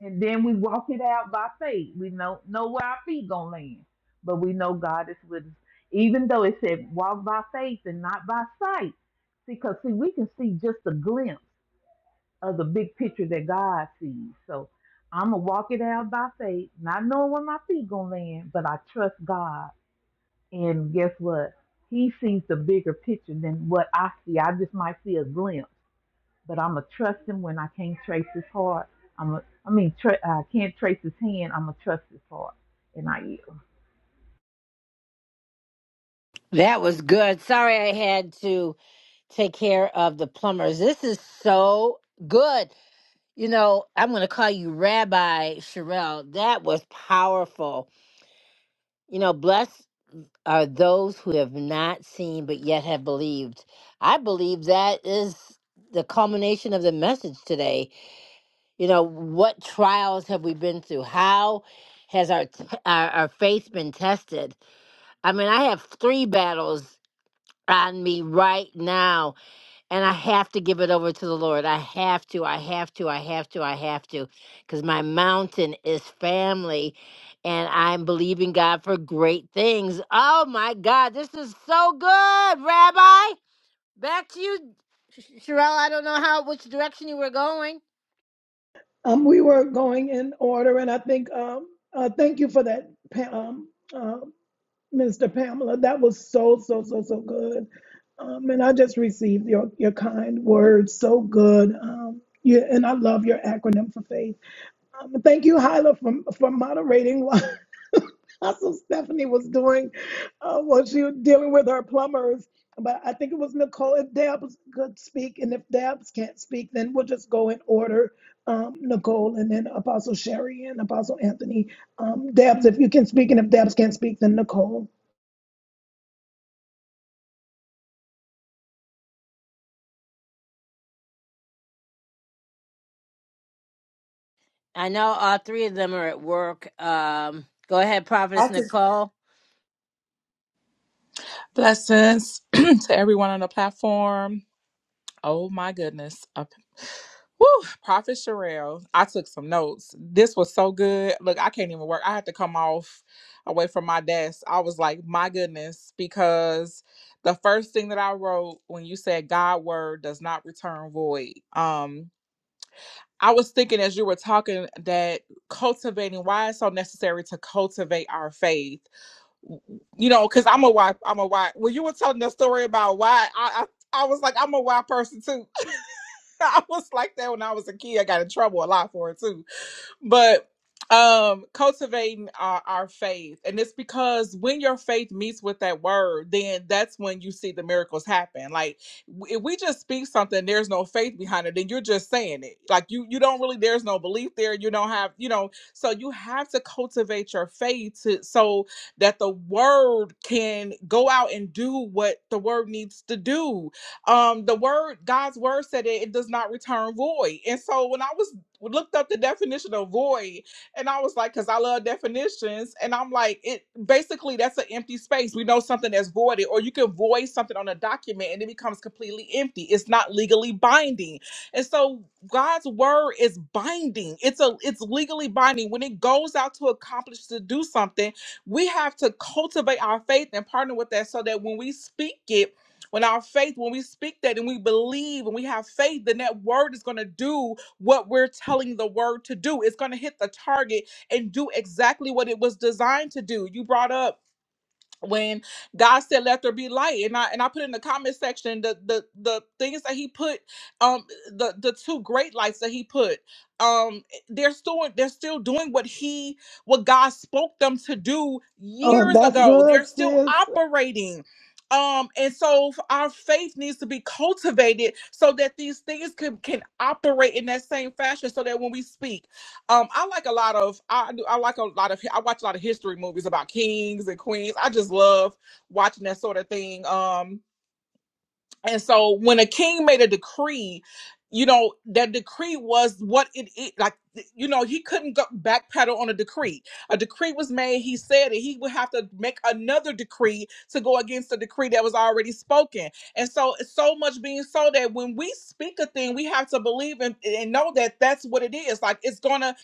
Speaker 6: And then we walk it out by faith. We know know where our feet gonna land. But we know God is with us. Even though it said walk by faith and not by sight. See, because see, we can see just a glimpse of the big picture that God sees. So I'm gonna walk it out by faith, not knowing where my feet gonna land, but I trust God And guess what? He sees the bigger picture than what I see. I just might see a glimpse, but I'm gonna trust him when I can't trace his heart. I'm a, I mean, tra- I can't trace his hand. I'm gonna trust his heart, and I yield.
Speaker 1: That was good. Sorry I had to take care of the plumbers. This is so good. You know, I'm going to call you Rabbi Sherelle. That was powerful. You know, blessed are those who have not seen but yet have believed. I believe that is the culmination of the message today. You know, what trials have we been through? How has our t- our, our faith been tested? I mean, I have three battles on me right now and I have to give it over to the Lord. I have to, I have to, I have to, I have to, because my mountain is family and I'm believing God for great things. Oh my God, this is so good, Rabbi. Back to you, Sh- Sherelle. I don't know how which direction you were going.
Speaker 3: Um, we were going in order, and I think um, uh, thank you for that, Pa- um, uh, Mr. Pamela. That was so, so, so, so good. Um, and I just received your, your kind words. So good. Um, yeah, and I love your acronym for faith. Um, thank you, Hyla, for, for moderating while Apostle Stephanie was doing uh, what she was dealing with her plumbers. But I think it was Nicole. If Debs could speak, and if Debs can't speak, then we'll just go in order. Um, Nicole, and then Apostle Sherry, and Apostle Anthony. Um, Debs, if you can speak, and if Debs can't speak, then Nicole.
Speaker 1: I know all three of them are at work. Um, go ahead,
Speaker 7: I
Speaker 1: Prophetess
Speaker 7: could
Speaker 1: Nicole.
Speaker 5: Blessings to everyone on the platform. Oh my goodness. Uh, Woo, Prophet Sherelle. I took some notes. This was so good. Look, I can't even work. I had to come off away from my desk. I was like, my goodness, because the first thing that I wrote when you said God word does not return void. Um, I was thinking as you were talking that cultivating why it's so necessary to cultivate our faith. You know, because I'm a why I'm a why. When you were telling the story about why I, I I was like, I'm a wild person too. I was like that when I was a kid. I got in trouble a lot for it too but um cultivating our, our faith and it's because when your faith meets with that word then that's when you see the miracles happen like w- if we just speak something there's no faith behind it then you're just saying it like you you don't really there's no belief there you don't have you know so you have to cultivate your faith to, so that the word can go out and do what the word needs to do um the word god's word said it, it does not return void and so when i was looked up the definition of void and I was like, because I love definitions. And I'm like, it basically that's an empty space. We know something that's voided, or you can void something on a document and it becomes completely empty. It's not legally binding. And so God's word is binding. It's a it's legally binding. When it goes out to accomplish to do something, we have to cultivate our faith and partner with that so that when we speak it. When our faith, when we speak that and we believe and we have faith, then that word is going to do what we're telling the word to do. It's going to hit the target and do exactly what it was designed to do. You brought up when God said, "Let there be light," and I and I put in the comment section the the the things that He put, um, the the two great lights that He put, um, they're still they're still doing what He what God spoke them to do
Speaker 3: Oh,
Speaker 5: years
Speaker 3: that's
Speaker 5: ago.
Speaker 3: good,
Speaker 5: They're still
Speaker 3: sis.
Speaker 5: operating. Um, and so f- our faith needs to be cultivated so that these things can, can operate in that same fashion so that when we speak um, I like a lot of I do I like a lot of I watch a lot of history movies about kings and queens. I just love watching that sort of thing. Um, and so when a king made a decree, you know, that decree was what it, is. like you know, he couldn't go backpedal on a decree. A decree was made, he said it, he would have to make another decree to go against the decree that was already spoken. And so so much being so that when we speak a thing, we have to believe and, and know that that's what it is. Like it's gonna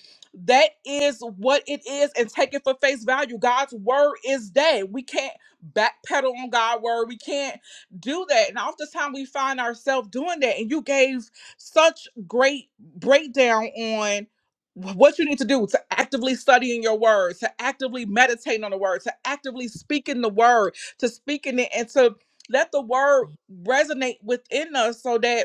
Speaker 5: that is what it is and take it for face value. God's word is that. We can't backpedal on God's word. We can't do that. And oftentimes we find ourselves doing that. And you gave such great breakdown on what you need to do to actively studying your word, to actively meditating on the word, to actively speaking the word, to speaking it, and to let the word resonate within us so that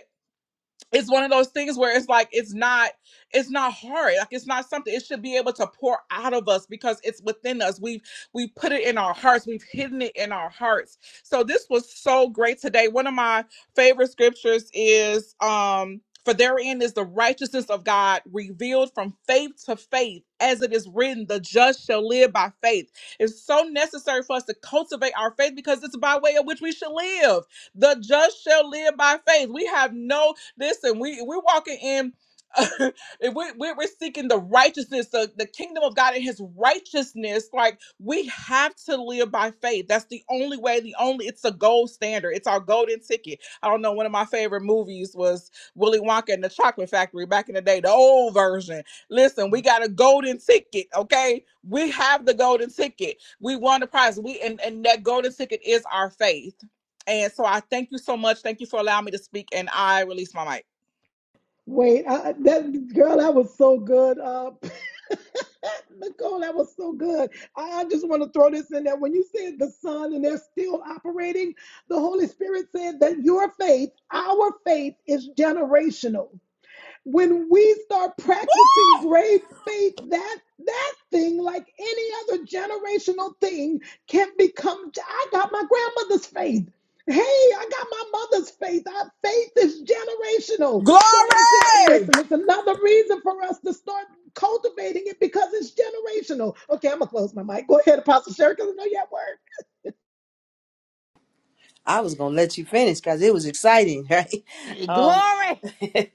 Speaker 5: it's one of those things where it's like it's not it's not hard like it's not something it should be able to pour out of us because it's within us we've we put it in our hearts we've hidden it in our hearts so this was so great today one of my favorite scriptures is um for therein is the righteousness of God revealed from faith to faith, as it is written, the just shall live by faith. It's so necessary for us to cultivate our faith because it's by way of which we should live the just shall live by faith. We have no Listen, we we're walking in. if we, we- we're seeking the righteousness, the, the kingdom of God and His righteousness. Like we have to live by faith. That's the only way. The only it's a gold standard. It's our golden ticket. I don't know. One of my favorite movies was Willy Wonka and the Chocolate Factory back in the day, the old version. Listen, we got a golden ticket. Okay, we have the golden ticket. We won the prize. We and and that golden ticket is our faith. And so I thank you so much. Thank you for allowing me to speak. And I release my mic.
Speaker 3: Wait, I, I- that girl, that was so good. Uh, Nicole, that was so good. I, I just want to throw this in there. When you said the Son and they're still operating, the Holy Spirit said that your faith, our faith, is generational. when we start practicing grave faith that that thing like any other generational thing can become i got my grandmother's faith hey i got my mother's faith our faith is generational so it's a,
Speaker 5: Glory!
Speaker 3: listen it's another reason for us to start cultivating it because it's generational okay i'm gonna close my mic go ahead apostle sherry because i know you at work
Speaker 7: I was gonna let you finish because it was exciting, right? Um,
Speaker 1: Glory.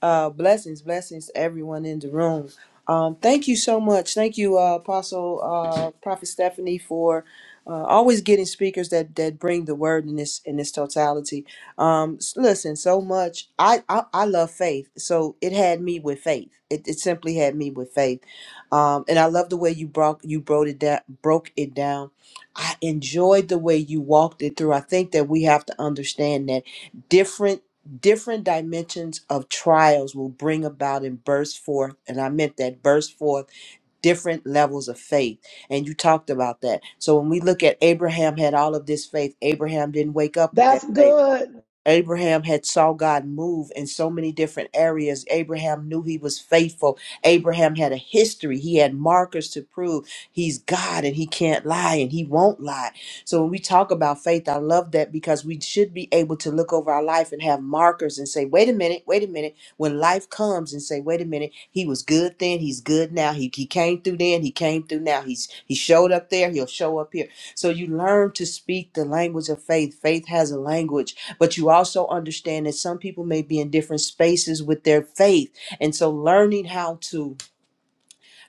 Speaker 7: Uh, blessings, blessings to everyone in the room. Um, thank you so much. Thank you, uh, Apostle uh, Prophet Stephanie, for uh, always getting speakers that that bring the word in this in this totality. Um, s- listen, so much. I, I I love faith, so it had me with faith. It, it simply had me with faith, um, and I love the way you broke you broke it down. Broke it down. I enjoyed the way you walked it through. I think that we have to understand that different different dimensions of trials will bring about and burst forth and i meant that burst forth different levels of faith and you talked about that so when we look at abraham had all of this faith abraham didn't wake up with
Speaker 3: that's
Speaker 7: that faith
Speaker 3: good
Speaker 7: Abraham had saw God move in so many different areas. Abraham knew he was faithful. Abraham had a history. He had markers to prove he's God and he can't lie and he won't lie. So when we talk about faith, I love that because we should be able to look over our life and have markers and say, wait a minute, wait a minute. When life comes and say, wait a minute, he was good then, he's good now. He, he came through then, he came through now. He's he showed up there, he'll show up here. So you learn to speak the language of faith. Faith has a language but you also understand that some people may be in different spaces with their faith. And so learning how to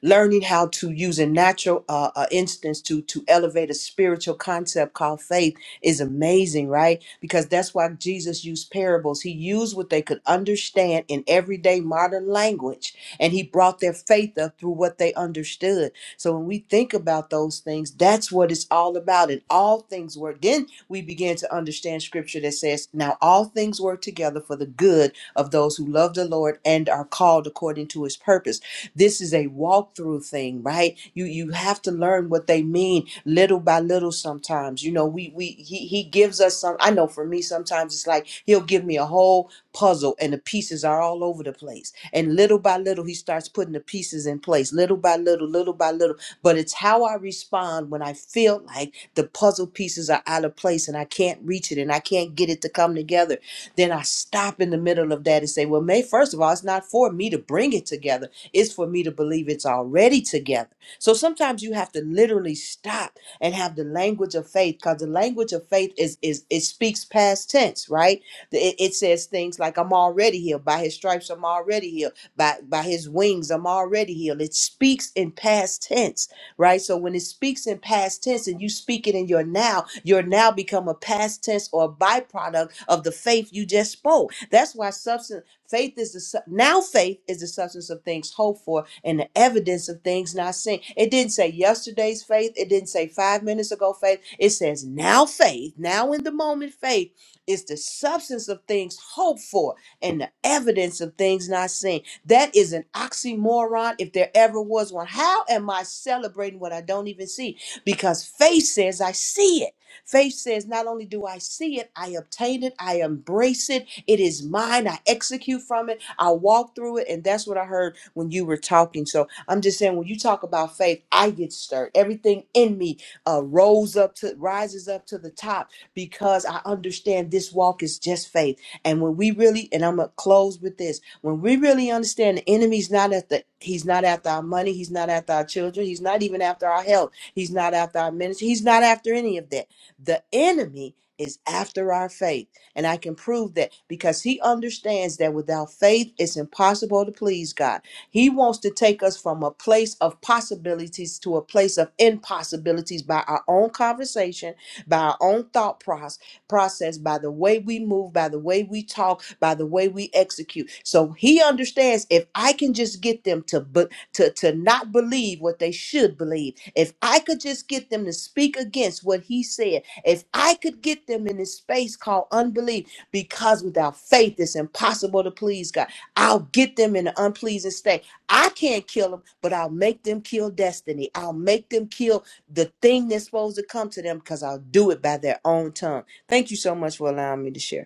Speaker 7: learning how to use a natural uh, uh, instance to to elevate a spiritual concept called faith is amazing right because that's why jesus used parables he used what they could understand in everyday modern language and he brought their faith up through what they understood so when we think about those things that's what it's all about and all things work then we begin to understand scripture that says now all things work together for the good of those who love the lord and are called according to his purpose this is a walkthrough thing, right? You you have to learn what they mean little by little sometimes. You know, we we he he gives us some I know for me sometimes it's like he'll give me a whole puzzle and the pieces are all over the place. And little by little he starts putting the pieces in place, little by little, little by little. But it's how I respond when I feel like the puzzle pieces are out of place and I can't reach it and I can't get it to come together then I stop in the middle of that and say, well, May, first of all, it's not for me to bring it together. It's for me to believe it's already together. So sometimes you have to literally stop and have the language of faith because the language of faith is, is it speaks past tense, right? It, it says things like, I'm already healed. By his stripes, I'm already healed. By, by his wings, I'm already healed. It speaks in past tense right? So when it speaks in past tense and you speak it in your now, your now become a past tense or a byproduct of the faith you just spoke. That's why substance faith is the su- now faith is the substance of things hoped for and the evidence of things not seen. It didn't say yesterday's faith. It didn't say five minutes ago faith. It says now faith. Now in the moment faith is the substance of things hoped for and the evidence of things not seen. That is an oxymoron if there ever was one. How am I celebrating what I don't even see? Because faith says I see it. Faith says not only do I see it, I obtain it, I embrace it, it is mine, I execute from it, I walk through it. And that's what I heard when you were talking. So I'm just saying, when you talk about faith, I get stirred. Everything in me uh, rose up to rises up to the top because I understand this walk is just faith. And when we really, and I'm gonna close with this when we really understand the enemy's not at the he's not after our money, he's not after our children, he's not even after our health, he's not after our ministry, he's not after any of that. The enemy is after our faith. And I can prove that because he understands that without faith it's impossible to please God. He wants to take us from a place of possibilities to a place of impossibilities by our own conversation, by our own thought process process, by the way we move, by the way we talk, by the way we execute. So he understands if I can just get them to be, to to not believe what they should believe, if I could just get them to speak against what he said, if I could get them in this space called unbelief, because without faith it's impossible to please God. I'll get them in an unpleasing state. I can't kill them, but I'll make them kill destiny. I'll make them kill the thing that's supposed to come to them because I'll do it by their own tongue. Thank you so much for allowing me to share.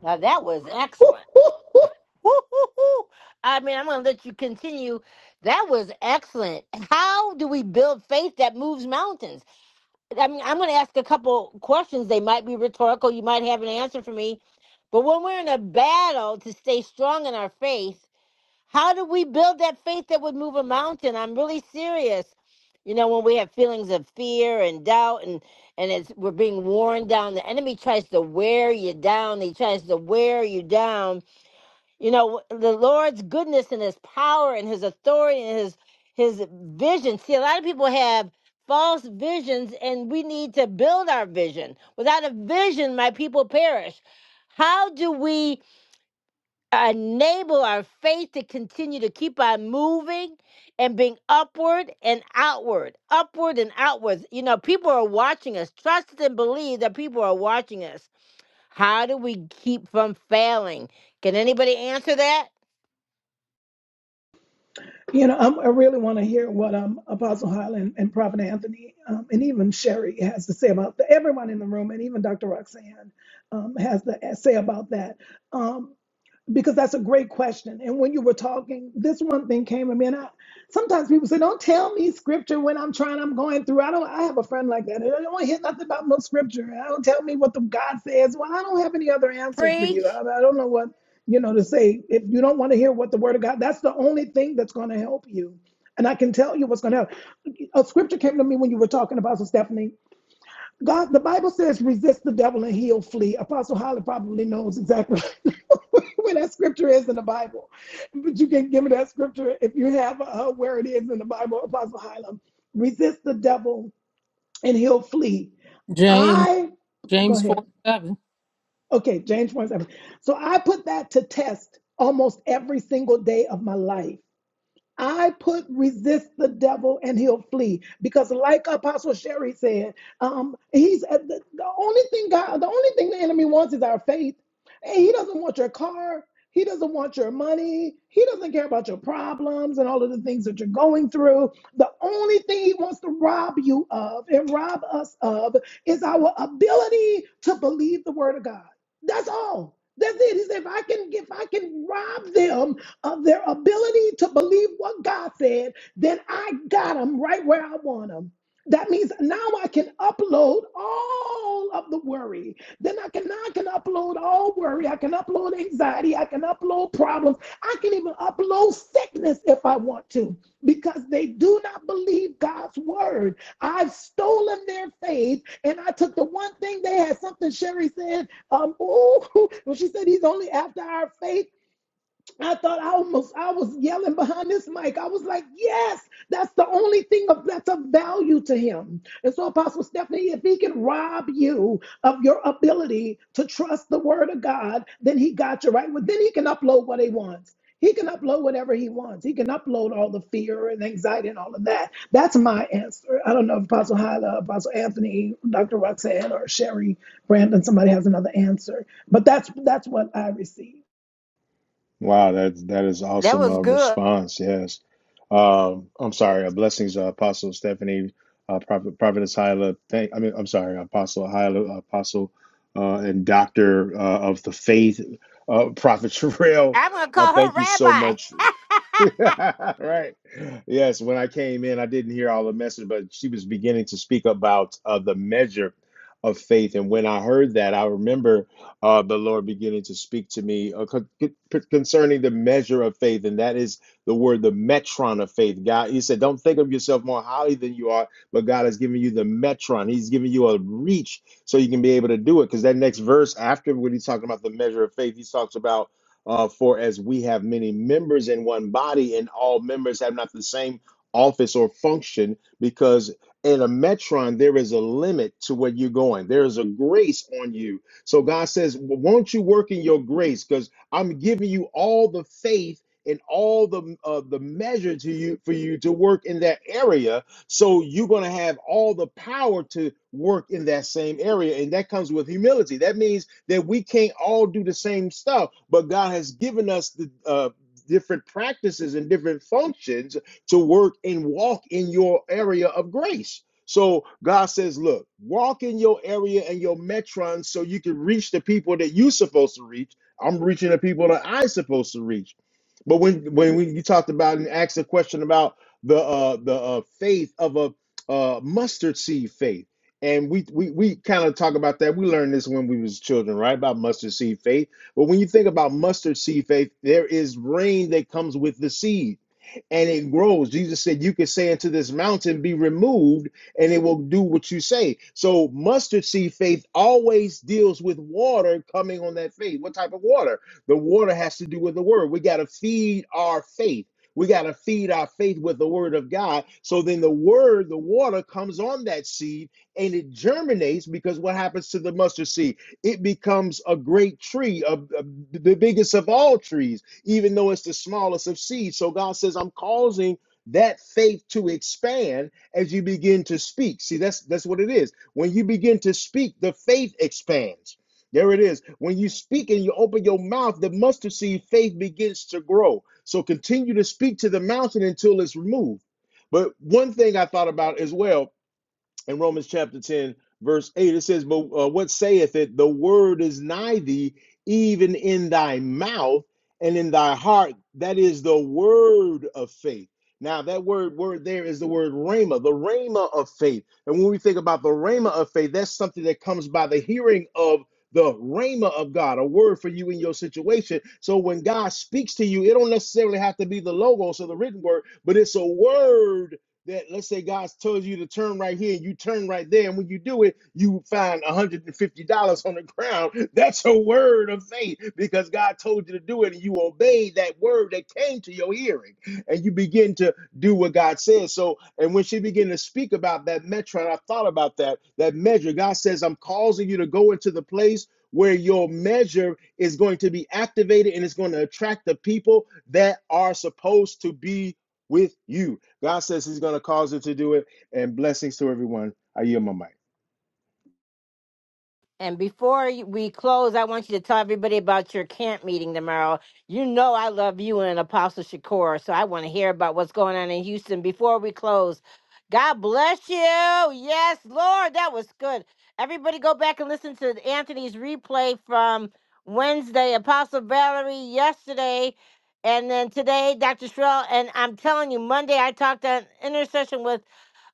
Speaker 1: Now that was excellent. Woo-hoo-hoo. I mean, I'm going to let you continue. That was excellent. How do we build faith that moves mountains? I mean, I'm going to ask a couple questions. They might be rhetorical. You might have an answer for me. But when we're in a battle to stay strong in our faith, how do we build that faith that would move a mountain? I'm really serious. You know, when we have feelings of fear and doubt and and it's we're being worn down, the enemy tries to wear you down. He tries to wear you down you know, the Lord's goodness and his power and his authority and his his vision. See, a lot of people have false visions and we need to build our vision. Without a vision, my people perish. How do we enable our faith to continue to keep on moving and being upward and outward, upward and outwards? You know, people are watching us. Trust and believe that people are watching us. How do we keep from failing? Can anybody answer that?
Speaker 3: You know, i I really want to hear what um, Apostle Highland and Prophet Anthony um, and even Sherry has to say about that. Everyone in the room and even Dr. Roxanne um, has to say about that. Um, because that's a great question. And when you were talking, this one thing came to me, and I, sometimes people say, "Don't tell me scripture when I'm trying, I'm going through." I don't. I have a friend like that. I don't want to hear nothing about no scripture. I don't tell me what the God says. Well, I don't have any other answer for you.
Speaker 1: Preach.
Speaker 3: I, I don't know what you know to say. If you don't want to hear what the Word of God, that's the only thing that's going to help you. And I can tell you what's going to help. A scripture came to me when you were talking about so Stephanie. God, the Bible says, resist the devil and he'll flee. Apostle Holly probably knows exactly where that scripture is in the Bible. But you can give me that scripture if you have uh, where it is in the Bible, Apostle Hylam. Resist the devil and he'll flee.
Speaker 4: James,
Speaker 3: I, go
Speaker 4: James 4
Speaker 3: ahead.
Speaker 4: seven.
Speaker 3: Okay, James 1 7. So I put that to test almost every single day of my life. I put resist the devil and he'll flee because, like Apostle Sherry said, um, he's uh, the, the only thing God, the only thing the enemy wants is our faith. And he doesn't want your car, he doesn't want your money, he doesn't care about your problems and all of the things that you're going through. The only thing he wants to rob you of and rob us of is our ability to believe the word of God. That's all. That's it. He said, if I can, if I can rob them of their ability to believe what God said, then I got them right where I want them. That means now I can upload all of the worry. Then I can now I can upload all worry. I can upload anxiety. I can upload problems. I can even upload sickness if I want to, because they do not believe God's word. I've stolen their faith, and I took the one thing they had. Something Sherry said. Um, oh, when she said he's only after our faith. I thought I almost I was yelling behind this mic. I was like, yes, that's the only thing of that's of value to him. And so, Apostle Stephanie, if he can rob you of your ability to trust the word of God, then he got you right. Well, then he can upload what he wants. He can upload whatever he wants. He can upload all the fear and anxiety and all of that. That's my answer. I don't know if Apostle Hyla, Apostle Anthony, Dr. Roxanne, or Sherry Brandon, somebody has another answer. But that's that's what I received.
Speaker 8: Wow, that that is
Speaker 1: That
Speaker 8: awesome uh,
Speaker 1: was good.
Speaker 8: response. Yes, um, I'm sorry. Uh, blessings, uh, Apostle Stephanie, uh, Prophet Prophetess Hyla. Thank, I mean, I'm sorry, Apostle Hyla, Apostle uh, and Doctor uh, of the Faith, uh, Prophet Terrell.
Speaker 1: I'm going to
Speaker 8: Uh,
Speaker 1: call her
Speaker 8: thank you so
Speaker 1: rabbi.
Speaker 8: much right. Yes. When I came in, I didn't hear all the message, but she was beginning to speak about uh, the measure of faith. And when I heard that, I remember uh, the Lord beginning to speak to me uh, con- con- concerning the measure of faith. And that is the word, the metron of faith. God, He said, don't think of yourself more highly than you are, but God has given you the metron. He's given you a reach so you can be able to do it. Because that next verse after when he's talking about the measure of faith, he talks about uh, for as we have many members in one body, and all members have not the same office or function, because in a metron, there is a limit to where you're going. There is a grace on you. So God says, Won't you work in your grace? Because I'm giving you all the faith and all the uh, the measure to you for you to work in that area so you're going to have all the power to work in that same area and that comes with humility that means that we can't all do the same stuff, but God has given us the uh, different practices and different functions to work and walk in your area of grace. So God says, look, walk in your area and your metron so you can reach the people that you're supposed to reach. I'm reaching the people that I'm supposed to reach. But when when we, you talked about and asked a question about the uh, the uh, faith of a uh, mustard seed faith and we we, we kind of talk about that we learned this when we was children right about mustard seed faith but when you think about mustard seed faith there is rain that comes with the seed and it grows jesus said you can say unto this mountain be removed and it will do what you say so mustard seed faith always deals with water coming on that faith what type of water the water has to do with the word we got to feed our faith we got to feed our faith with the word of God. So then the word, the water comes on that seed and it germinates because what happens to the mustard seed? It becomes a great tree, a, a- the biggest of all trees, even though it's the smallest of seeds. So God says, I'm causing that faith to expand as you begin to speak. See, that's that's what it is. When you begin to speak, the faith expands. There it is. When you speak and you open your mouth, the mustard seed faith begins to grow. So continue to speak to the mountain until it's removed. But one thing I thought about as well in Romans chapter 10, verse 8, it says, But uh, what saith it? The word is nigh thee, even in thy mouth and in thy heart. That is the word of faith. Now, that word, word there is the word rhema, the rhema of faith. And when we think about the rhema of faith, that's something that comes by the hearing of the rhema of God, a word for you in your situation. So when God speaks to you, it don't necessarily have to be the logos or the written word, but it's a word that let's say God's told you to turn right here and you turn right there, and when you do it, you find $150 on the ground. That's a word of faith because God told you to do it and you obeyed that word that came to your hearing and you begin to do what God says. So, and when she began to speak about that metron, I thought about that, that measure. God says, I'm causing you to go into the place where your measure is going to be activated and it's going to attract the people that are supposed to be with you. God says He's going to cause it to do it. And blessings to everyone. I yield my mic.
Speaker 1: and before we close, I want you to tell everybody about your camp meeting tomorrow. You know I love you and Apostle Shakur, so I want to hear about what's going on in Houston before we close. God bless you. Yes, Lord, that was good. Everybody go back and listen to Anthony's replay from Wednesday, Apostle Valerie yesterday, and then today, Dr. Shrell. And I'm telling you, Monday I talked on intercession with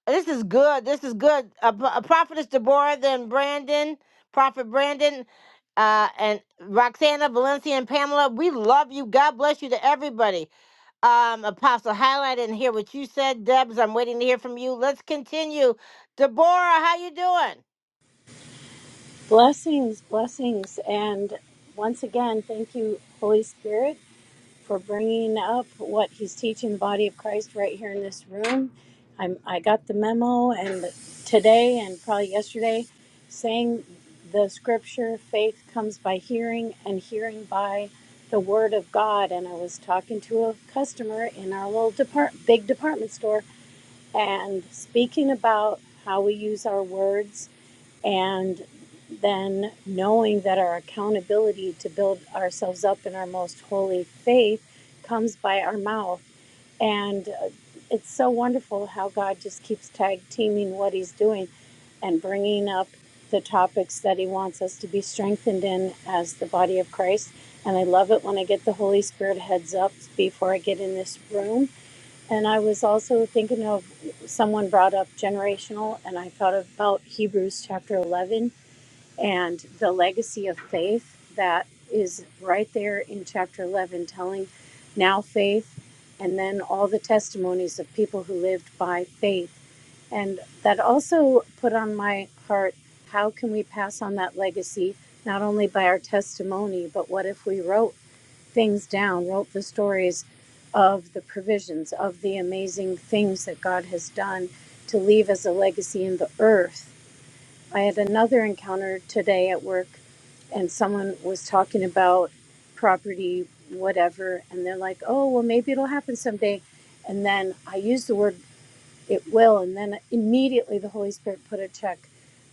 Speaker 1: This is good. This is good. Uh, P- uh, Prophetess Deborah, then Brandon, Prophet Brandon, uh, and Roxana, Valencia, and Pamela. We love you. God bless you to everybody. Um, Apostle Highlight, didn't hear what you said. Debs, I'm waiting to hear from you. Let's continue. Deborah, how you doing?
Speaker 9: Blessings, blessings. And once again, thank you, Holy Spirit, for bringing up what he's teaching the body of Christ right here in this room. I'm, I got the memo, and today and probably yesterday, saying the scripture faith comes by hearing, and hearing by the word of God. And I was talking to a customer in our little depart, big department store and speaking about how we use our words and then knowing that our accountability to build ourselves up in our most holy faith comes by our mouth. And uh, it's so wonderful how God just keeps tag teaming what He's doing and bringing up the topics that He wants us to be strengthened in as the body of Christ. And I love it when I get the Holy Spirit heads up before I get in this room. And I was also thinking of someone brought up generational, and I thought about Hebrews chapter 11 and the legacy of faith that is right there in chapter 11 telling now faith and then all the testimonies of people who lived by faith and that also put on my heart how can we pass on that legacy not only by our testimony but what if we wrote things down wrote the stories of the provisions of the amazing things that God has done to leave as a legacy in the earth I had another encounter today at work, and someone was talking about property, whatever, and they're like, oh, well, maybe it'll happen someday. And then I used the word it will, and then immediately the Holy Spirit put a check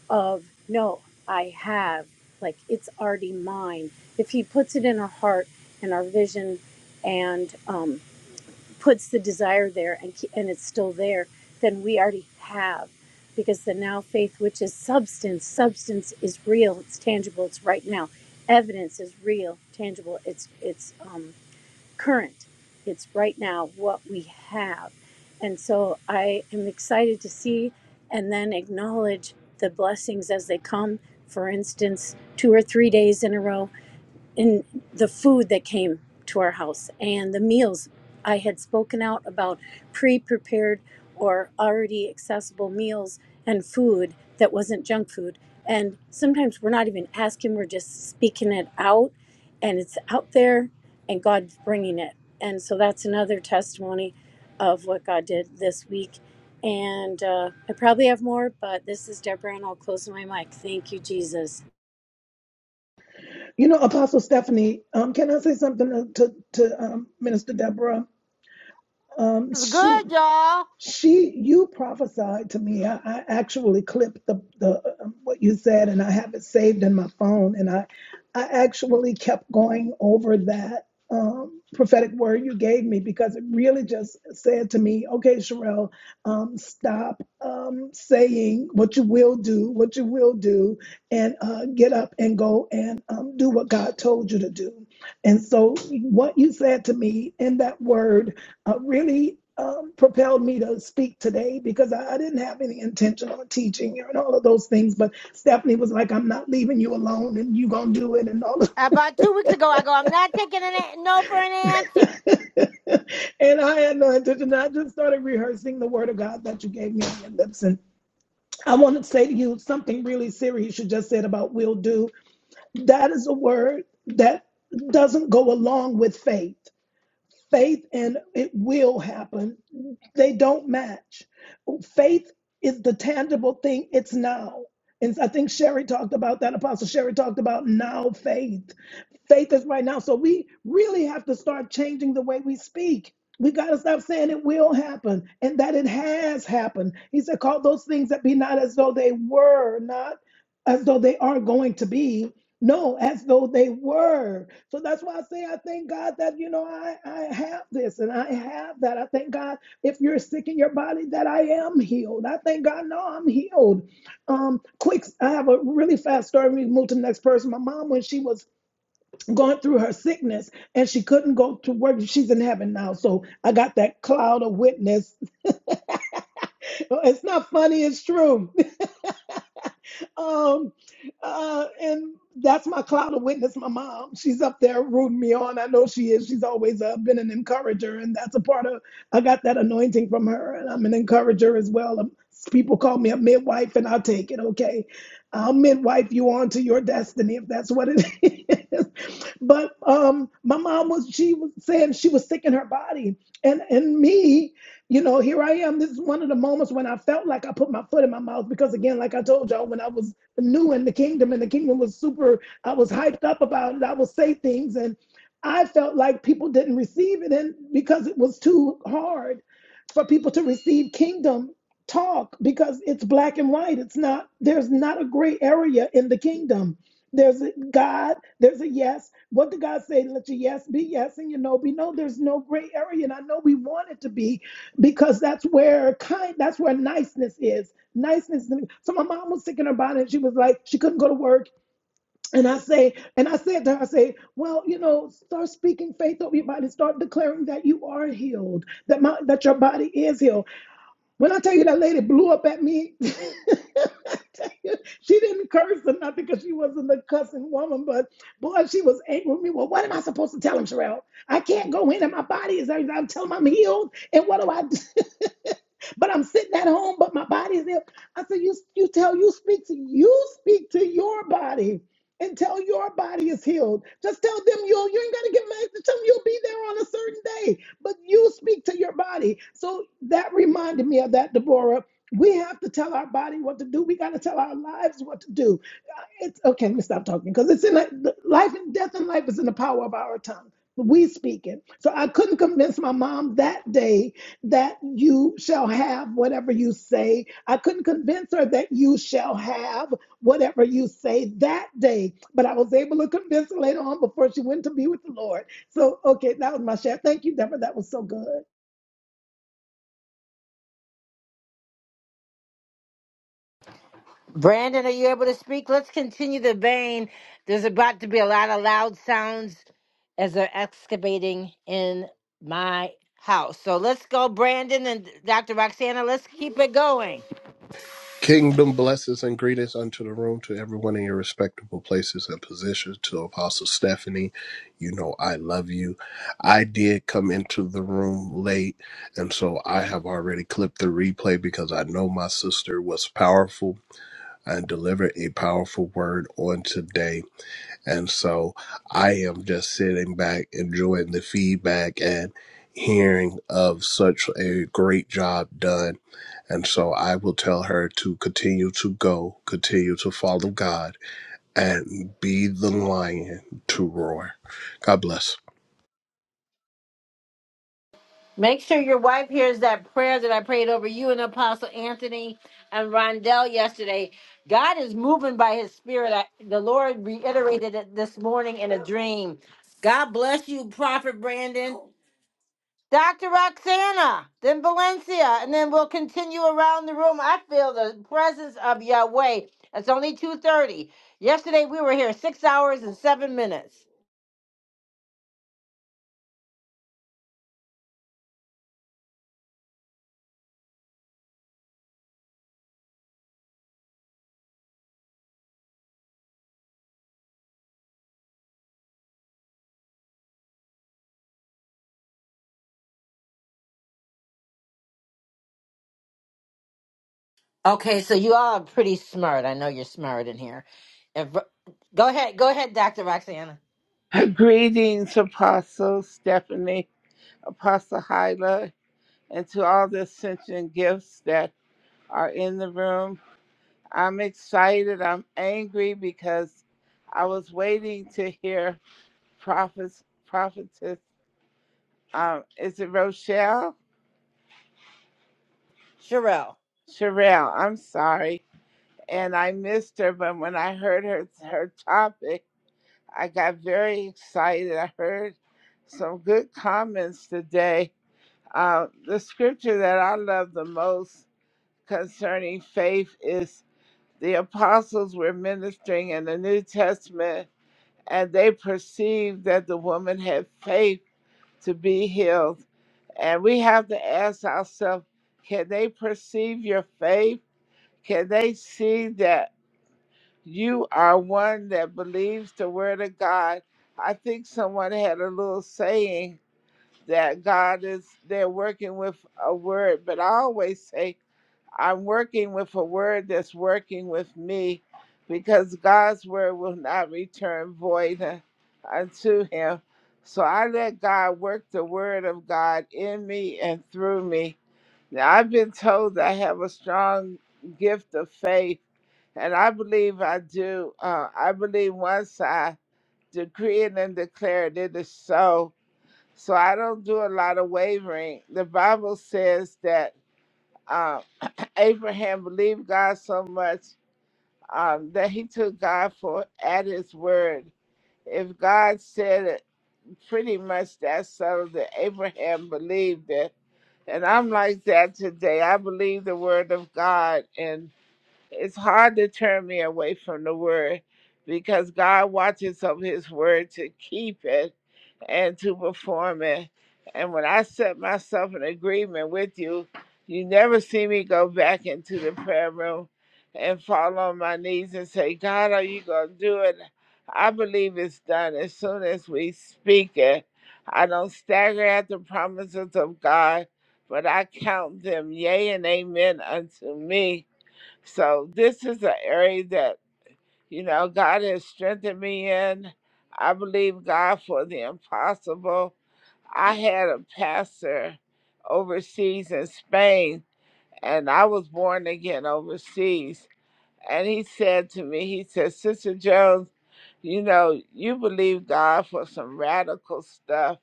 Speaker 9: of, no, I have, like it's already mine. If He puts it in our heart and our vision, and um, puts the desire there and and it's still there, then we already have because the now faith which is substance, substance is real, it's tangible, it's right now. Evidence is real, tangible, it's it's um, current, it's right now what we have, and so I am excited to see and then acknowledge the blessings as they come. For instance, two or three days in a row in the food that came to our house and the meals I had spoken out about pre-prepared or already accessible meals and food that wasn't junk food and sometimes we're not even asking we're just speaking it out and it's out there and God's bringing it and so that's another testimony of what God did this week and uh, I probably have more but this is Deborah and I'll close my mic thank you Jesus
Speaker 3: You know, Apostle Stephanie, um, can I say something to, to um, Minister Deborah? Um,
Speaker 1: It's
Speaker 3: she,
Speaker 1: good, y'all.
Speaker 3: she, you prophesied to me. I, I actually clipped the, the um, what you said, and I have it saved in my phone. And I, I actually kept going over that um, prophetic word you gave me because it really just said to me, "Okay, Sherelle, um, stop um, saying what you will do, what you will do, and uh, get up and go and um, do what God told you to do." And so, what you said to me in that word uh, really um, propelled me to speak today because I, I didn't have any intention on teaching and all of those things. But Stephanie was like, I'm not leaving you alone and you going to do it and all of that.
Speaker 1: About two weeks ago, I go, I'm not taking an a- no for an answer.
Speaker 3: And I had no intention. I just started rehearsing the word of God that you gave me on your lips. And I want to say to you something really serious you just said about will do. That is a word that doesn't go along with faith. Faith and it will happen they don't match. Faith is the tangible thing, it's now. And I think Sherry talked about that. Apostle Sherry talked about now faith. Faith is right now. So we really have to start changing the way we speak. We got to stop saying it will happen and that it has happened. He said, Call those things that be not as though they were, not as though they are going to be. No, as though they were. So that's why I say I thank God that you know I I have this and I have that. I thank God if you're sick in your body, that I am healed. I thank God No, I'm healed. Um, quick, I have a really fast story. We move to the next person. My mom, when she was going through her sickness and she couldn't go to work, she's in heaven now. So I got that cloud of witness. It's not funny, it's true um, uh, and that's my cloud of witness, my mom. She's up there rooting me on. I know she is. She's always uh, been an encourager, and that's a part of, I got that anointing from her, and I'm an encourager as well. Um, people call me a midwife, and I'll take it, okay? I'll midwife you on to your destiny if that's what it is. but um, my mom was, she was saying she was sick in her body. And, and me, you know, here I am. This is one of the moments when I felt like I put my foot in my mouth because, again, like I told y'all, when I was new in the kingdom and the kingdom was super, I was hyped up about it. I would say things and I felt like people didn't receive it. And because it was too hard for people to receive kingdom talk because it's black and white. It's not, there's not a gray area in the kingdom. There's a God, there's a yes. What did God say? Let your yes be yes and your no be no. There's no gray area. And I know we want it to be, because that's where kind that's where niceness is niceness so my mom was sick in her body and she was like she couldn't go to work and i say and i said to her i say well you know start speaking faith over your body start declaring that you are healed that my that your body is healed when I tell you that lady blew up at me, I tell you, she didn't curse or nothing because she wasn't a cussing woman, but boy, she was angry with me. Well, what am I supposed to tell him, Sherelle? I can't go in and my body is, I, am telling him I'm healed, and what do I do? but I'm sitting at home, but my body is ill. I said, you, you tell, you speak to, you speak to your body and tell your body is healed. Just tell them you'll, you ain't got to get mad. Tell them you'll be there on a certain day but you speak to your body. So that reminded me of that, Deborah. We have to tell our body what to do. We got to tell our lives what to do. It's okay. Let me stop talking because it's in the, the life and death and life is in the power of our tongue. We speak it. So I couldn't convince my mom that day that you shall have whatever you say. I couldn't convince her that you shall have whatever you say that day. But I was able to convince her later on before she went to be with the Lord. So okay, that was my share. Thank you, Deborah. That was so good.
Speaker 1: Brandon, are you able to speak? Let's continue the vein. There's about to be a lot of loud sounds as they're excavating in my house. So let's go, Brandon and Dr. Roxana. Let's keep it going.
Speaker 10: Kingdom blessings and greetings unto the room, to everyone in your respectable places and positions. To Apostle Stephanie, you know I love you. I did come into the room late, and so I have already clipped the replay because I know my sister was powerful and delivered a powerful word on today. And so I am just sitting back, enjoying the feedback and hearing of such a great job done and so I will tell her to continue to go, continue to follow God, and be the lion to roar. God bless.
Speaker 1: Make sure your wife hears that prayer that I prayed over you and Apostle Anthony and Rondell yesterday. God is moving by his spirit. I, the Lord reiterated it this morning in a dream. God bless you, Prophet Brandon. Dr. Roxana, then Valencia, and then we'll continue around the room. I feel the presence of Yahweh. It's only 2.30. Yesterday we were here six hours and seven minutes. Okay, so you all are pretty smart. I know you're smart in here. If- go ahead, go ahead, Dr. Roxana.
Speaker 11: Greetings, Apostle Stephanie, Apostle Hyla, and to all the ascension gifts that are in the room. I'm excited. I'm angry because I was waiting to hear prophets, prophetess. Um, is it Rochelle?
Speaker 1: Sherelle.
Speaker 11: Sherelle, I'm sorry. And I missed her, but when I heard her, her topic, I got very excited. I heard some good comments today Uh, the scripture that I love the most concerning faith is the apostles were ministering in the New Testament and they perceived that the woman had faith to be healed. And we have to ask ourselves can they perceive your faith? Can they see that you are one that believes the word of God? I think someone had a little saying that God is they're working with a word, but I always say I'm working with a word that's working with me because God's word will not return void uh, unto him. So I let God work the word of God in me and through me. Now I've been told I have a strong gift of faith, and I believe I do. Uh, I believe once I decree it and declare it, it is so so I don't do a lot of wavering. The Bible says that um, Abraham believed God so much um, that he took God for at his word. If God said it, pretty much that settled it. Abraham believed it. And I'm like that today. I believe the word of God, and it's hard to turn me away from the word because God watches over his word to keep it and to perform it. And when I set myself in agreement with you, you never see me go back into the prayer room and fall on my knees and say, God, are you going to do it? I believe it's done as soon as we speak it. I don't stagger at the promises of God, but I count them yea and amen unto me. So this is an area that you know, God has strengthened me in. I believe God for the impossible. I had a pastor overseas in Spain, and I was born again overseas. And he said to me, he said, Sister Jones, you know, you believe God for some radical stuff,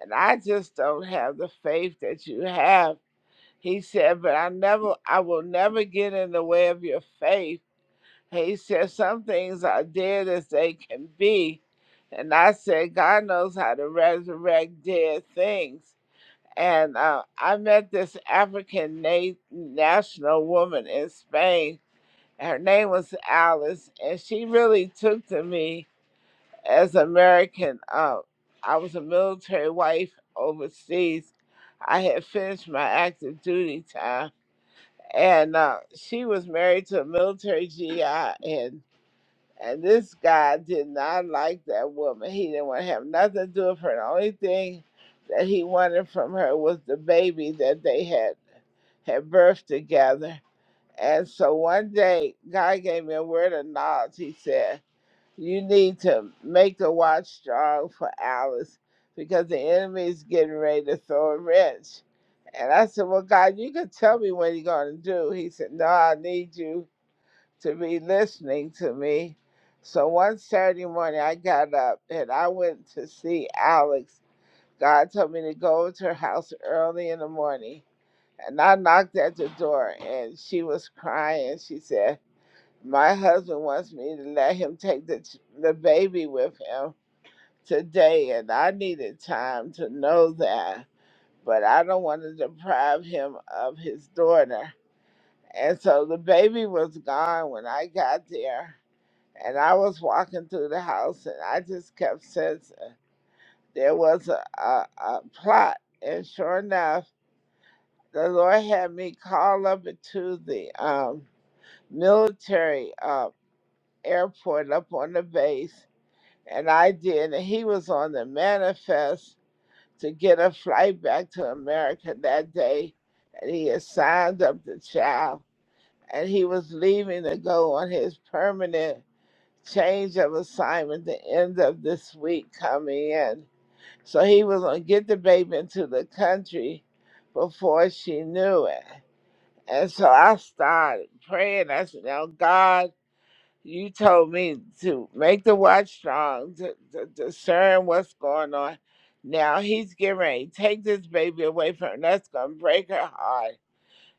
Speaker 11: and I just don't have the faith that you have. He said, but I never, I will never get in the way of your faith he said, Some things are dead as they can be. And I said, God knows how to resurrect dead things. And uh, I met this African na- national woman in Spain. Her name was Alice, and she really took to me as American. Uh, I was a military wife overseas. I had finished my active duty time, and uh, she was married to a military GI, and. And this guy did not like that woman. He didn't want to have nothing to do with her. The only thing that he wanted from her was the baby that they had had birthed together. And so one day, God gave me a word of knowledge. He said, "You need to make the watch strong for Alice because the enemy is getting ready to throw a wrench." And I said, "Well, God, you can tell me what you're going to do." He said, "No, I need you." to be listening to me. So one Saturday morning, I got up and I went to see Alex. God told me to go to her house early in the morning. And I knocked at the door and she was crying. She said, My husband wants me to let him take the, ch- the baby with him today. And I needed time to know that. But I don't want to deprive him of his daughter. And so the baby was gone when I got there and I was walking through the house, and I just kept sensing there was a, a, a plot. And sure enough, the Lord had me call up to the um, military uh, airport up on the base, and I did. And he was on the manifest to get a flight back to America that day, and he had signed up the child, and he was leaving to go on his permanent. change of assignment the end of this week coming in. So he was going to get the baby into the country before she knew it. And so I started praying. I said, Now, God, you told me to make the watch strong, to, to discern what's going on. Now he's getting ready. to Take this baby away from her. That's going to break her heart.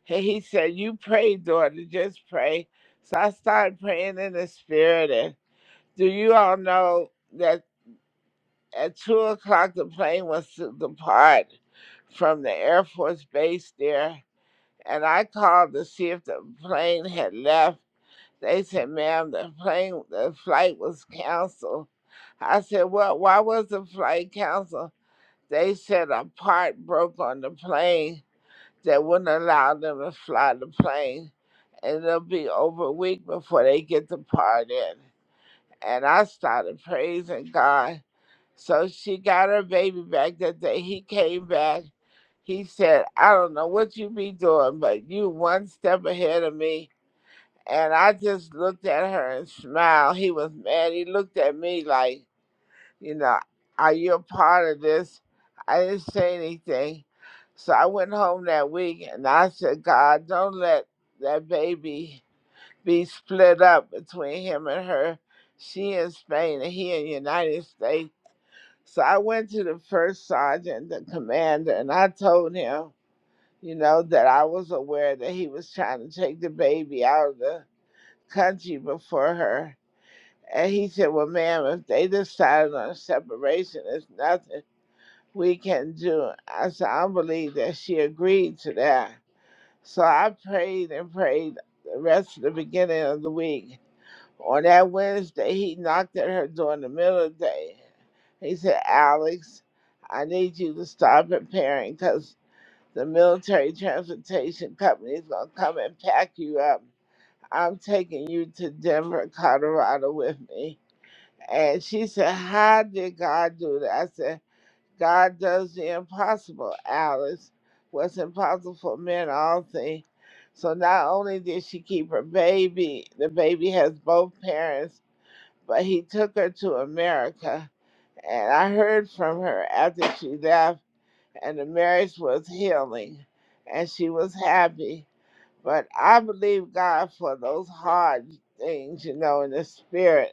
Speaker 11: And he said, You pray, daughter, just pray. So I started praying in the spirit do you all know that at two o'clock the plane was to depart from the Air Force base there? And I called to see if the plane had left. They said, ma'am, the plane, the flight was canceled. I said, well, why was the flight canceled? They said a part broke on the plane that wouldn't allow them to fly the plane. And it'll be over a week before they get the part in. And I started praising God So she got her baby back that day. He came back. He said, I don't know what you be doing, but you one step ahead of me. And I just looked at her and smiled. He was mad. He looked at me like, you know, are you a part of this? I didn't say anything. So I went home that week and I said, God, don't let that baby be split up between him and her. She in Spain and he in the United States so I went to the first sergeant, the commander, and I told him, you know, that I was aware that he was trying to take the baby out of the country before her. And he said, Well, ma'am, if they decided on separation, there's nothing we can do. I said, I believe that she agreed to that. So I prayed and prayed the rest of the beginning of the week. On that Wednesday, he knocked at her door in the middle of the day. He said, Alex, I need you to stop preparing because the military transportation company is going to come and pack you up. I'm taking you to Denver, Colorado with me. And she said, How did God do that? I said, God does the impossible, Alice. What's impossible for men, all things. So not only did she keep her baby, the baby has both parents but he took her to America. And I heard from her after she left, and the marriage was healing and she was happy. But I believe God for those hard things, you know, in the spirit.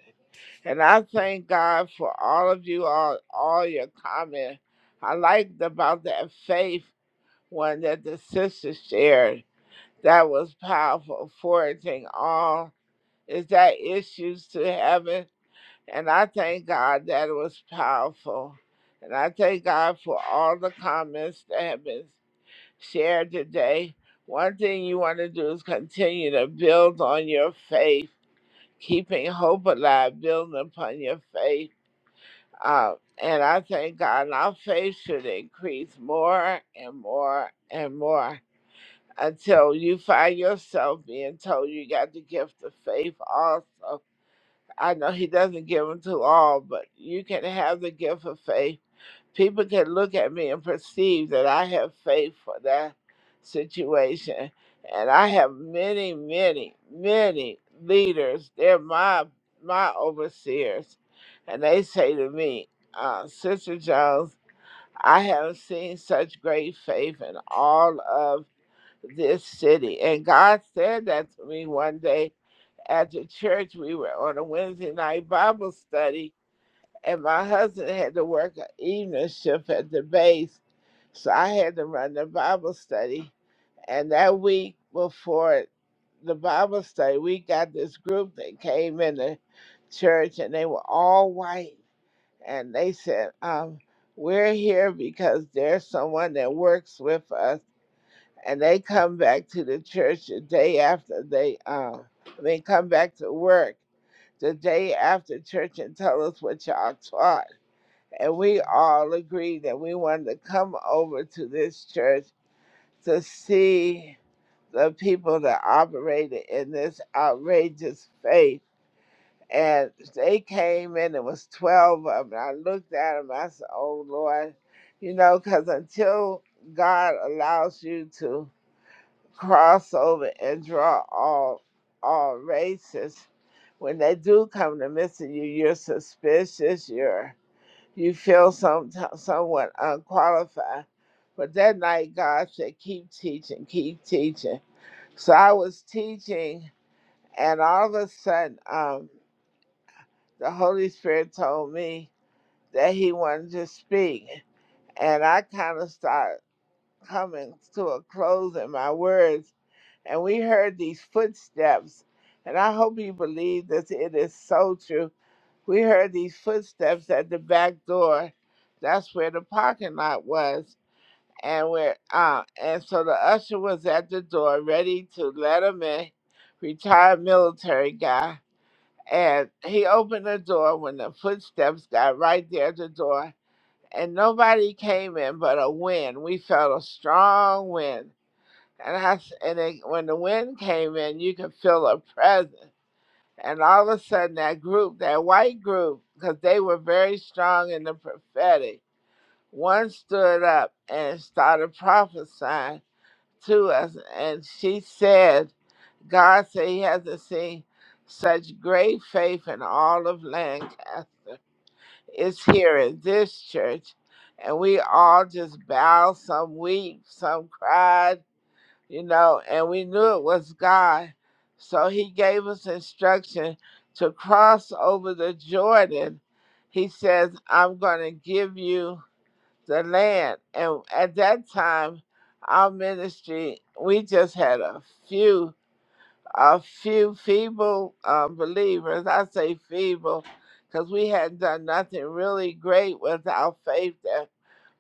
Speaker 11: And I thank God for all of you, all, all your comments. I liked about that faith one that the sister shared. That was powerful, foraging all. Is that issues to heaven? And I thank God that it was powerful. And I thank God for all the comments that have been shared today. One thing you want to do is continue to build on your faith, keeping hope alive, building upon your faith. Uh, and I thank God and our faith should increase more and more and more until you find yourself being told you got the gift of faith also I know he doesn't give them to all, but you can have the gift of faith. People can look at me and perceive that I have faith for that situation. And I have many, many, many leaders. They're my my overseers. And they say to me, uh, Sister Jones, I haven't seen such great faith in all of this city. And God said that to me one day after church, we were on a Wednesday night Bible study, and my husband had to work an evening shift at the base, so I had to run the Bible study. And that week before the Bible study, we got this group that came in the church, and they were all white, and they said, um, "We're here because there's someone that works with us." And they come back to the church the day after they, um, they come back to work the day after church and tell us what y'all taught. And we all agreed that we wanted to come over to this church to see the people that operated in this outrageous faith. And they came in, it was 12 of them. I looked at them, I said, Oh Lord, you know, because until God allows you to cross over and draw all all races. When they do come to visit you, you're suspicious. You're you feel some somewhat unqualified. But that night, God said, "Keep teaching, keep teaching." So I was teaching, and all of a sudden, um, the Holy Spirit told me that He wanted to speak, and I kind of started coming to a close in my words and we heard these footsteps. And I hope you believe that it is so true. We heard these footsteps at the back door. That's where the parking lot was. And we're uh and so the usher was at the door ready to let him in, retired military guy. And he opened the door when the footsteps got right there at the door. And nobody came in but a wind. We felt a strong wind and I s- and they, when the wind came in, you could feel a presence. And all of a sudden, that group, that white group, because they were very strong in the prophetic, one stood up and started prophesying to us. And she said, God said he hasn't seen such great faith in all of Lancaster. It's here in this church. And we all just bowed, some weep, some cried you know, and we knew it was God. So he gave us instruction to cross over the Jordan. He says, I'm going to give you the land. And at that time, our ministry, we just had a few a few feeble uh, believers. I say feeble because we hadn't done nothing really great with our faith that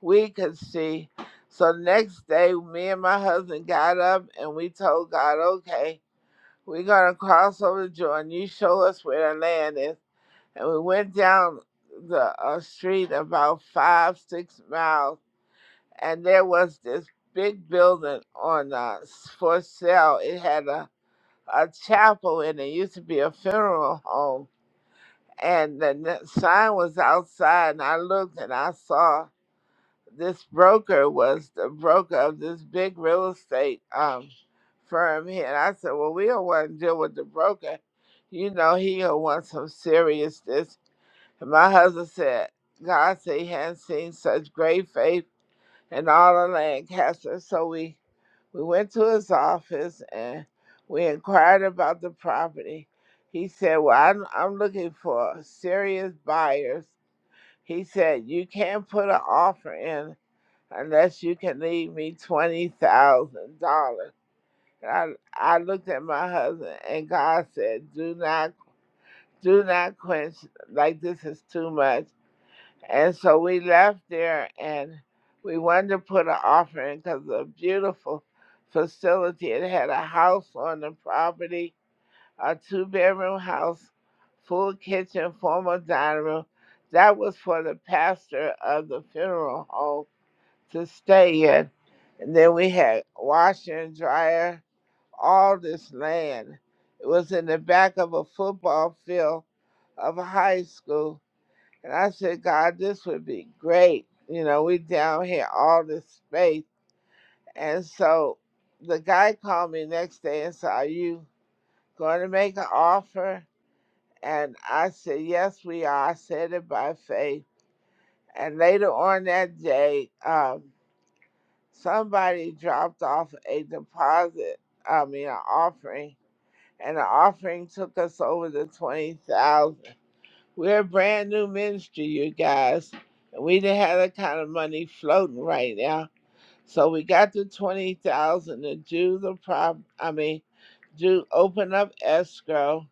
Speaker 11: we could see. So next day, me and my husband got up and we told God, okay, we're going to cross over the Jordan. You show us where the land is. And we went down the uh, street about five, six miles, and there was this big building on uh, s- for sale. It had a a chapel and it used to be a funeral home. And the n- sign was outside, and I looked and I saw this broker was the broker of this big real estate um, firm here. And I said, Well, we don't want to deal with the broker. You know, he will want some seriousness. And my husband said, God said he hadn't seen such great faith in all of Lancaster. So we we went to his office and we inquired about the property. He said, "Well, I'm, I'm looking for serious buyers." He said, "You can't put an offer in unless you can leave me twenty thousand dollars." I I looked at my husband and God said, "Do not do not quench like this is too much." And so we left there and we wanted to put an offering because of a beautiful facility. It had a house on the property, a two bedroom house, full kitchen, formal dining room. That was for the pastor of the funeral home to stay in. And then we had washer and dryer, all this land. It was in the back of a football field of a high school and I said, God, this would be great. You know, we down here all this space. And so the guy called me next day and said, Are you going to make an offer? And I said, Yes, we are. I said it by faith. And later on that day, um, somebody dropped off a deposit, I mean, an offering. And the offering took us over the 20,000. We're a brand new ministry, you guys. And we didn't have that kind of money floating right now. So we got the twenty thousand to do the prop I mean, do open up escrow.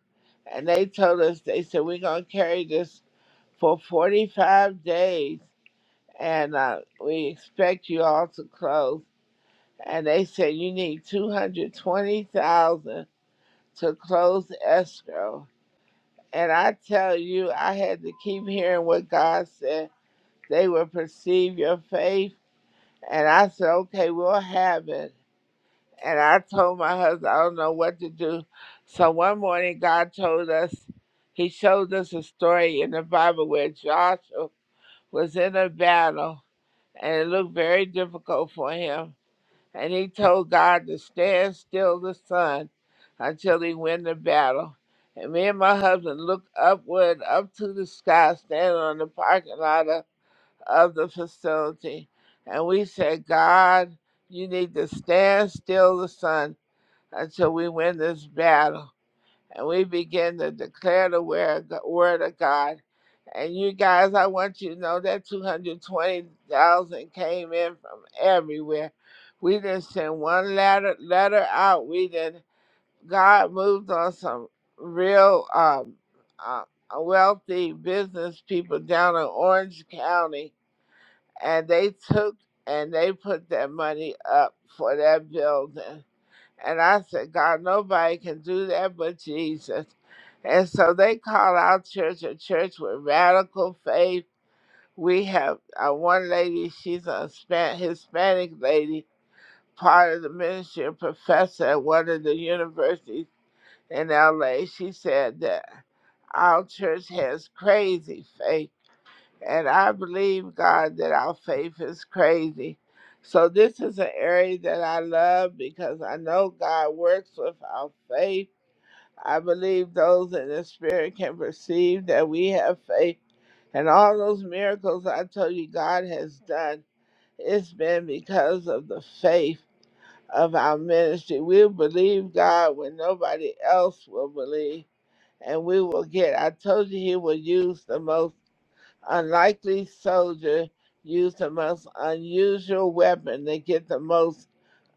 Speaker 11: And they told us they said we're gonna carry this for forty five days and uh, we expect you all to close. And they said you need two hundred twenty thousand to close escrow. And I tell you, I had to keep hearing what God said they would perceive your faith. And I said, okay, we'll have it. And I told my husband, I don't know what to do. So one morning, God told us, He showed us a story in the Bible where Joshua was in a battle and it looked very difficult for him. And he told God to stand still the sun until he win the battle. And me and my husband looked upward, up to the sky, standing on the parking lot of of the facility. And we said, God, you need to stand still the sun until we win this battle. And we begin to declare the word word of God. And you guys, I want you to know that 220,000 came in from everywhere. We didn't send one letter, letter out. We didn't. God moved on some real um, uh, wealthy business people down in Orange County and they took and they put that money up for that building. And I said, God, nobody can do that but Jesus. And so they call our church a church with radical faith. We have uh, one lady, she's a Hispan- Hispanic lady, part of the ministry, a professor at one of the universities in LA. She said that our church has crazy faith and I believe, God, that our faith is crazy. So this is an area that I love because I know God works with our faith. I believe those in the spirit can perceive that we have faith. And all those miracles I told you God has done, it's been because of the faith of our ministry. We'll believe God when nobody else will believe and we will get. I told you he will use the most unlikely soldier used the most unusual weapon to get the most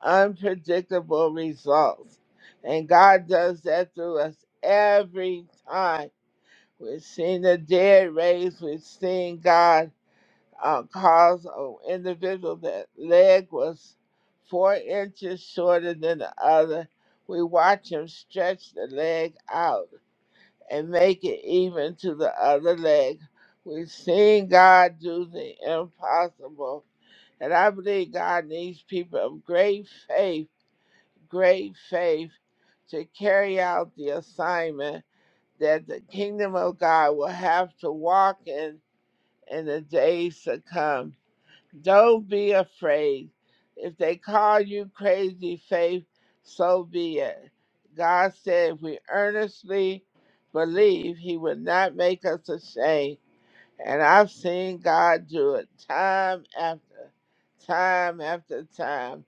Speaker 11: unpredictable results. And God does that through us every time. We've seen the dead raised, we've seen God uh, cause an individual that leg was four inches shorter than the other. We watch him stretch the leg out and make it even to the other leg. We've seen God do the impossible. And I believe God needs people of great faith, great faith to carry out the assignment that the kingdom of God will have to walk in in the days to come. Don't be afraid. If they call you crazy faith, so be it. God said if we earnestly believe, He would not make us ashamed. And I've seen God do it time after time after time.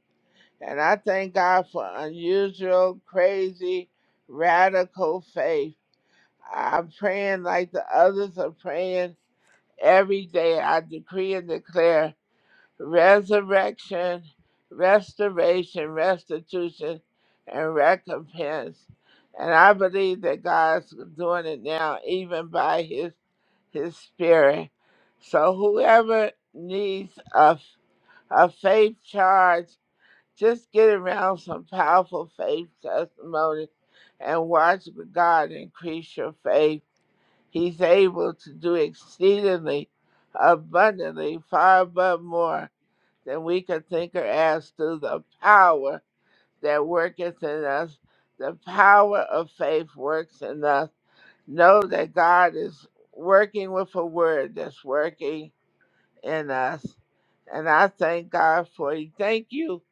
Speaker 11: And I thank God for unusual, crazy, radical faith. I'm praying like the others are praying every day. I decree and declare resurrection, restoration, restitution, and recompense. And I believe that God's doing it now, even by His His Spirit. So whoever needs a a faith charge, just get around some powerful faith testimony and watch God increase your faith. He's able to do exceedingly abundantly, far above more that we can think or ask through the power that worketh in us. The power of faith works in us. Know that God is working with a word that's working in us. And I thank God for you. Thank you,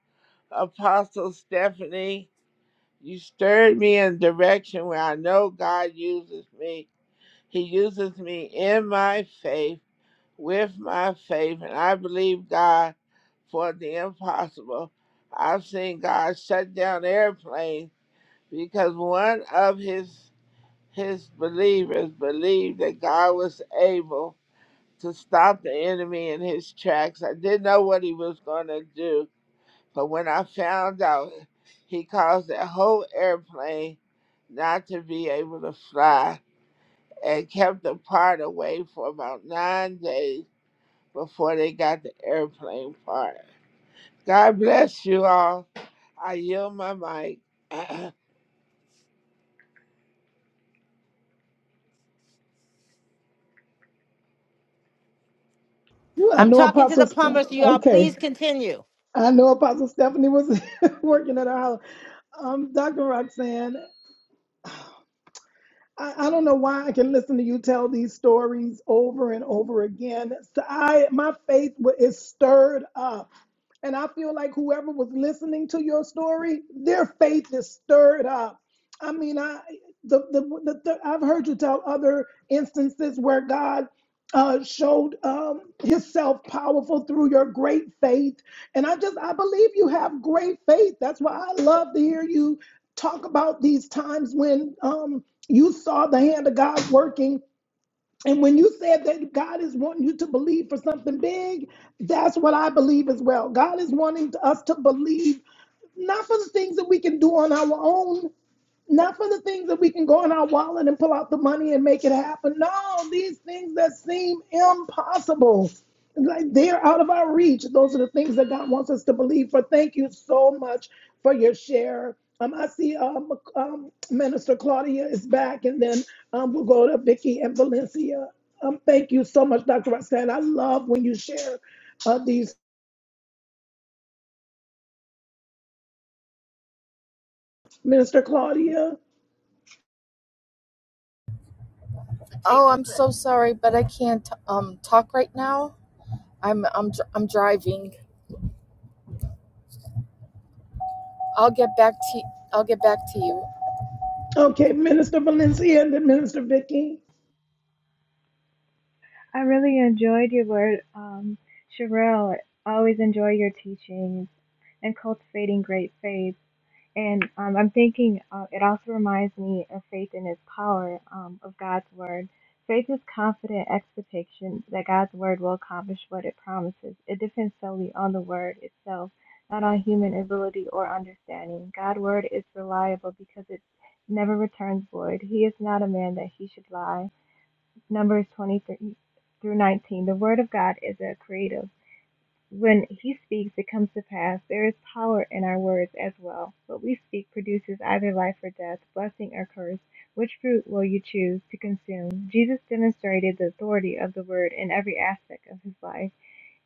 Speaker 11: Apostle Stephanie. You stirred me in a direction where I know God uses me. He uses me in my faith with my faith, and I believe God for the impossible. I've seen God shut down airplanes because one of his his believers believed that God was able to stop the enemy in his tracks. I didn't know what he was going to do, but when I found out, he caused that whole airplane not to be able to fly and kept the part away for about nine days before they got the airplane part. God bless you all. I yield my mic.
Speaker 3: Ooh, I
Speaker 1: I'm
Speaker 3: know
Speaker 1: talking to
Speaker 3: Apostle.
Speaker 1: the
Speaker 3: Steph-
Speaker 1: plumber, so you all please
Speaker 3: Okay,
Speaker 1: continue.
Speaker 3: I know Apostle Stephanie was working at our house. Um, Dr. Roxanne. I, I don't know why I can listen to you tell these stories over and over again. So I my faith wa- is stirred up and I feel like whoever was listening to your story, their faith is stirred up. I mean, I the the, the, the I've heard you tell other instances where God uh, showed um, Himself powerful through your great faith, and I just I believe you have great faith. That's why I love to hear you talk about these times when um, you saw the hand of God working and when you said that God is wanting you to believe for something big, that's what I believe as well. God is wanting us to believe not for the things that we can do on our own. Not for the things that we can go in our wallet and pull out the money and make it happen. No, these things that seem impossible. Like they're out of our reach. Those are the things that God wants us to believe for. Thank you so much for your share. Um, I see um, um, Minister Claudia is back, and then um, we'll go to Vicky and Valencia. Um, thank you so much, Dr. Roxanne. I love when you share uh, these, Minister Claudia.
Speaker 2: I'm so sorry, but I can't um talk right now. I'm I'm dr- I'm driving. I'll get back to I'll get back to you.
Speaker 3: Okay, Minister Valencia and then Minister Vicky.
Speaker 12: I really enjoyed your word, um, Sherelle. I Always enjoy your teachings and cultivating great faith. And um, I'm thinking uh, it also reminds me of faith in its power um, of God's word. Faith is confident expectation that God's word will accomplish what it promises. It depends solely on the word itself, not on human ability or understanding. God's word is reliable because it never returns void. He is not a man that he should lie Numbers 23 through 19. The word of God is a creative. When he speaks, it comes to pass. There is power in our words as well. What we speak produces either life or death, blessing or curse. Which fruit will you choose to consume? Jesus demonstrated the authority of the word in every aspect of his life.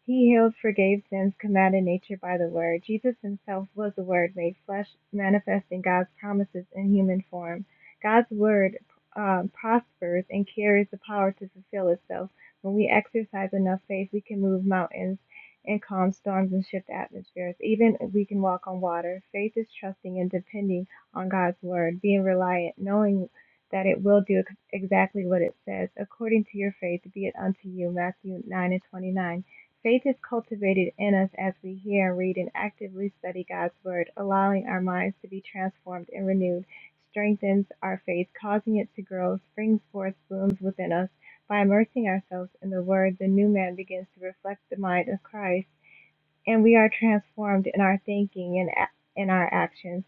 Speaker 12: He healed, forgave sins, commanded nature by the Word. Jesus himself was the Word made flesh, manifesting God's promises in human form. God's Word um, prospers and carries the power to fulfill itself. When we exercise enough faith, we can move mountains and calm storms and shift atmospheres. Even we can walk on water. Faith is trusting and depending on God's Word, being reliant, knowing that it will do exactly what it says. According to your faith, be it unto you. Matthew 9 and 29 Faith is cultivated in us as we hear and read and actively study God's Word, allowing our minds to be transformed and renewed, strengthens our faith, causing it to grow, springs forth, blooms within us. By immersing ourselves in the Word, the new man begins to reflect the mind of Christ and we are transformed in our thinking and a- in our actions.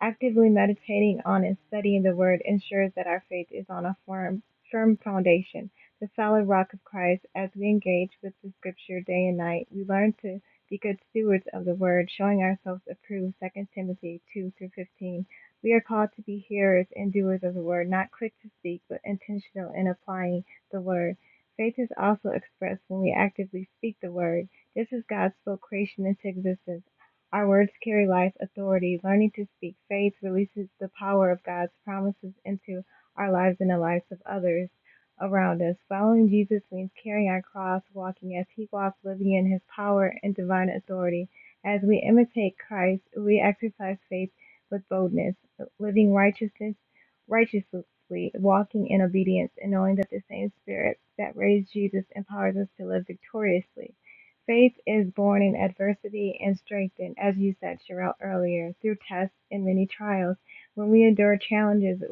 Speaker 12: Actively meditating on and studying the Word ensures that our faith is on a firm, firm foundation, the solid rock of Christ. As we engage with the Scripture day and night, we learn to be good stewards of the Word, showing ourselves approved. Second Timothy 2 through 15. We are called to be hearers and doers of the Word, not quick to speak, but intentional in applying the Word. Faith is also expressed when we actively speak the Word. This is God spoke creation into existence. Our words carry life, authority. Learning to speak faith releases the power of God's promises into our lives and the lives of others around us. Following Jesus means carrying our cross, walking as He walked, living in His power and divine authority. As we imitate Christ, we exercise faith with boldness, living righteousness righteously, walking in obedience, and knowing that the same Spirit that raised Jesus empowers us to live victoriously. Faith is born in adversity and strengthened, as you said, Sherelle, earlier, through tests and many trials. When we endure challenges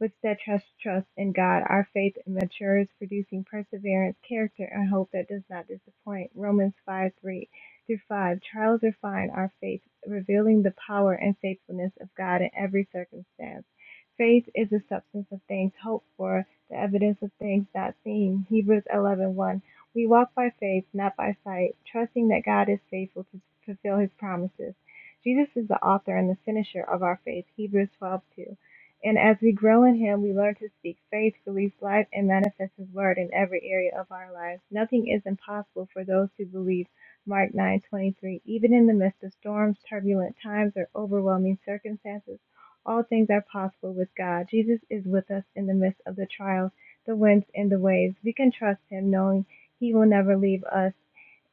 Speaker 12: with steadfast trust in God, our faith matures, producing perseverance, character, and hope that does not disappoint. Romans 5 3 through 5. Trials refine our faith, revealing the power and faithfulness of God in every circumstance. Faith is the substance of things hoped for, the evidence of things not seen. Hebrews 11 we walk by faith, not by sight, trusting that God is faithful to fulfill his promises. Jesus is the author and the finisher of our faith, Hebrews 12:2. And as we grow in him, we learn to speak faith, release life, and manifest his word in every area of our lives. Nothing is impossible for those who believe, Mark 9:23. Even in the midst of storms, turbulent times, or overwhelming circumstances, all things are possible with God. Jesus is with us in the midst of the trials, the winds, and the waves. We can trust him knowing he will never leave us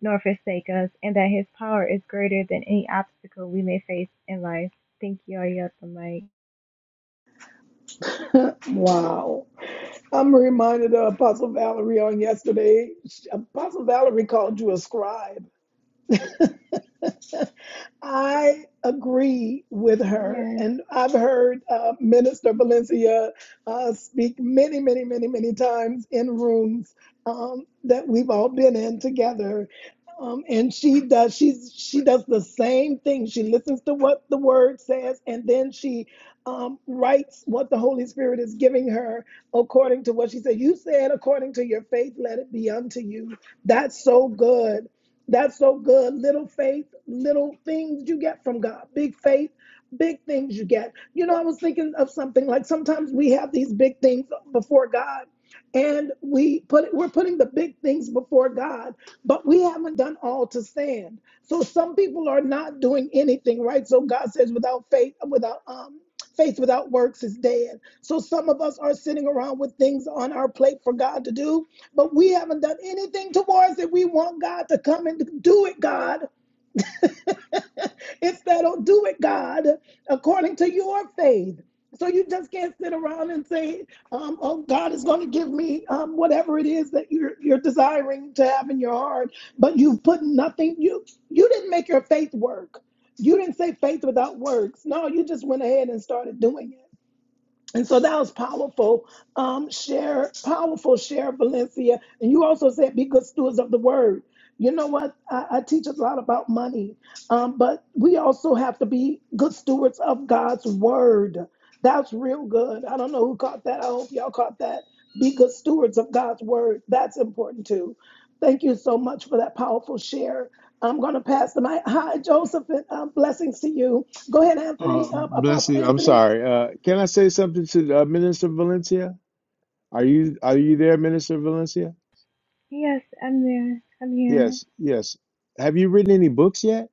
Speaker 12: nor forsake us, and that His power is greater than any obstacle we may face in life. Thank you. I yield the mic.
Speaker 3: Wow. I'm reminded of Apostle Valerie on yesterday. Apostle Valerie called you a scribe. I agree with her,
Speaker 12: Yes,
Speaker 3: and I've heard uh, Minister Valencia uh, speak many, many, many, many times in rooms um, that we've all been in together. Um, and she does she's she does the same thing. She listens to what the word says, and then she um, writes what the Holy Spirit is giving her according to what she said. You said, according to your faith, let it be unto you. That's so good that's so good. Little faith, little things you get from God. Big faith, big things you get. You know, I was thinking of something like sometimes we have these big things before God and we put we're putting the big things before God, but we haven't done all to stand. So some people are not doing anything, right? So God says without faith, without um faith without works is dead. So some of us are sitting around with things on our plate for God to do but we haven't done anything towards it. We want God to come and do it, God. Instead of do it, God, according to your faith. So you just can't sit around and say, um, "Oh, God is going to give me um, whatever it is that you're you're desiring to have in your heart," but you've put nothing. You you didn't make your faith work. You didn't say faith without works. No, you just went ahead and started doing it. And so that was powerful. Um, share powerful, share Valencia. And you also said be good stewards of the word. You know what? I, I teach a lot about money, um, but we also have to be good stewards of God's word. That's real good. I don't know who caught that. I hope y'all caught that. Be good stewards of God's word. That's important too. Thank you so much for that powerful share. I'm going to pass the mic. Hi, Joseph. And, um, blessings to you. Go ahead,
Speaker 8: Uh,
Speaker 3: Anthony, um,
Speaker 8: bless
Speaker 3: Apostle
Speaker 8: you. I'm
Speaker 3: Anthony.
Speaker 8: sorry. Uh, can I say something to uh, Minister Valencia? Are you are you there, Minister Valencia?
Speaker 12: yes, I'm there. I'm here.
Speaker 8: Yes, yes. Have you written any books yet?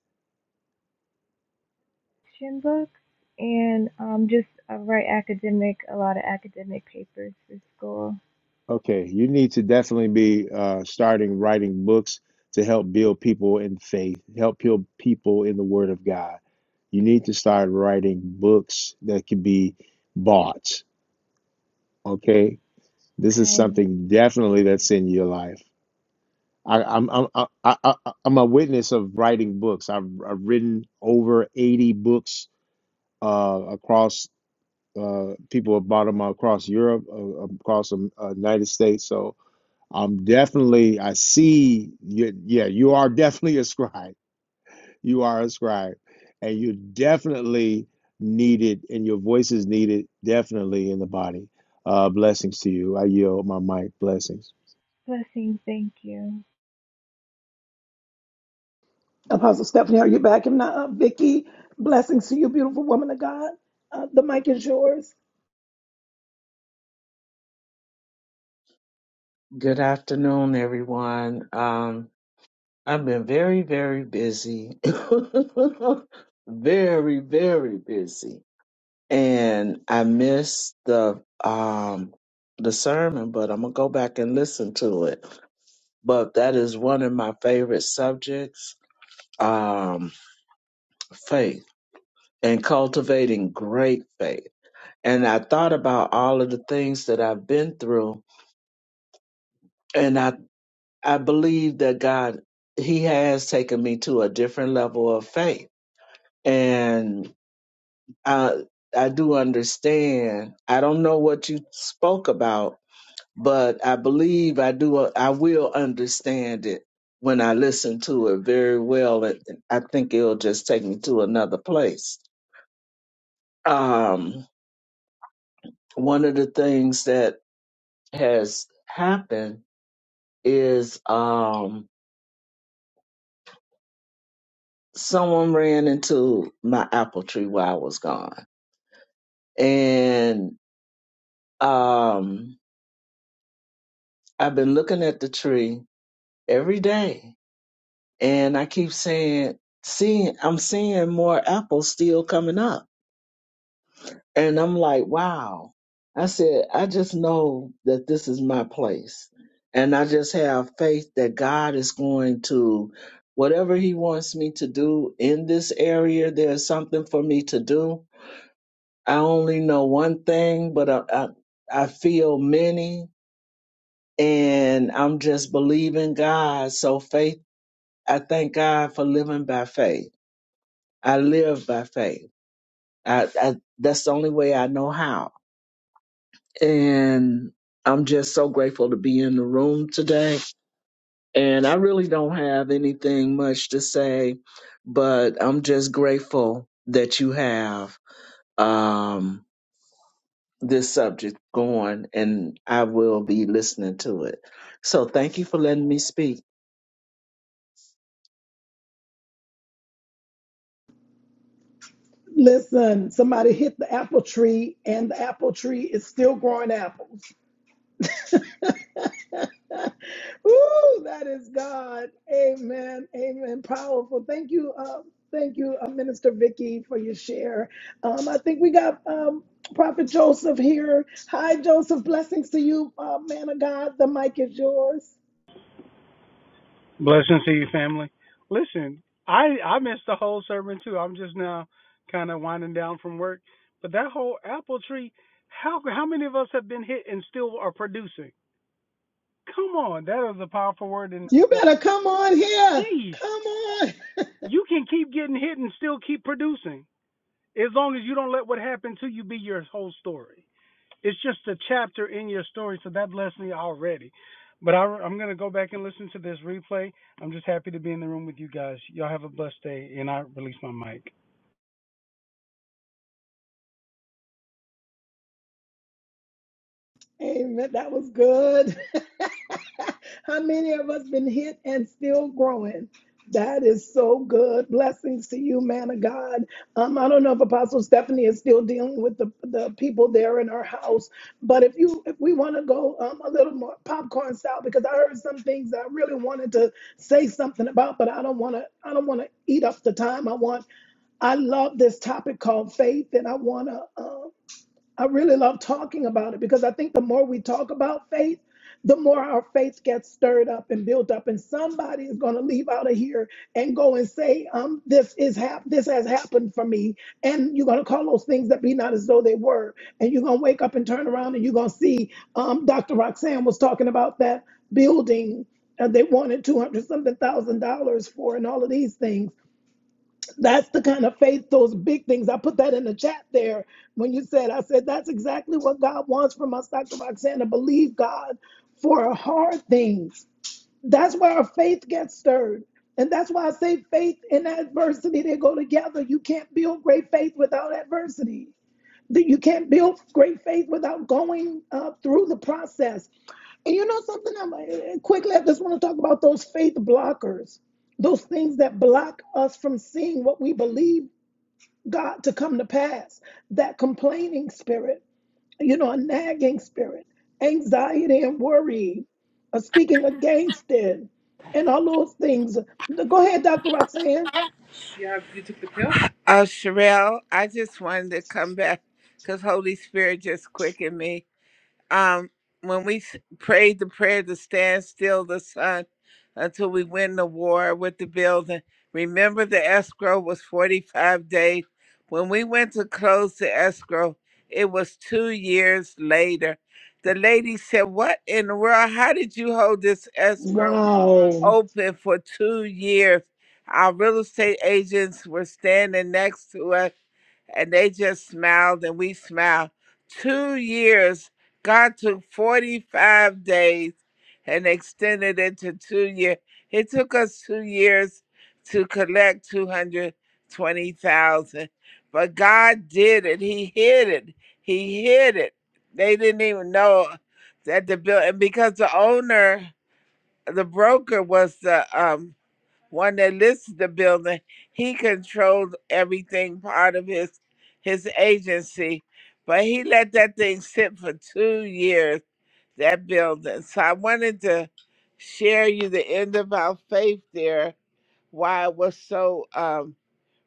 Speaker 12: Shin books and um, just I write academic, a lot of academic papers for school.
Speaker 8: Okay, you need to definitely be uh, starting writing books to help build people in faith, help build people in the Word of God. You need to start writing books that can be bought. Okay, this is
Speaker 12: Okay.
Speaker 8: something definitely that's in your life. I, I'm I'm I, I, I- I'm a witness of writing books. I've, I've written over 80 books uh, across. Uh, people have bought them across Europe, uh, across the uh, United States. So I'm definitely, I see you, yeah, you are definitely a scribe. You are a scribe. And you're definitely needed, and your voice is needed definitely in the body. Uh, blessings to you. I yield my mic. Blessings.
Speaker 12: Blessings. Thank you.
Speaker 3: Apostle Stephanie, are you back? If not, uh, Vicky, blessings to you, beautiful woman of God. Uh, the mic is yours.
Speaker 13: Good afternoon, everyone. Um, I've been very, very busy. very, very busy. And I missed the um the sermon, but I'm gonna go back and listen to it. But that is one of my favorite subjects, um, faith and cultivating great faith. And I thought about all of the things that I've been through, and I. I believe that God, He has taken me to a different level of faith. And I, I do understand. I don't know what you spoke about, but I believe I do. I will understand it when I listen to it very well. And I think it'll just take me to another place. Um, one of the things that has happened is um, someone ran into my apple tree while I was gone and um, I've been looking at the tree every day, and I keep saying, seeing, I'm seeing more apples still coming up, and I'm like, wow. I said, I just know that this is my place, and I just have faith that God is going to. Whatever he wants me to do in this area, there's something for me to do. I only know one thing, but I, I, I feel many and I'm just believing God. So faith, I thank God for living by faith. I live by faith. I, I that's the only way I know how. And I'm just so grateful to be in the room today. And I really don't have anything much to say, but I'm just grateful that you have um this subject going and I will be listening to it. So thank you for letting me speak.
Speaker 3: Listen, somebody hit the apple tree, and the apple tree is still growing apples. Ooh, that is God. Amen. Amen. Powerful. Thank you. Uh, thank you, uh, Minister Vicky, for your share. Um, I think we got um, Prophet Joseph here. Hi, Joseph. Blessings to you, uh, man of God. The mic is yours.
Speaker 14: Blessings to you, family. Listen, I I missed the whole sermon too. I'm just now kind of winding down from work, but that whole apple tree, how how many of us have been hit and still are producing? Come on, that is a powerful word in
Speaker 3: You
Speaker 14: itself.
Speaker 3: better come on here.
Speaker 14: Jeez,
Speaker 3: Come on.
Speaker 14: you can keep getting hit and still keep producing as long as you don't let what happened to you be your whole story. it's just a chapter in your story, so that blessed me already. But I, I'm going to go back and listen to this replay. I'm just happy to be in the room with you guys. Y'all have a blessed day, and I release my mic.
Speaker 3: Amen. That was good. How many of us been hit and still growing? That is so good. Blessings to you, man of God. Um, I don't know if Apostle Stephanie is still dealing with the, the people there in her house, but if you if we want to go um, a little more popcorn style, because I heard some things that I really wanted to say something about, but I don't want to I don't want to eat up the time. I want I love this topic called faith, and I want to. uh, I really love talking about it because I think the more we talk about faith, the more our faith gets stirred up and built up, and somebody is going to leave out of here and go and say, "Um, this is hap- this has happened for me," and you're going to call those things that be not as though they were, and you're going to wake up and turn around and you're going to see, um, Dr. Roxanne was talking about that building. uh, they wanted two hundred something thousand dollars for, and all of these things that's the kind of faith, those big things. I put that in the chat there when you said, I said, that's exactly what God wants from us, Dr. Roxanna. Believe God for hard things. That's where our faith gets stirred. And that's why I say faith and adversity, they go together. You can't build great faith without adversity. That you can't build great faith without going uh, through the process. And you know something? I'm uh, quickly. I just want to talk about those faith blockers, those things that block us from seeing what we believe God to come to pass. That complaining spirit, you know, a nagging spirit, anxiety and worry, uh, speaking against it, and all those things. Go ahead, Dr. Roxanne.
Speaker 11: Uh, Sherelle, I just wanted to come back because Holy Spirit just quickened me. um, when we s- prayed the prayer to stand still the sun until we win the war with the building, remember the escrow was 45 days. When we went to close the escrow, it was two years later. The lady said, What in the world? How did you hold this escrow
Speaker 3: Wow.
Speaker 11: open for two years? Our real estate agents were standing next to us and they just smiled and we smiled. Two years God took 45 days and extended it to two years. It took us two years to collect 220,000, but God did it. He hid it. He hid it. They didn't even know that the bill, and because the owner, the broker was the um, one that listed the building, he controlled everything part of his his agency but he let that thing sit for two years that building. So I wanted to share you the end of our faith there, why it was so um,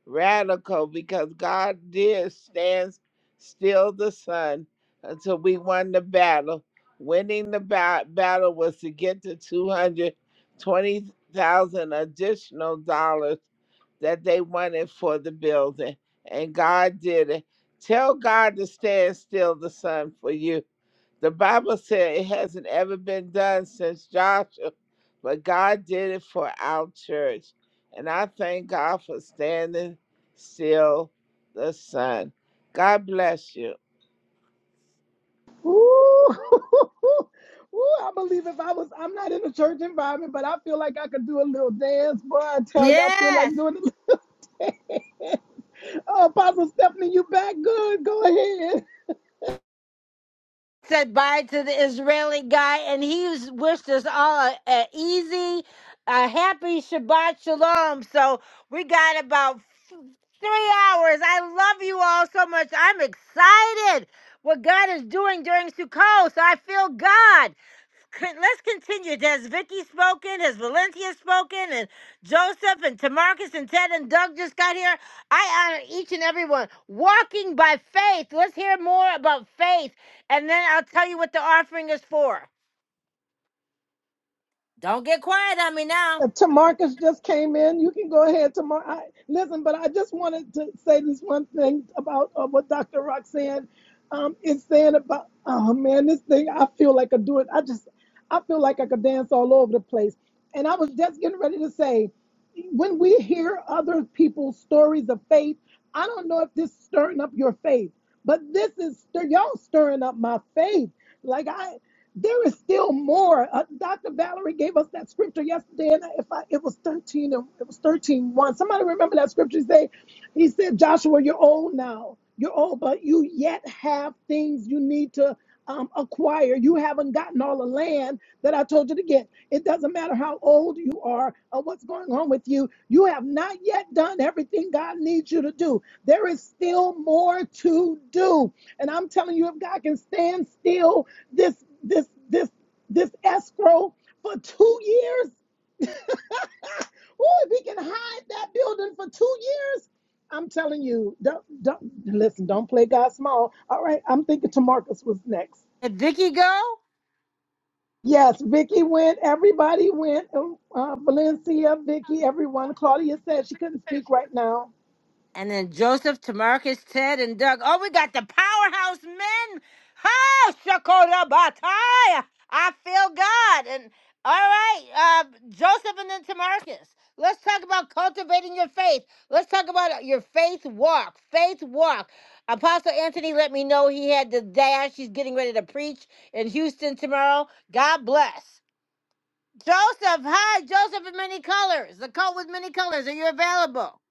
Speaker 11: radical, because God did stand still the sun until we won the battle. Winning the ba- battle was to get the 220,000 additional dollars that they wanted for the building. And God did it. Tell God to stand still the sun for you the Bible said it hasn't ever been done since Joshua, but God did it for our church. And I thank God for standing still the sun. God bless you.
Speaker 3: Ooh, Ooh, I believe if I was, I'm not in a church environment, but I feel like I could do a little dance. Boy, I tell you, I feel like
Speaker 1: Yes.
Speaker 3: doing it. Oh, Apostle Stephanie, you back good. Go ahead.
Speaker 1: said bye to the Israeli guy, and he wished us all a, a easy, a happy Shabbat Shalom. So we got about three hours. I love you all so much. I'm excited what God is doing during Sukkot. So I feel God. Con- Let's continue. Has Vicky spoken? Has Valencia spoken? And Joseph and Tamarcus and Ted and Doug just got here. I honor each and every one. Walking by faith. Let's hear more about faith. And then I'll tell you what the offering is for. Don't get quiet on me now.
Speaker 3: Uh, Tamarcus just came in. You can go ahead, Tamar. I, listen, but I just wanted to say this one thing about uh, what Dr. Roxanne um, is saying about, oh man, this thing, I feel like i do it. I just, I feel like I could dance all over the place. And I was just getting ready to say, when we hear other people's stories of faith, I don't know if this is stirring up your faith, but this is, stir- y'all stirring up my faith. Like I, there is still more. Uh, Dr. Valerie gave us that scripture yesterday, and if I, it was 13, and- it was thirteen one. Somebody remember that scripture? He said, he said, Joshua, you're old now. You're old, but you yet have things you need to um, acquire. You haven't gotten all the land that I told you to get. It doesn't matter how old you are or what's going on with you. You have not yet done everything God needs you to do. There is still more to do. And I'm telling you, if God can stand still this this this this escrow for two years, oh, if He can hide that building for two years. I'm telling you, don't, don't listen. Don't play God small. All right, I'm thinking Tamarcus was next.
Speaker 1: Did Vicky go?
Speaker 3: Yes, Vicky went. Everybody went. um, Uh, Valencia, Vicky, everyone. Claudia said she couldn't speak right now.
Speaker 1: And then Joseph, Tamarcus, Ted, and Doug. Oh, we got the powerhouse men. Ha! Shakota Bataya. I feel God. And all right, uh, Joseph and then Tamarcus. Let's talk about cultivating your faith. Let's talk about your faith walk. Faith walk. Apostle Anthony let me know he had the dash. He's getting ready to preach in Houston tomorrow. God bless. Joseph, hi, Joseph in many colors. The coat with many colors. Are you available?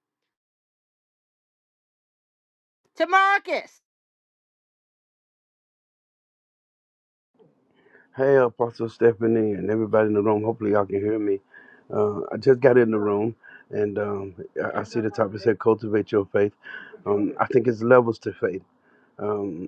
Speaker 1: Tamarcus.
Speaker 15: Hey, Apostle Stephanie, and everybody in the room. Hopefully, y'all can hear me. Uh, I just got in the room, and um, I, I see the topic said "Cultivate Your Faith." Um, I think it's levels to faith. Um,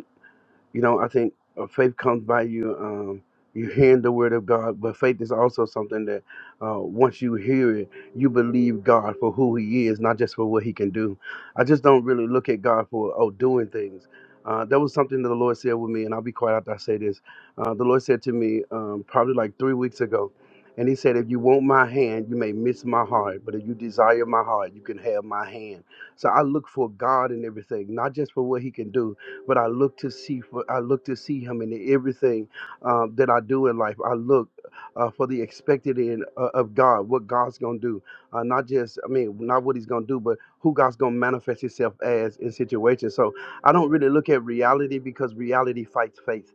Speaker 15: you know, I think uh, faith comes by you um, you hearing the word of God, but faith is also something that uh, once you hear it, you believe God for who He is, not just for what He can do. I just don't really look at God for oh doing things. Uh, that was something that the Lord said with me, and I'll be quiet after I say this. Uh, the Lord said to me um, probably like three weeks ago, and He said, "If you want my hand, you may miss my heart, but if you desire my heart, you can have my hand." So I look for God in everything, not just for what He can do, but I look to see for I look to see Him in everything um, that I do in life. I look uh, for the expected in uh, of God, what God's gonna do, uh, not just I mean not what He's gonna do, but who God's gonna manifest Himself as in situations. So I don't really look at reality because reality fights faith.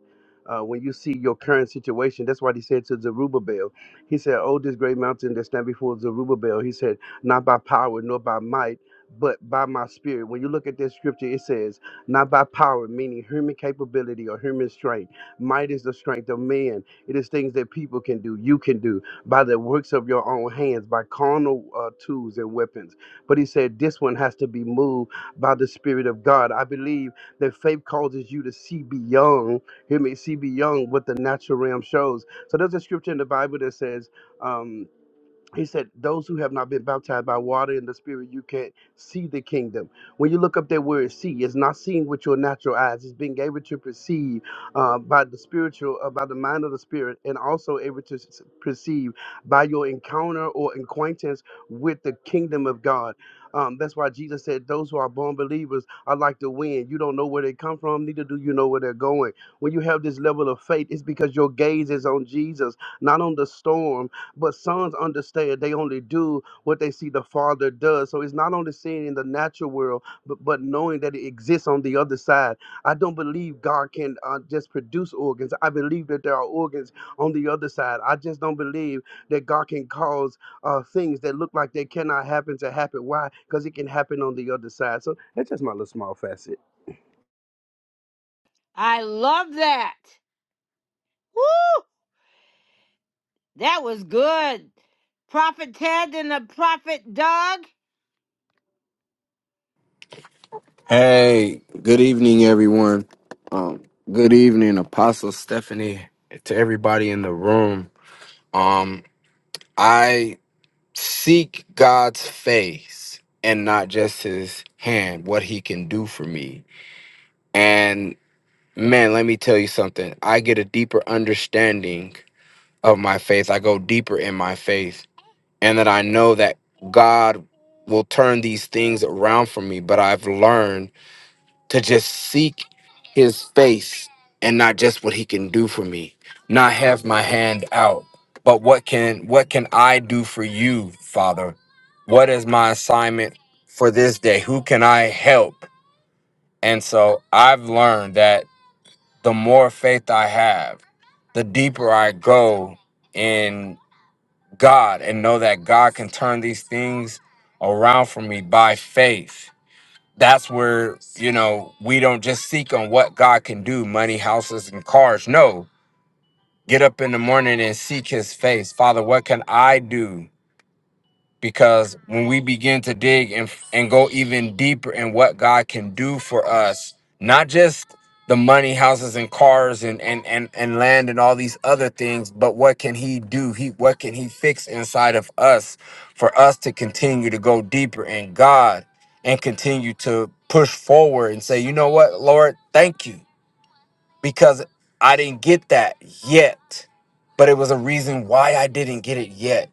Speaker 15: Uh, when you see your current situation, that's what he said to Zerubbabel. He said, "Oh, this great mountain that stand before Zerubbabel." He said, "Not by power nor by might." But by my spirit, when you look at this scripture, it says not by power, meaning human capability or human strength. Might is the strength of man. It is things that people can do, you can do, by the works of your own hands, by carnal uh, tools and weapons. But he said this one has to be moved by the Spirit of God. I believe that faith causes you to see beyond, hear me, see beyond what the natural realm shows. So there's a scripture in the Bible that says, um, he said, Those who have not been baptized by water and the Spirit, you can't see the kingdom. When you look up that word see, it's not seeing with your natural eyes, it's being able to perceive uh, by the spiritual, uh, by the mind of the Spirit, and also able to s- perceive by your encounter or acquaintance with the kingdom of God. Um, that's why Jesus said, Those who are born believers are like the wind. You don't know where they come from, neither do you know where they're going. When you have this level of faith, it's because your gaze is on Jesus, not on the storm but sons understand they only do what they see the Father does. So it's not only seeing in the natural world, but, but knowing that it exists on the other side. I don't believe God can uh, just produce organs. I believe that there are organs on the other side. I just don't believe that God can cause uh, things that look like they cannot happen to happen. Why? Because it can happen on the other side. So that's just my little small facet.
Speaker 1: I love that. Woo! That was good. Prophet Ted and the Prophet Doug.
Speaker 16: Hey, good evening, everyone. Um, good evening, Apostle Stephanie, to everybody in the room. Um, I seek God's face and not just his hand, what he can do for me. And man, let me tell you something. I get a deeper understanding of my faith. I go deeper in my faith, and that I know that God will turn these things around for me, but I've learned to just seek his face and not just what he can do for me not have my hand out but what can what can i do for you father what is my assignment for this day who can i help and so i've learned that the more faith i have the deeper i go in god and know that god can turn these things around for me by faith that's where you know we don't just seek on what god can do money houses and cars no get up in the morning and seek his face father what can i do because when we begin to dig and and go even deeper in what God can do for us, not just the money, houses, and cars, and and and and land, and all these other things, but what can He do? He what can He fix inside of us for us to continue to go deeper in God and continue to push forward and say, you know what, Lord, thank you because I didn't get that yet, but it was a reason why I didn't get it yet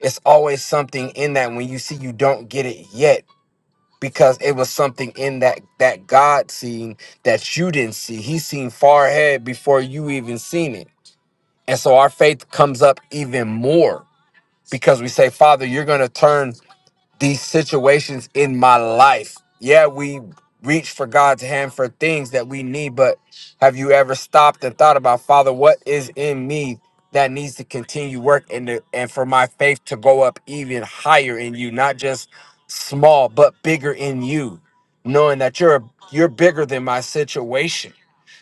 Speaker 16: it's always something in that when you see you don't get it yet because it was something in that that god seeing that you didn't see he seen far ahead before you even seen it and so our faith comes up even more because we say father you're going to turn these situations in my life. Yeah, we reach for God's hand for things that we need, but have you ever stopped and thought about, Father, what is in me that needs to continue work and to, and for my faith to go up even higher in you, not just small, but bigger in you, knowing that you're you're bigger than my situation.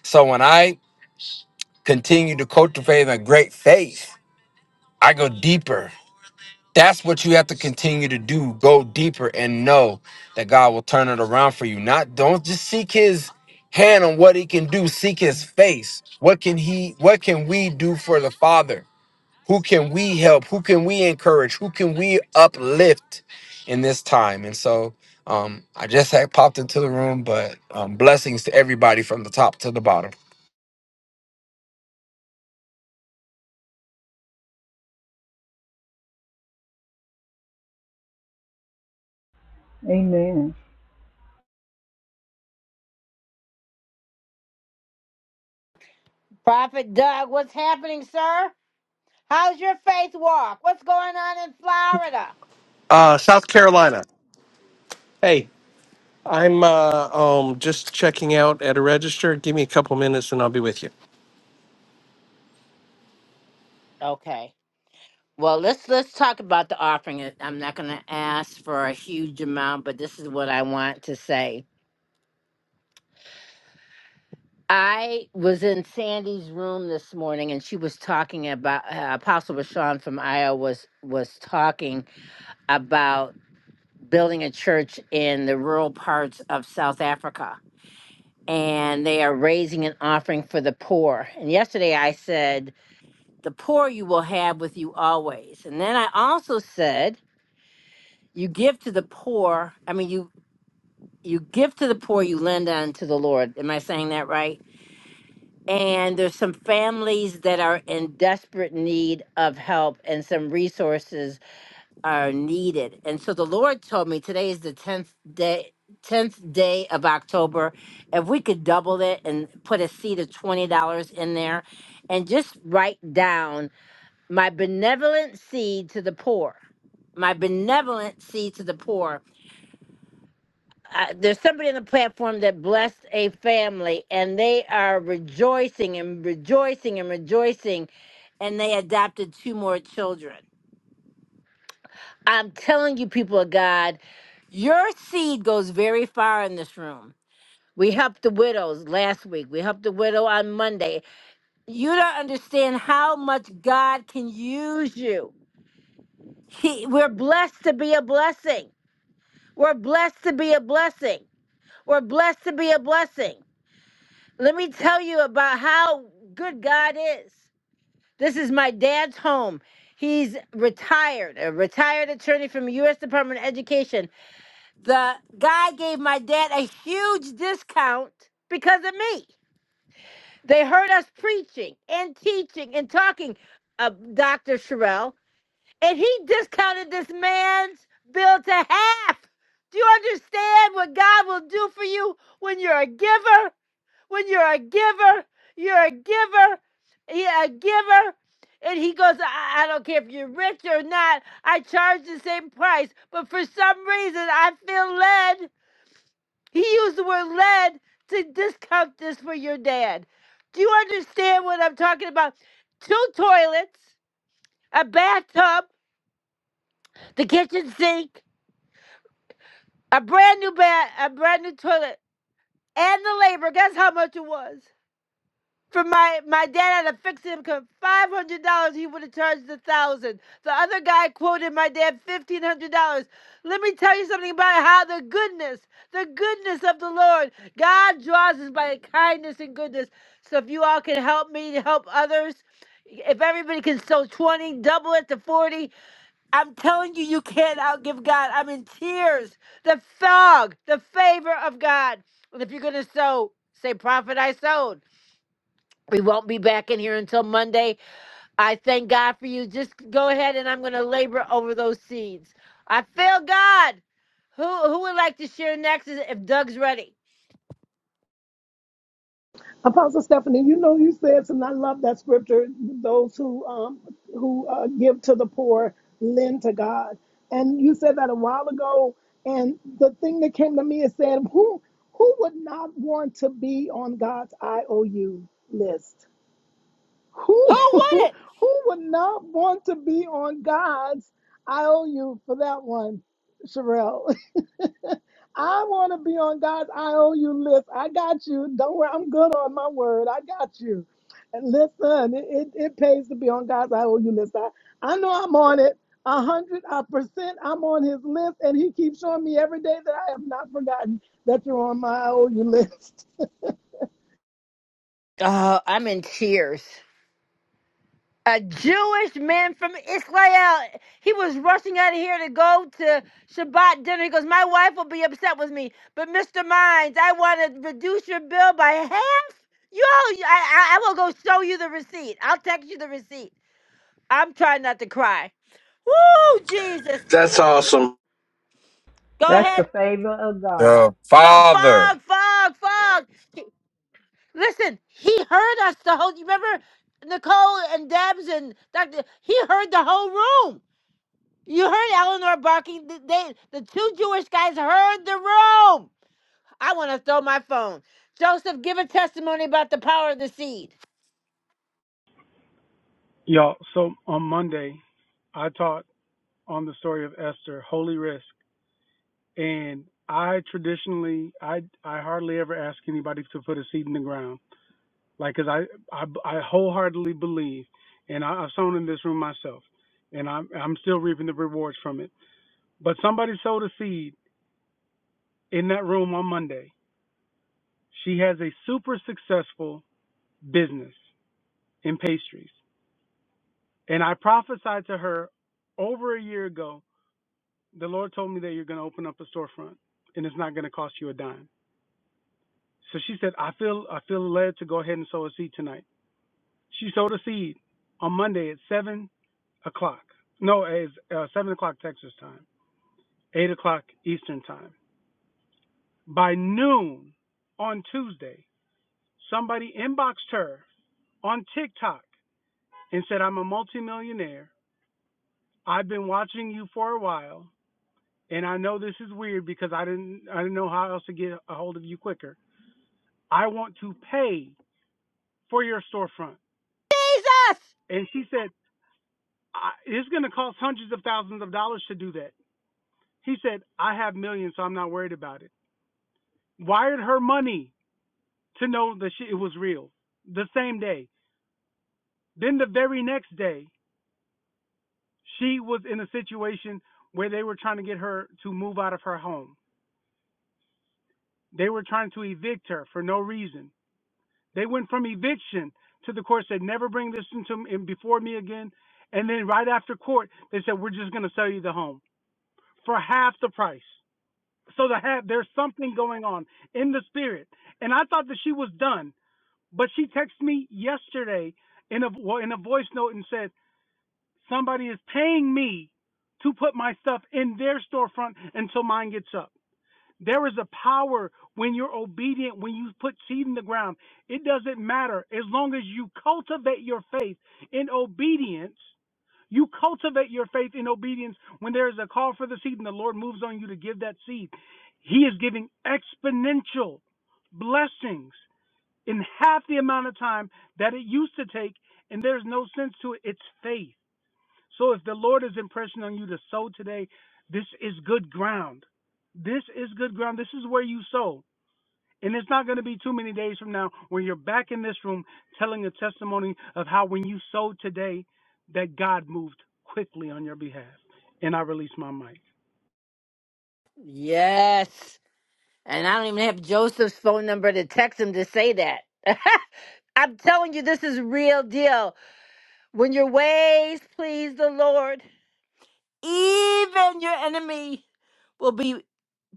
Speaker 16: So when I continue to cultivate a great faith, I go deeper that's what you have to continue to do. Go deeper and know that God will turn it around for you. Not don't just seek his hand on what he can do. Seek his face. What can he what can we do for the Father? Who can we help? Who can we encourage? Who can we uplift in this time? And so um I just had popped into the room, but um blessings to everybody from the top to the bottom.
Speaker 6: Amen.
Speaker 1: Prophet Doug, what's happening, sir? How's your faith walk? What's going on in Florida?
Speaker 17: Uh, South Carolina. Hey, I'm uh, um, just checking out at a register. Give me a couple minutes and I'll be with you.
Speaker 1: Okay. Well, let's let's talk about the offering. I'm not going to ask for a huge amount, but this is what I want to say. I was in Sandy's room this morning, and she was talking about uh, Apostle Bashan from Iowa was was talking about building a church in the rural parts of South Africa. And they are raising an offering for the poor. And yesterday I said, The poor you will have with you always. And then I also said, You give to the poor. I mean, you, you give to the poor, you lend unto the Lord. Am I saying that right? And there's some families that are in desperate need of help and some resources are needed. And so the Lord told me today is the 10th day 10th day of October. If we could double it and put a seed of $20 in there and just write down my benevolent seed to the poor. My benevolent seed to the poor. Uh, there's somebody on the platform that blessed a family and they are rejoicing and rejoicing and rejoicing and they adopted two more children I'm telling you, people of God, your seed goes very far in this room. We helped the widows last week. We helped the widow on Monday. You don't understand how much God can use you. He, we're blessed to be a blessing. We're blessed to be a blessing. We're blessed to be a blessing. Let me tell you about how good God is. This is my dad's home. He's retired, a retired attorney from the U.S. Department of Education the guy gave my dad a huge discount because of me. They heard us preaching and teaching and talking, uh, Dr. Sherelle, and he discounted this man's bill to half. Do you understand what God will do for you when you're a giver? When you're a giver, you're a giver, you're a giver. And he goes, I, I don't care if you're rich or not, I charge the same price. But for some reason, I feel led he used the word led to discount this for your dad. Do you understand what I'm talking about? Two toilets, a bathtub, the kitchen sink, a brand new bat, a brand new toilet, and the labor. Guess how much it was? for my my dad had to fix him five hundred dollars he would have charged a thousand. The other guy quoted my dad fifteen hundred dollars. Let me tell you something about how the goodness, the goodness of the Lord, God draws us by kindness and goodness. So if you all can help me to help others, if everybody can sow twenty, double it to forty. I'm telling you, you can't outgive God. I'm in tears. The fog, the favor of God. And if you're gonna sow, say, "Prophet, I sowed." We won't be back in here until Monday. I thank God for you. Just go ahead and I'm going to labor over those seeds. I feel God. Who who would like to share next is- if Doug's ready?
Speaker 3: Apostle Stephanie, you know you said, and I love that scripture. Those who um who uh, give to the poor lend to God, and you said that a while ago. And the thing that came to me is saying, who who would not want to be on God's IOU list?
Speaker 1: Who
Speaker 3: Who,
Speaker 1: would
Speaker 3: who
Speaker 1: it?
Speaker 3: would not want to be on God's? I owe you for that one, Sherelle. I want to be on God's I owe you list. I got you. Don't worry, I'm good on my word. I got you. And listen, it, it, it pays to be on God's I owe you list. I, I know I'm on it. A hundred uh, percent, I'm on his list, and he keeps showing me every day that I have not forgotten that you're on my I owe you list.
Speaker 1: Oh, I'm in tears. A Jewish man from Israel. He was rushing out of here to go to Shabbat dinner. He goes, My wife will be upset with me. But Mr. Mines, I want to reduce your bill by half. Yo, I, I I will go show you the receipt. I'll text you the receipt. I'm trying not to cry. Woo, Jesus.
Speaker 17: That's awesome.
Speaker 1: Go
Speaker 6: That's the
Speaker 1: ahead.
Speaker 6: favor of God.
Speaker 16: The
Speaker 1: F-
Speaker 16: Father.
Speaker 1: Fog, fog, fog. Listen, he heard us the whole, you remember Nicole and Debs and Dr. He heard the whole room. You heard Eleanor barking. Th- They, the two Jewish guys heard the room. I want to throw my phone. Joseph, give a testimony about the power of the seed.
Speaker 14: Y'all, so on Monday, I taught on the story of Esther, Holy Risk, and I traditionally, I, I hardly ever ask anybody to put a seed in the ground, like, cause I, I, I wholeheartedly believe, and I, I've sown in this room myself, and I'm, I'm still reaping the rewards from it. But somebody sowed a seed in that room on Monday. She has a super successful business in pastries. And I prophesied to her over a year ago, the Lord told me that you're going to open up a storefront and it's not going to cost you a dime. So she said, I feel I feel led to go ahead and sow a seed tonight. She sowed a seed on Monday at 7 o'clock. No, it's uh, 7 o'clock Texas time, 8 o'clock Eastern time. By noon on Tuesday, somebody inboxed her on TikTok and said, I'm a multimillionaire. I've been watching you for a while, and I know this is weird because I didn't I didn't know how else to get a hold of you quicker. I want to pay for your storefront.
Speaker 1: Jesus!
Speaker 14: And she said, I, it's going to cost hundreds of thousands of dollars to do that. He said, I have millions, so I'm not worried about it. Wired her money to know that she, it was real the same day. Then the very next day, she was in a situation where they were trying to get her to move out of her home They were trying to evict her for no reason. They went from eviction to the court said, never bring this into in before me again. And then right after court, they said, we're just going to sell you the home for half the price. So the half, there's something going on in the spirit. And I thought that she was done, but she texted me yesterday in a well, in a voice note and said, somebody is paying me to put my stuff in their storefront until mine gets up. There is a power when you're obedient, when you put seed in the ground. It doesn't matter. As long as you cultivate your faith in obedience, you cultivate your faith in obedience when there is a call for the seed and the Lord moves on you to give that seed. He is giving exponential blessings in half the amount of time that it used to take, and there's no sense to it. It's faith. So if the Lord is impressing on you to sow today, this is good ground. This is good ground. This is where you sow. And it's not going to be too many days from now when you're back in this room telling a testimony of how when you sowed today that God moved quickly on your behalf. And I release my mic.
Speaker 1: Yes. And I don't even have Joseph's phone number to text him to say that. I'm telling you, this is real deal. When your ways please the Lord, even your enemy will be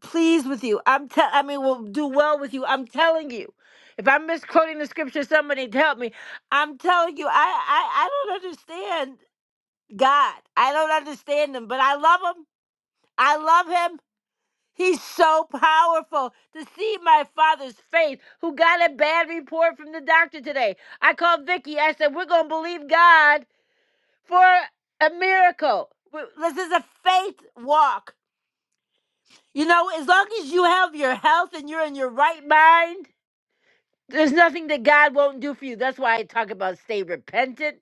Speaker 1: pleased with you. I'm tell I mean will do well with you. I'm telling you. If I'm misquoting the scripture, somebody to help me. I'm telling you, I, I, I don't understand God. I don't understand him, but I love him. I love him. He's so powerful to see my father's faith, who got a bad report from the doctor today. I called Vicky. I said, We're going to believe God for a miracle. This is a faith walk. You know, as long as you have your health and you're in your right mind, there's nothing that God won't do for you. That's why I talk about stay repentant,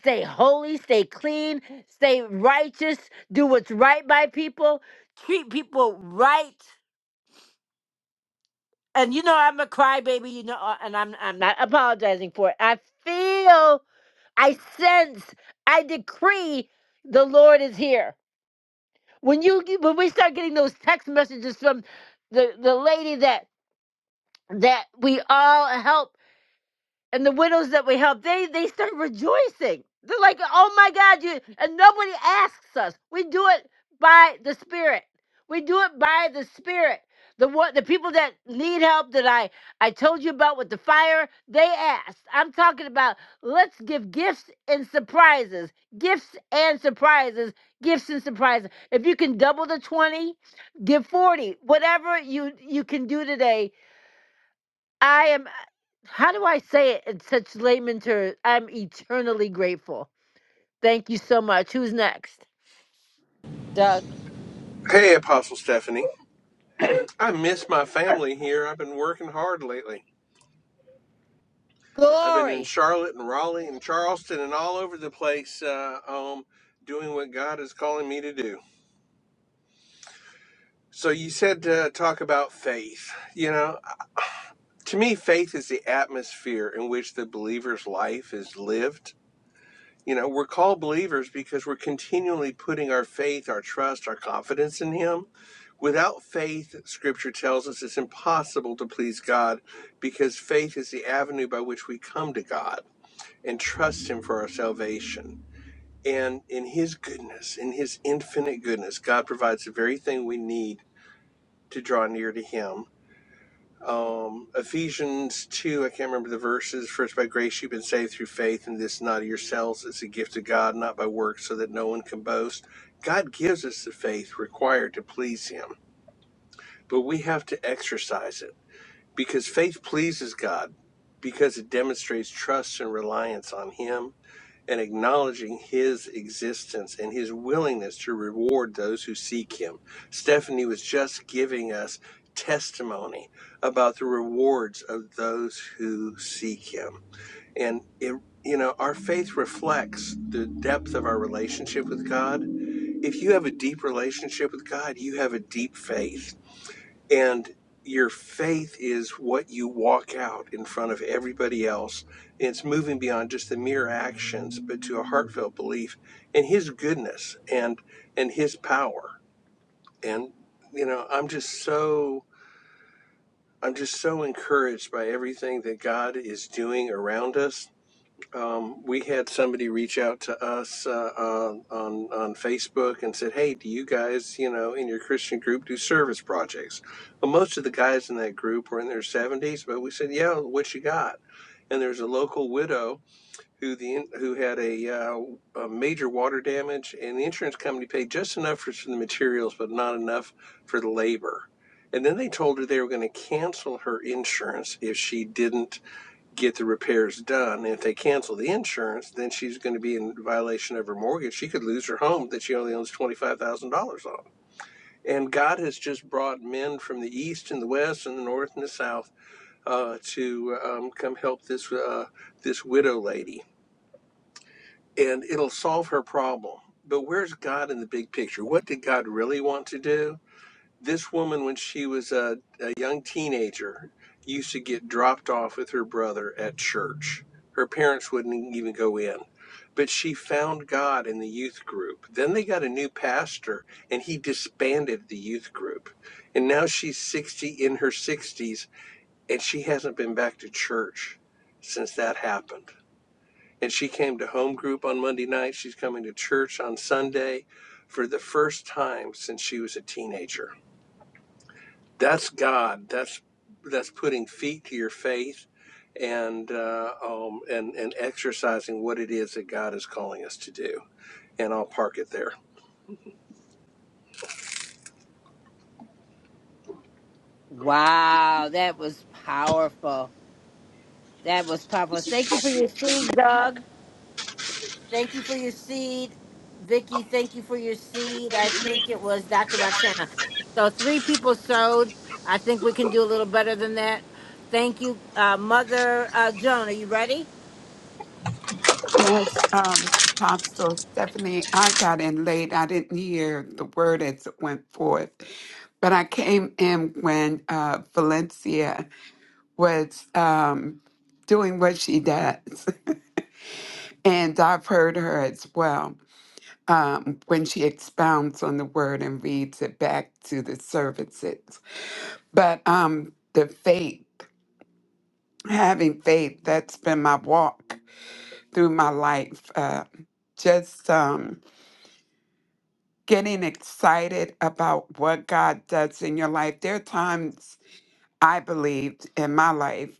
Speaker 1: stay holy, stay clean, stay righteous, do what's right by people, treat people right. and you know I'm a crybaby, you know, uh, and I'm I'm not apologizing for it. I feel, I sense, I decree the Lord is here. When you when we start getting those text messages from the the lady that that we all help and the widows that we help, they they start rejoicing. They're like, "Oh my God, you!" And nobody asks us. We do it by the Spirit. We do it by the Spirit. The what the people that need help that I I told you about with the fire, they asked. I'm talking about let's give gifts and surprises, gifts and surprises, gifts and surprises. If you can double the twenty, give forty. Whatever you you can do today I am, how do I say it in such layman terms? I'm eternally grateful. Thank you so much. Who's next? Doug?
Speaker 17: Hey, Apostle Stephanie. I miss my family here. I've been working hard lately. I've been in
Speaker 1: glory.
Speaker 17: Charlotte and Raleigh and Charleston and all over the place uh, um, doing what God is calling me to do. So, you said uh, talk about faith. You know, to me, faith is the atmosphere in which the believer's life is lived You know, we're called believers because we're continually putting our faith, our trust, our confidence in Him. Without faith, Scripture tells us it's impossible to please God because faith is the avenue by which we come to God and trust Him for our salvation. And in His goodness, in His infinite goodness, God provides the very thing we need to draw near to Him um, Ephesians 2, I can't remember the verses. First, by grace you've been saved through faith, and this not of yourselves. It's a gift of God, not by works, so that no one can boast. God gives us the faith required to please Him, but we have to exercise it because faith pleases God because it demonstrates trust and reliance on Him and acknowledging his existence and his willingness to reward those who seek him. Stephanie was just giving us testimony about the rewards of those who seek him. And it you know, our faith reflects the depth of our relationship with God. If you have a deep relationship with God, you have a deep faith and your faith is what you walk out in front of everybody else. And it's moving beyond just the mere actions, but to a heartfelt belief in his goodness and and his power. And you know, I'm just so I'm just so encouraged by everything that God is doing around us um, we had somebody reach out to us uh, on, on on Facebook and said, "Hey, do you guys, you know, in your Christian group, do service projects?" Well, most of the guys in that group were in their seventies, but we said, "Yeah, what you got?" And there's a local widow who the who had a, uh, a major water damage, and the insurance company paid just enough for the materials, but not enough for the labor. And then they told her they were going to cancel her insurance if she didn't get the repairs done. If they cancel the insurance, then she's going to be in violation of her mortgage. She could lose her home that she only owns $25,000 on. And God has just brought men from the east and the west and the north and the south uh, to um, come help this uh, this widow lady, and it'll solve her problem. But where's God in the big picture? What did God really want to do? This woman, when she was a, a young teenager, used to get dropped off with her brother at church. Her parents wouldn't e, even go in. But she found God in the youth group. Then they got a new pastor, and he disbanded the youth group. And now she's 60 in her 60s, and she hasn't been back to church since that happened. And she came to home group on Monday night. She's coming to church on Sunday for the first time since she was a teenager that's God. That's that's putting feet to your faith, and uh, um, and and exercising what it is that God is calling us to do. And I'll park it there.
Speaker 1: Wow, that was powerful. That was powerful. Thank you for your seed, Doug. Thank you for your seed, Vicky. Thank you for your seed. I think it was Dr. Roxana. So three people sowed. I think we can do a little better than that. Thank you, uh, Mother uh, Joan. Are you ready?
Speaker 18: Yes, um, Apostle Stephanie, I got in late. I didn't hear the word as it went forth, but I came in when uh, Valencia was um, doing what she does, and I've heard her as well um, when she expounds on the word and reads it back to the services. But um, the faith, having faith, that's been my walk through my life. Uh, just. Um, getting excited about what God does in your life. There are times I believed in my life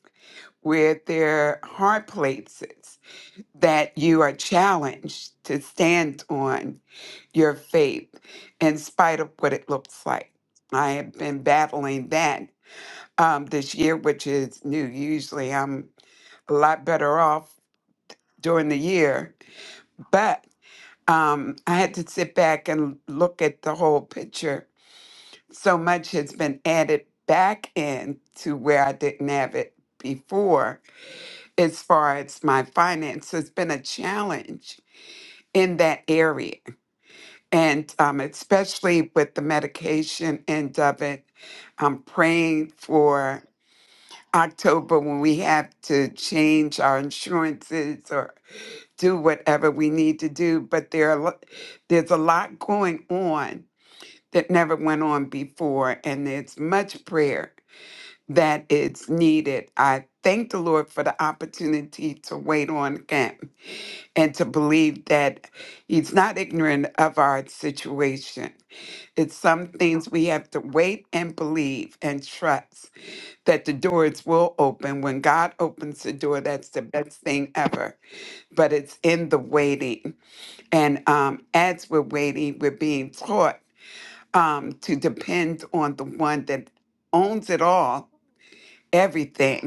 Speaker 18: where there are hard places that you are challenged to stand on your faith in spite of what it looks like. I have been battling that um, this year, which is new. Usually I'm a lot better off during the year, but um, I had to sit back and look at the whole picture so much has been added back in to where I didn't have it before as far as my finance it has been a challenge in that area and um, especially with the medication end of it i'm praying for october when we have to change our insurances or do whatever we need to do but there are lo- there's a lot going on that never went on before and it's much prayer that it's needed. I thank the Lord for the opportunity to wait on Him and to believe that He's not ignorant of our situation. It's some things we have to wait and believe and trust that the doors will open. When God opens the door, that's the best thing ever. But it's in the waiting. And um, as we're waiting, we're being taught um, to depend on the one that owns it all, everything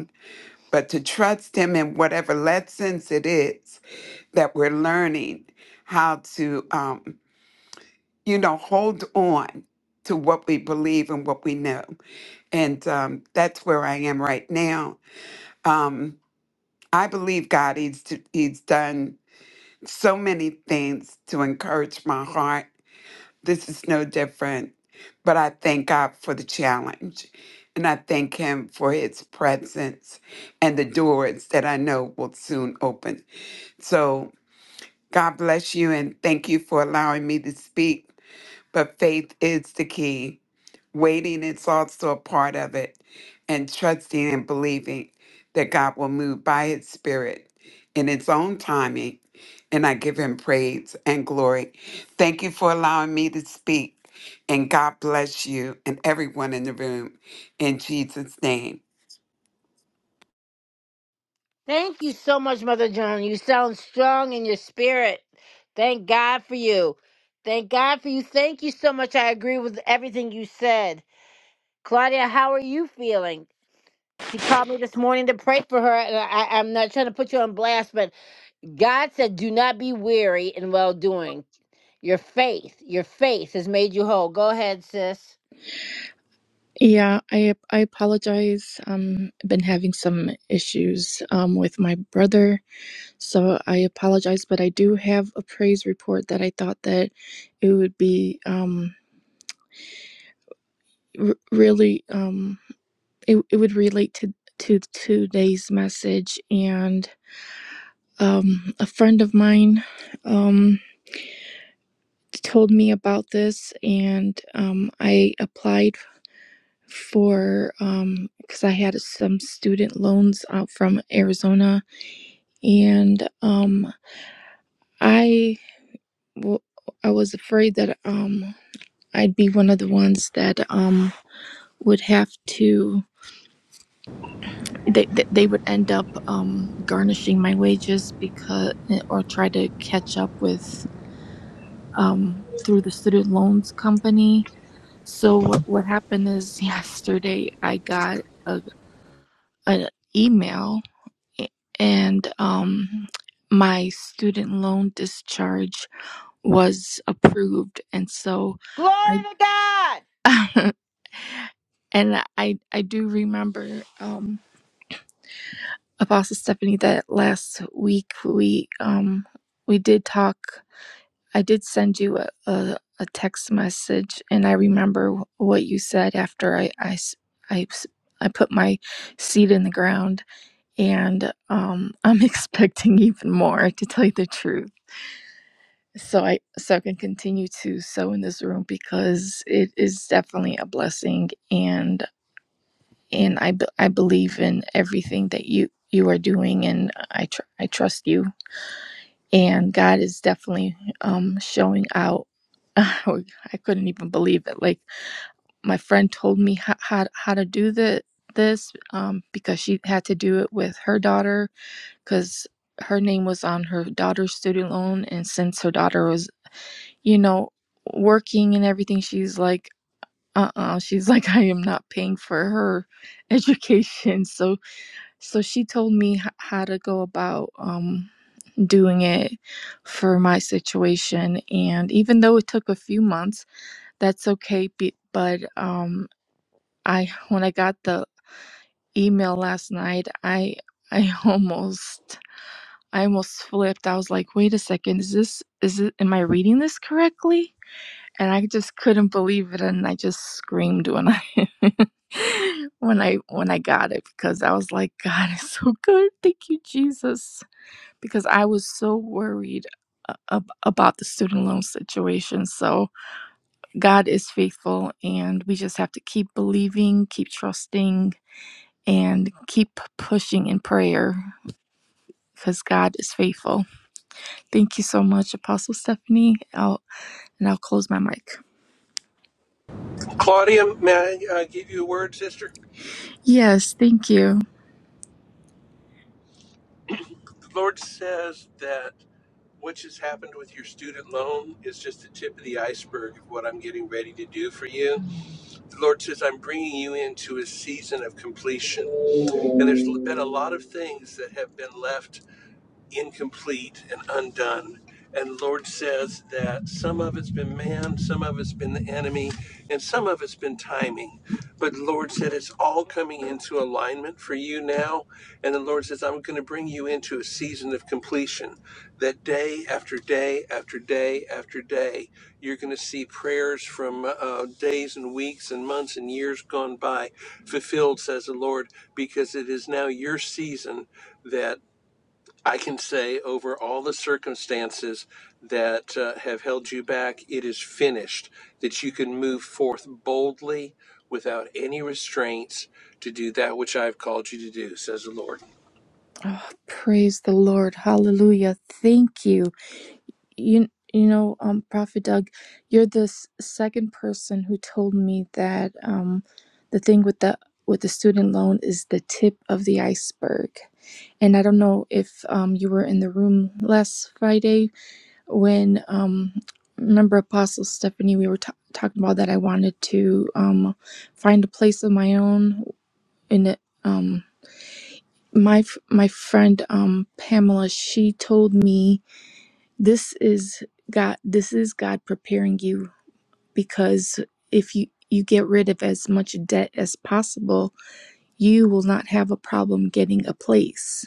Speaker 18: but to trust Him in whatever lessons it is that we're learning, how to, um, you know, hold on to what we believe and what we know. And um, that's where I am right now. Um, I believe God, he's, he's done so many things to encourage my heart. This is no different. But I thank God for the challenge. And I thank Him for His presence and the doors that I know will soon open So God bless you and thank you for allowing me to speak. But faith is the key. Waiting is also a part of it, and trusting and believing that God will move by His Spirit in His own timing. And I give Him praise and glory. Thank you for allowing me to speak. And God bless you and everyone in the room in Jesus' name.
Speaker 1: Thank you so much, Mother John. You sound strong in your spirit. Thank God for you. Thank God for you. Thank you so much. I agree with everything you said. Claudia, how are you feeling? She called me this morning to pray for her, and I, I'm not trying to put you on blast, but God said, Do not be weary in well doing. Your faith, your faith has made you whole. Go ahead, sis.
Speaker 2: Yeah, I I apologize. Um, I've been having some issues um with my brother. So I apologize, but I do have a praise report that I thought that it would be um, r- really um, it, it would relate to to today's message. And um, a friend of mine um, told me about this, and um, I applied for um because I had some student loans out from Arizona, and um, I w- I was afraid that um I'd be one of the ones that um would have to they they would end up um garnishing my wages because or try to catch up with um through the student loans company. So what was I got a, a email and um my student loan discharge was approved and so
Speaker 1: Glory
Speaker 2: I
Speaker 1: to God.
Speaker 2: and I I do remember um that last week we um we did talk i did send you a, a, a text message and i remember what you said after I, I s- I s- I put my seed in the ground and um i'm expecting even more to tell you the truth so i so i can continue to sow in this room because it is definitely a blessing and and i, be- I believe in everything that you you are doing and i tr- i trust you and God is definitely um, showing out. I couldn't even believe it. Like my friend told me how how, how to do the this um, because she had to do it with her daughter because her name was on her daughter's student loan, and since her daughter was you know working and everything, she's like. Uh-uh. She's like, I am not paying for her education. So, so she told me h- how to go about. um, doing it for my situation and even though it took a few months that's okay be- but um i when i got the email last night i i almost i almost flipped i was like wait a second is this is it am i reading this correctly and i just couldn't believe it and i just screamed when i when i when i got it because i was like god is so good thank you jesus because I was so worried ab- about the student loan situation. So God is faithful, and we just have to keep believing, keep trusting, and keep pushing in prayer because God is faithful. Thank you so much, Apostle Stephanie. I'll, and I'll close my mic.
Speaker 17: Claudia, may I uh, give you a word, sister?
Speaker 2: Yes, thank you.
Speaker 17: The Lord says that what has happened with your student loan is just the tip of the iceberg of what I'm getting ready to do for you. The Lord says I'm bringing you into a season of completion, and there's been a lot of things that have been left incomplete and undone. And the Lord says that some of it's been man, some of it's been the enemy, and some of it's been timing. But the Lord said it's all coming into alignment for you now. And the Lord says, I'm going to bring you into a season of completion. That day after day after day after day, you're going to see prayers from uh, days and weeks and months and years gone by fulfilled, says the Lord, because it is now your season that. I can say over all the circumstances that uh, have held you back, it is finished, that you can move forth boldly without any restraints to do that which I've called you to do, says the Lord.
Speaker 2: Oh, praise the Lord. Hallelujah. Thank you. you you know um prophet doug you're the s- second person who told me that um the thing with the with the student loan is the tip of the iceberg and i don't know if um you were in the room last friday when um remember apostle stephanie we were ta- talking about that i wanted to um find a place of my own in the um my f- my friend um pamela she told me this is God this is God preparing you because if you you get rid of as much debt as possible, you will not have a problem getting a place.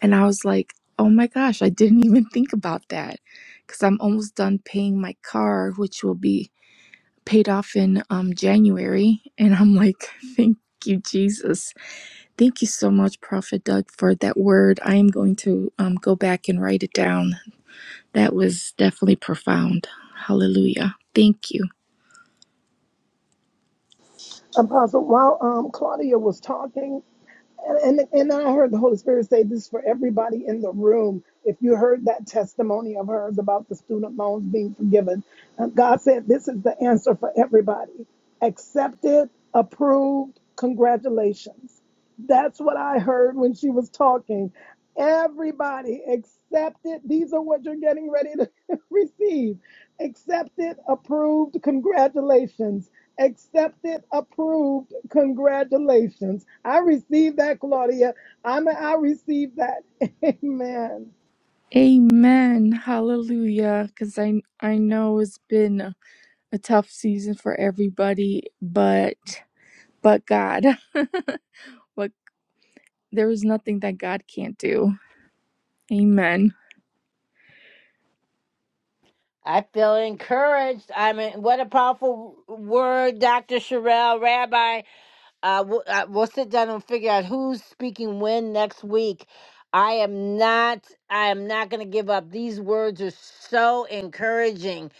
Speaker 2: And I was like, "Oh my gosh, I didn't even think about that." Cuz I'm almost done paying my car, which will be paid off in um January, and I'm like, "Thank you, Jesus." Thank you so much, Prophet Doug, for that word. I am going to um, go back and write it down that was definitely profound. Hallelujah. Thank you.
Speaker 3: Apostle, while um, Claudia was talking, And, and, and I heard the Holy Spirit say this for everybody in the room. If you heard that testimony of hers about the student loans being forgiven, uh, God said this is the answer for everybody accepted, approved, congratulations. That's what I heard when she was talking. Everybody accepted. These are what you're getting ready to receive. Accepted, approved, congratulations. Accepted, approved, congratulations. I received that, Claudia. I'm I received that. Amen.
Speaker 2: Amen. Hallelujah. Cuz I I know it's been a, a tough season for everybody, but but God. But there is nothing that God can't do. Amen.
Speaker 1: I feel encouraged. I mean, what a powerful word, Dr. Sherelle, Rabbi. Uh, we'll, uh, we'll sit down and figure out who's speaking when next week. I am not. I am not going to give up. These words are so encouraging.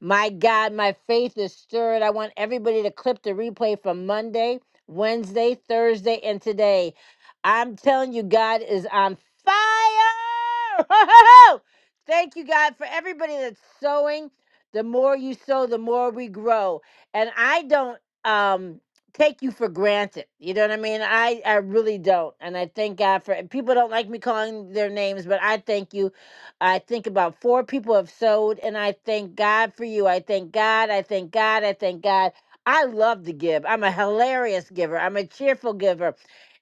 Speaker 1: My God, my faith is stirred. I want everybody to clip the replay from Monday, Wednesday, Thursday, and today. I'm telling you, God is on fire. Thank you, God, for everybody that's sowing. The more you sow, the more we grow. And I don't. Um, take you for granted. You know what I mean? I I really don't, and I thank God for. and People don't like me calling their names, but I thank you. I think about four people have sowed, and I thank God for you. I thank God. I thank God. I thank God. I love to give. I'm a hilarious giver. I'm a cheerful giver,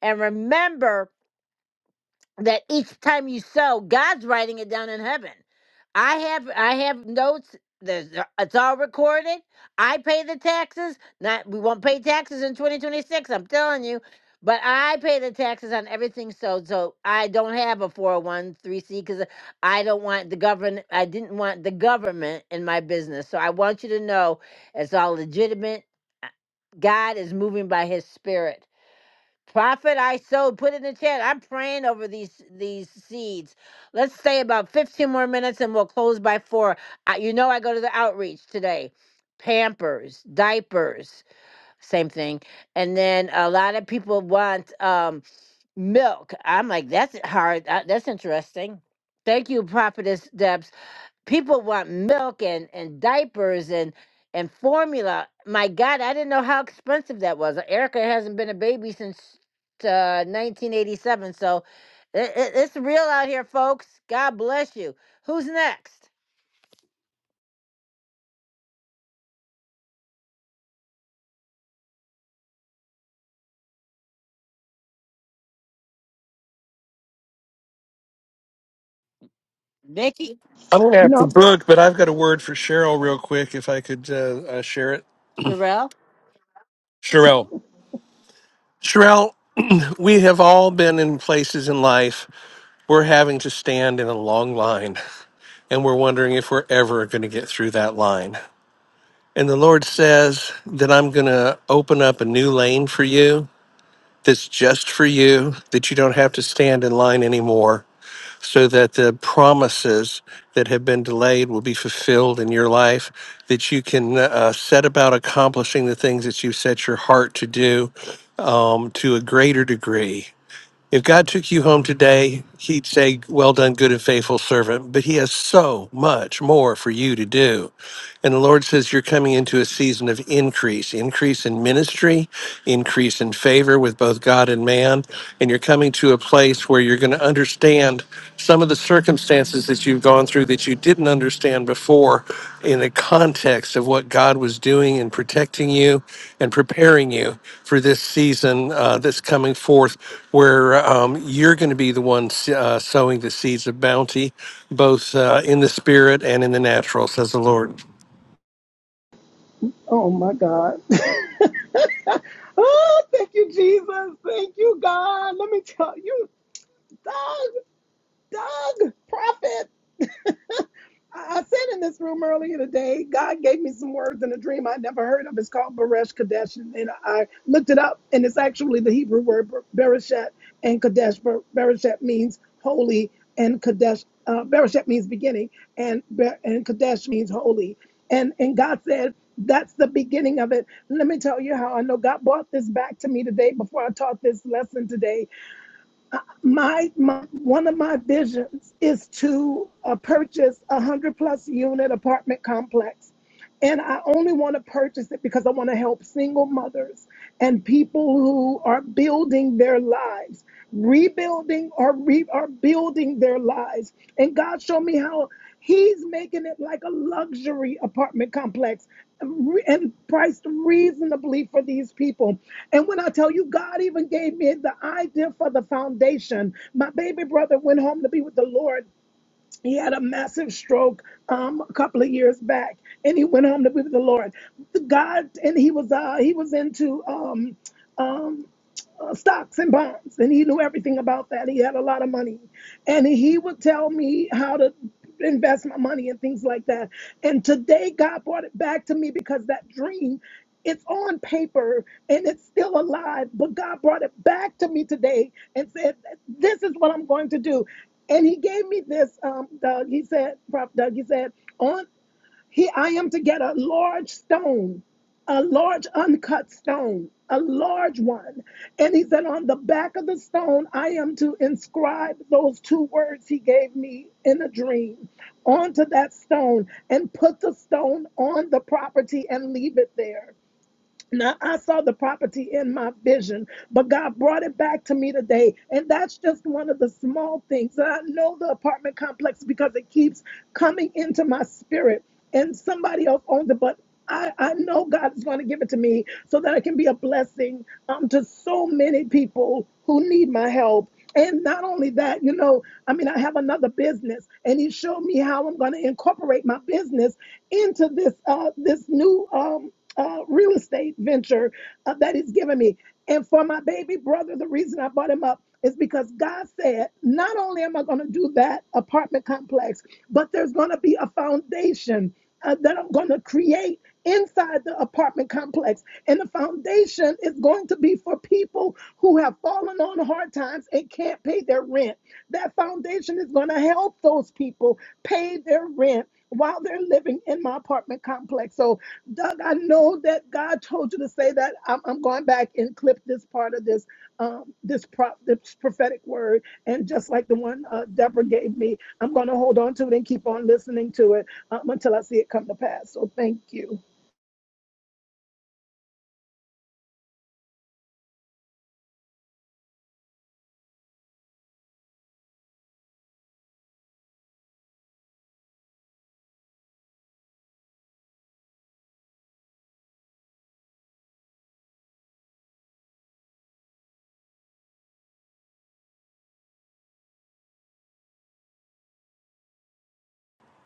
Speaker 1: and remember that each time you sow, God's writing it down in heaven. I have I have notes. There's it's all recorded. I pay the taxes. Not we won't pay taxes in 2026. I'm telling you, but I pay the taxes on everything. So so I don't have a four hundred one three C because I don't want the government. I didn't want the government in my business. So I want you to know it's all legitimate. uh, God is moving by His Spirit. Prophet, I sowed. Put in the chat. I'm praying over these these seeds. Let's stay about 15 more minutes, and we'll close by four. I, you know, I go to the outreach today. Pampers, diapers, same thing. And then a lot of people want um, milk. I'm like, that's hard. Uh, that's interesting. Thank you, Prophetess Debs people want milk and and diapers and and formula. My God, I didn't know how expensive that was. Erica hasn't been a baby since uh, 1987, so it, it, it's real out here, folks. God bless you. Who's next? Nikki,
Speaker 17: I'm going to
Speaker 3: You
Speaker 17: have to
Speaker 3: know,
Speaker 17: book, but I've got a word for Cheryl real quick if I could uh, uh, share it.
Speaker 1: Sherelle.
Speaker 17: Cheryl. Cheryl, we have all been in places in life we're having to stand in a long line and we're wondering if we're ever going to get through that line. And the Lord says that I'm going to open up a new lane for you that's just for you, that you don't have to stand in line anymore, so that the promises that have been delayed will be fulfilled in your life, that you can uh, set about accomplishing the things that you set your heart to do um, to a greater degree. If God took you home today, He'd say, Well done, good and faithful servant. But He has so much more for you to do. And the Lord says you're coming into a season of increase, increase in ministry, increase in favor with both God and man. And you're coming to a place where you're going to understand some of the circumstances that you've gone through that you didn't understand before in the context of what God was doing and protecting you and preparing you for this season uh, that's coming forth, where um, you're going to be the one uh, sowing the seeds of bounty, both uh, in the spirit and in the natural, says the Lord.
Speaker 3: oh my God. oh, thank you, Jesus. Thank you, God. Let me tell you, Doug, Doug, prophet. I I said in this room earlier today, God gave me some words in a dream I never heard of. It's called Beresh Kadesh, and I looked it up, and it's actually the Hebrew word Ber- Bereshet and Kadesh. Ber- Bereshet means holy, and Kadesh uh, Bereshet means beginning, and Ber- and Kadesh means holy. And and God said that's the beginning of it. Let me tell you how I know God brought this back to me today before I taught this lesson today my, my one of my visions is to uh, purchase a hundred plus unit apartment complex and I only want to purchase it because I want to help single mothers and people who are building their lives, rebuilding or re- are building their lives. And God showed me how He's making it like a luxury apartment complex re- and priced reasonably for these people. And when I tell you, God even gave me the idea for the foundation, my baby brother went home to be with the Lord. He had a massive stroke um, a couple of years back, and he went home to be with the Lord. God, and he was uh, he was into um, um, uh, stocks and bonds, and he knew everything about that. He had a lot of money, and he would tell me how to invest my money and things like that. And today, God brought it back to me because that dream. It's on paper and it's still alive, but God brought it back to me today and said, "This is what I'm going to do." And He gave me this. Um, Doug, he said, Prof. Doug, he said, "On he, I am to get a large stone, a large uncut stone, a large one. And he said, On the back of the stone, I am to inscribe those two words he gave me in a dream onto that stone and put the stone on the property and leave it there. Now, I saw the property in my vision, but God brought it back to me today. And that's just one of the small things. And I know the apartment complex because it keeps coming into my spirit, and somebody else owns it, but I, I know God is going to give it to me so that I can be a blessing um, to so many people who need my help. And not only that, you know, I mean, I have another business, and He showed me how I'm going to incorporate my business into this uh, this new. Um, uh, real estate venture uh, that he's given me. And for my baby brother, the reason I brought him up is because God said, not only am I going to do that apartment complex, but there's going to be a foundation uh, that I'm going to create inside the apartment complex. And the foundation is going to be for people who have fallen on hard times and can't pay their rent. That foundation is going to help those people pay their rent while they're living in my apartment complex. So, Doug, I know that God told you to say that. I'm, I'm going back and clip this part of this um, this, prop, this prophetic word, and just like the one uh, Deborah gave me, I'm going to hold on to it and keep on listening to it um, until I see it come to pass. So, thank you.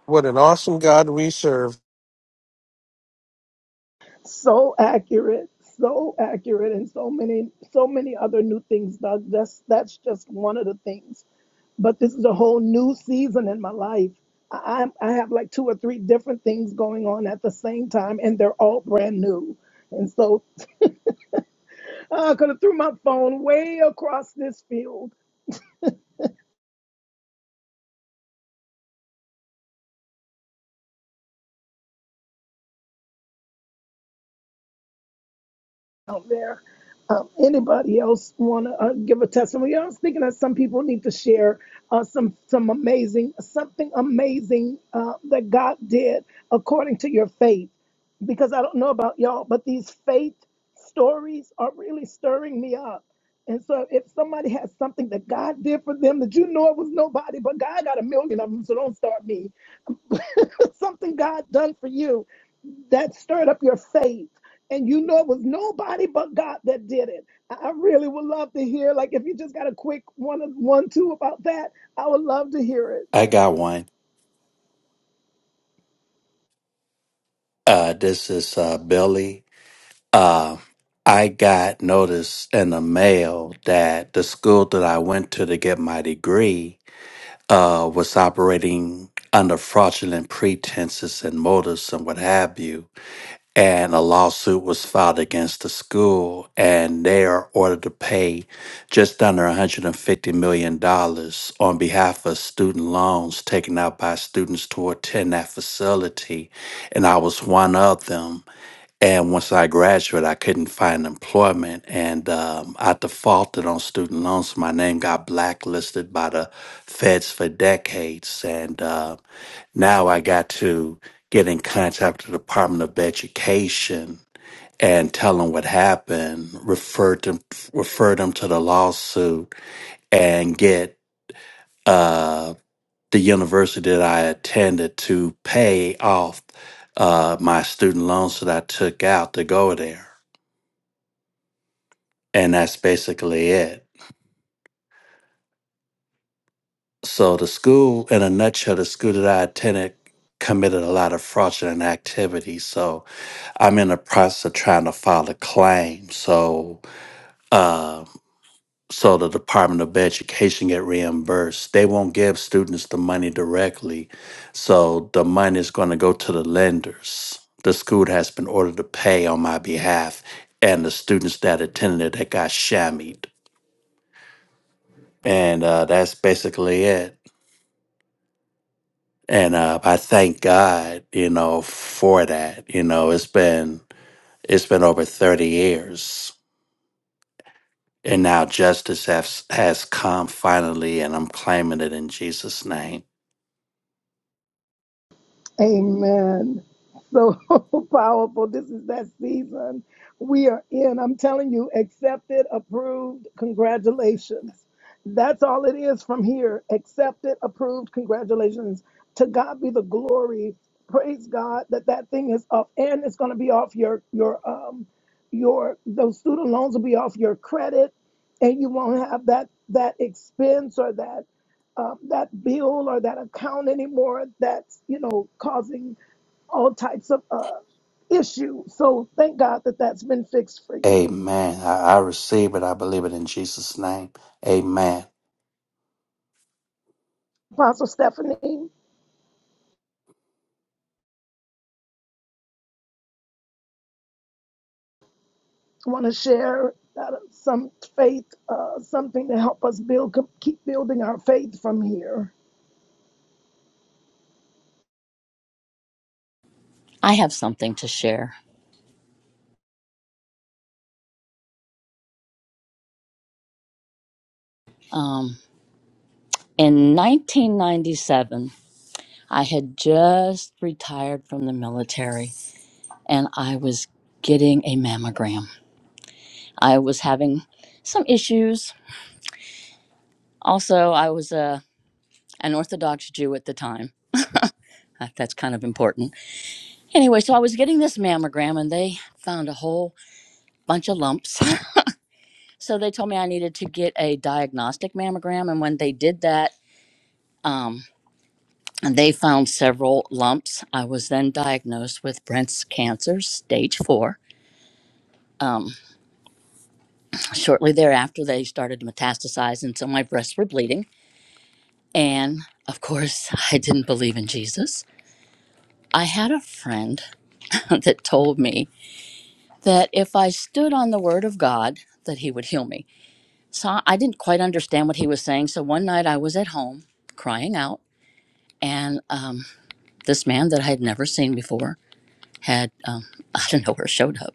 Speaker 17: What an awesome God we serve.
Speaker 3: so accurate so accurate and so many so many other new things doug that's that's just one of the things but this is a whole new season in my life I, I'm- I have like two or three different things going on at the same time and they're all brand new and so ah, i could have threw my phone way across this field out there. Um, anybody else want to uh, give a testimony? I was thinking that some people need to share uh, some some amazing something amazing uh, that God did according to your faith, because I don't know about y'all, but these faith stories are really stirring me up. And so, if somebody has something that God did for them that you know it was nobody, but God got a million of them, so don't start me. something God done for you that stirred up your faith. And you know it was nobody but God that did it. I I really would love to hear, like, if you just got a quick one, one, two about that, I would love to hear it.
Speaker 19: I got one. Uh, this is uh, Billy. Uh, I got notice in the mail that the school that I went to to get my degree uh, was operating under fraudulent pretenses and motives and what have you. and a lawsuit was filed against the school and they are ordered to pay just under $150 million dollars on behalf of student loans taken out by students to attend that facility and i was one of them and once i graduated i couldn't find employment and um, i defaulted on student loans my name got blacklisted by the feds for decades and uh, now I got to get in contact with the Department of Education and tell them what happened, refer them refer them to the lawsuit, and get uh, the university that I attended to pay off uh, my student loans that I took out to go there. And that's basically it. So the school, in a nutshell, the school that I attended committed a lot of fraudulent activities. So I'm in the process of trying to file a claim, so uh, so the Department of Education get reimbursed. They won't give students the money directly, so the money is going to go to the lenders. The school has been ordered to pay on my behalf, and the students that attended it that got shammied, and uh, that's basically it. And uh, I thank God, you know, for that. You know, it's been it's been over thirty years And now justice has, has come finally, and I'm claiming it in Jesus' name.
Speaker 3: Amen. So powerful. This is that season we are in. I'm telling you, accepted, approved, congratulations. That's all it is from here. Accepted, approved, congratulations. To God be the glory. Praise God that that thing is up and it's going to be off your your um your those student loans will be off your credit and you won't have that that expense or that uh, that bill or that account anymore that's you know causing all types of uh, issues so thank god that that's been fixed for you
Speaker 19: Amen. I, I receive it. I believe it in Jesus' name. Amen.
Speaker 3: apostle stephanie want to share uh, some faith uh, something to help us build keep building our faith from here
Speaker 20: lumps. I was then diagnosed with Brent's cancer, stage four. Um, shortly thereafter, they started to metastasize, and so my breasts were bleeding. And of course, I didn't believe in Jesus. I had a friend that told me that if I stood on the word of God, that he would heal me. So I didn't quite understand what he was saying. So one night I was at home crying out, and um, this man that I had never seen before had, um, I don't know where, showed up.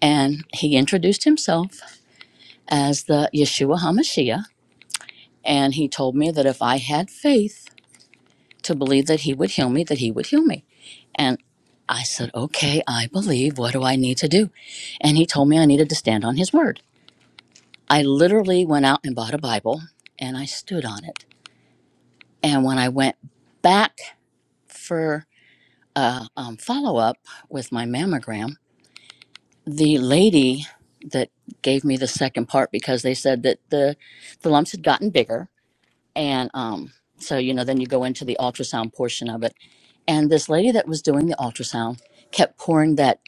Speaker 20: And he introduced himself as the Yeshua HaMashiach. And he told me that if I had faith to believe that he would heal me, that he would heal me. And I said, okay, I believe. What do I need to do? And he told me I needed to stand on his word. I literally went out and bought a Bible and I stood on it. And when I went back for a um, follow up with my mammogram, the lady that gave me the second part because they said that the, the lumps had gotten bigger and um so you know then you go into the ultrasound portion of it and this lady that was doing the ultrasound kept pouring that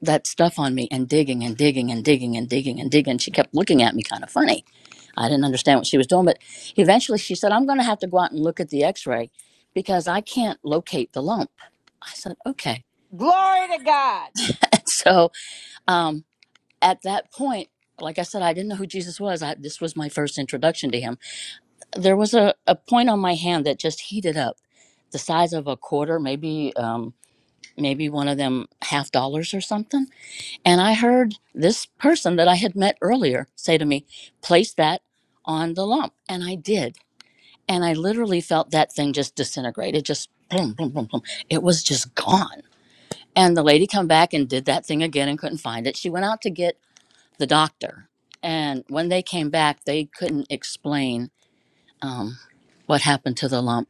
Speaker 20: that stuff on me and digging and digging and digging and digging and digging she kept looking at me kind of funny i didn't understand what she was doing but eventually she said i'm going to have to go out and look at the x-ray because i can't locate the lump i said okay
Speaker 1: Glory to God.
Speaker 20: and so um at that point like i said i didn't know who jesus was I, this was my first introduction to him there was a, a point on my hand that just heated up the size of a quarter maybe um, maybe one of them half dollars or something and i heard this person that i had met earlier say to me place that on the lump and i did and i literally felt that thing just disintegrate it just boom boom boom boom it was just gone and the lady come back and did that thing again and couldn't find it she went out to get the doctor and when they came back they couldn't explain um, what happened to the lump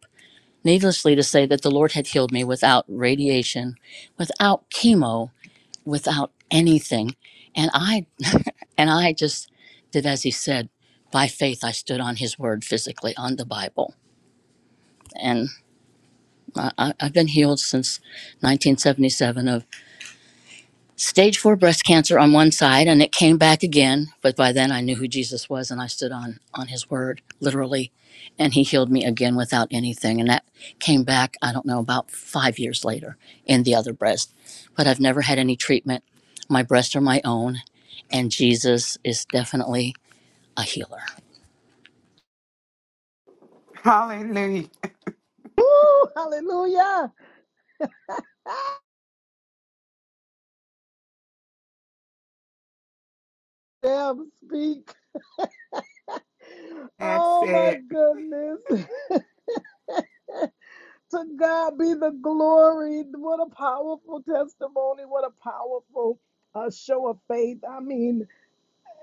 Speaker 20: Needlessly to say, that the Lord had healed me without radiation, without chemo, without anything, and I and I just did as He said. By faith, I stood on His word physically on the Bible, and I, I- I've been healed since 1977 stage four breast cancer on one side and it came back again but by then i knew who jesus was and i stood on on his word literally and he healed me again without anything and that came back i don't know about five years later in the other breast but i've never had any treatment my breasts are my own and jesus is definitely a healer
Speaker 18: Hallelujah.
Speaker 3: Woo, hallelujah damn speak
Speaker 18: That's
Speaker 3: oh my
Speaker 18: it.
Speaker 3: goodness To God be the glory. What a powerful testimony. What a powerful uh, show of faith. I mean,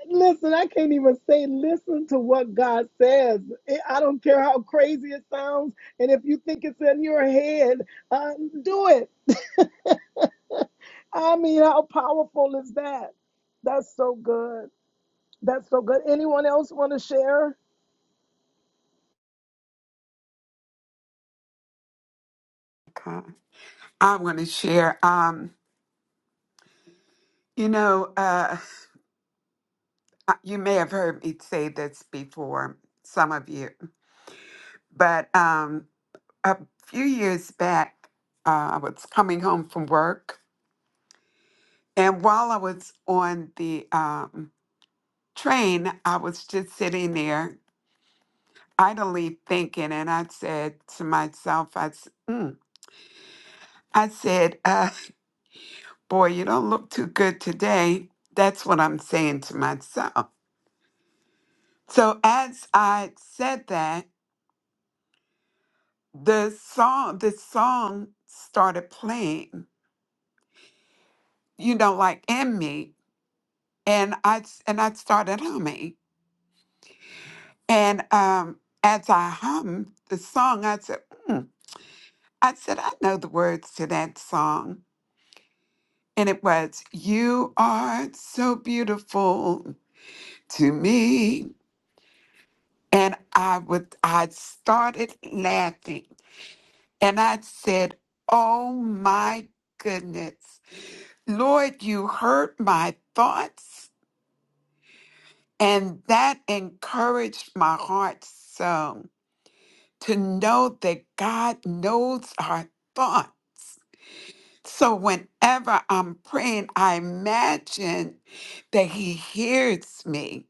Speaker 3: listen, I can't even say listen to what God says. I I don't care how crazy it sounds. And if you think it's in your head, uh, do it. I mean, how powerful is that? That's so good. That's so good. Anyone else want to share?
Speaker 18: Okay. I want to share. Um, you know, uh. uh, you may have heard me say this before, some of you, but um, a few years back, uh, I was coming home from work, and while I was on the um, train, I was just sitting there idly thinking, and I said to myself, I, s- "Mm." I said, uh, Boy, you don't look too good today. That's what I'm saying to myself. So as I said that, the song the song started playing you know like in me and i s- and i started humming and um as i hummed the song i said hmm. i said i know the words to that song and it was you are so beautiful to me and i would i started laughing and i said oh my goodness lord you heard my thoughts And that encouraged my heart so to know that God knows our thoughts. So whenever I'm praying, I imagine that He hears me.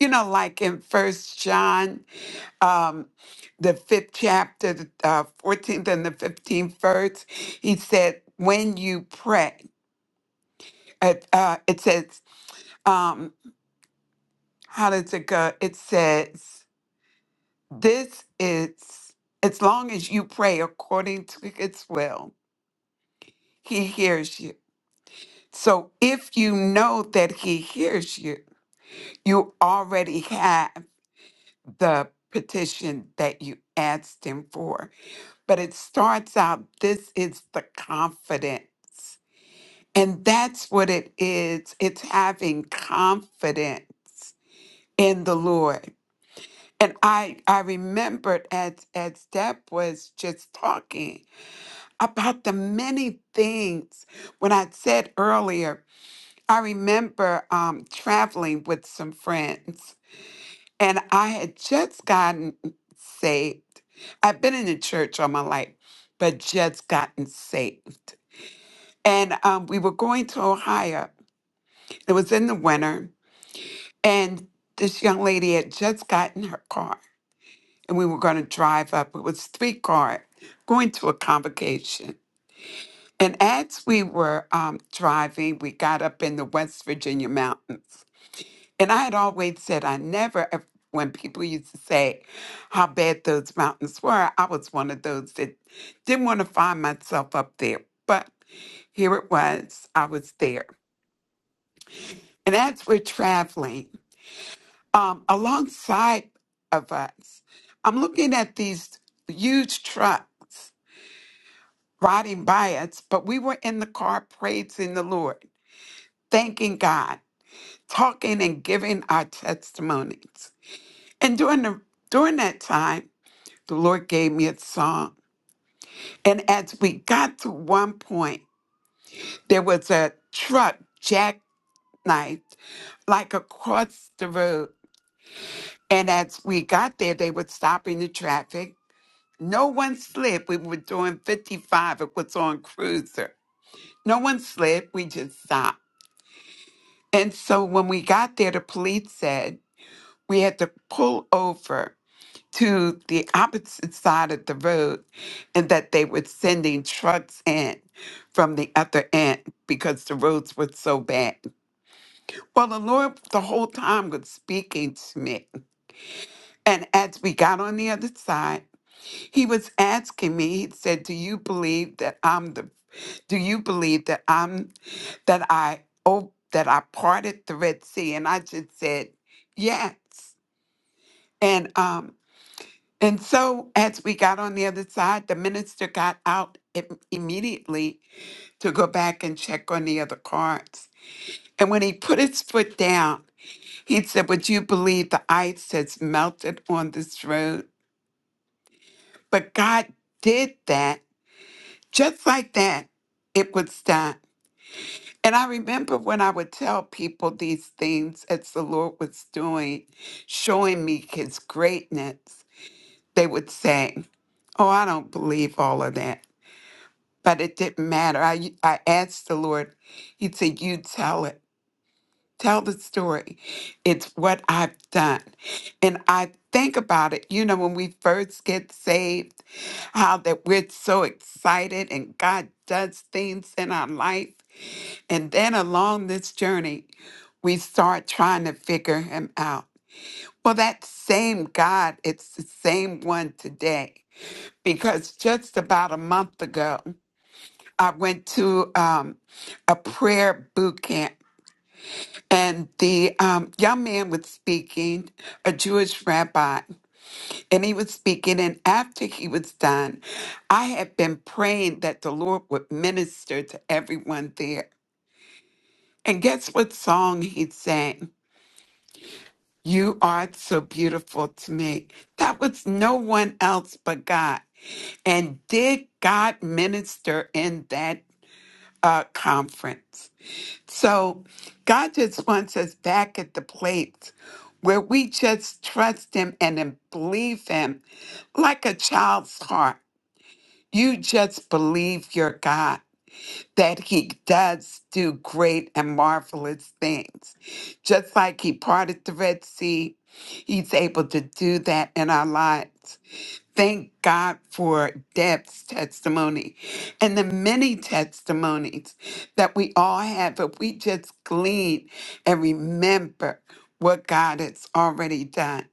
Speaker 18: You know, like in First John, um, the fifth chapter, the uh, 14th and the 15th verse, he said, "When you pray," uh, uh, it says, um, "How does it go?" It says. This is as long as you pray according to his will, he hears you. So if you know that he hears you, you already have the petition that you asked him for. But it starts out this is the confidence. And that's what it is. It's having confidence in the Lord. And I I remembered as as Deb was just talking, about the many things. When I said earlier, I remember um, traveling with some friends, and I had just gotten saved. I've been in the church all my life, but just gotten saved. And um, we were going to Ohio. It was in the winter, and this young lady had just gotten her car, and we were going to drive up. It was three car going to a convocation. And as we were um, driving, we got up in the West Virginia mountains. And I had always said, I never, ev- when people used to say how bad those mountains were, I was one of those that didn't want to find myself up there. But here it was, I was there. And as we're traveling, um, alongside of us, I'm looking at these huge trucks riding by us, but we were in the car praising the Lord, thanking God. talking and giving our testimonies. And during the during that time, the Lord gave me a song. And as we got to one point, there was a truck jackknifed like across the road. And as we got there, they were stopping the traffic. No one slid. We were doing 55. It was on cruiser. No one slid. We just stopped. And so when we got there, the police said we had to pull over to the opposite side of the road and that they were sending trucks in from the other end because the roads were so bad. Well, the Lord the whole time was speaking to me. And as we got on the other side, he was asking me, he said, Do you believe that I'm the do you believe that I'm that I oh that I parted the Red Sea? And I just said, Yes. And um And so, as we got on the other side, the minister got out im- immediately to go back and check on the other cards. And when he put his foot down, he said, Would you believe the ice has melted on this road? But God did that. Just like that, it was done. And I remember when I would tell people these things as the Lord was doing, showing me his greatness, they would say, Oh, I don't believe all of that. but it didn't matter. I I asked the Lord. He said, "You tell it. Tell the story. It's what I've done." And I think about it. You know, when we first get saved, how that we're so excited and God does things in our life, and then along this journey, we start trying to figure Him out. Well, that same God, it's the same one today. Because just about a month ago, I went to um, a prayer boot camp, and the um, young man was speaking, a Jewish rabbi, and he was speaking. And after he was done, I had been praying that the Lord would minister to everyone there. And guess what song he sang? You are so beautiful to me. That was no one else but God. And did God minister in that uh, conference? So God just wants us back at the place where we just trust Him and then believe Him like a child's heart. You just believe your God that He does do great and marvelous things. Just like He parted the Red Sea, He's able to do that in our lives. Thank God for Deb's testimony and the many testimonies that we all have if we just glean and remember what God has already done.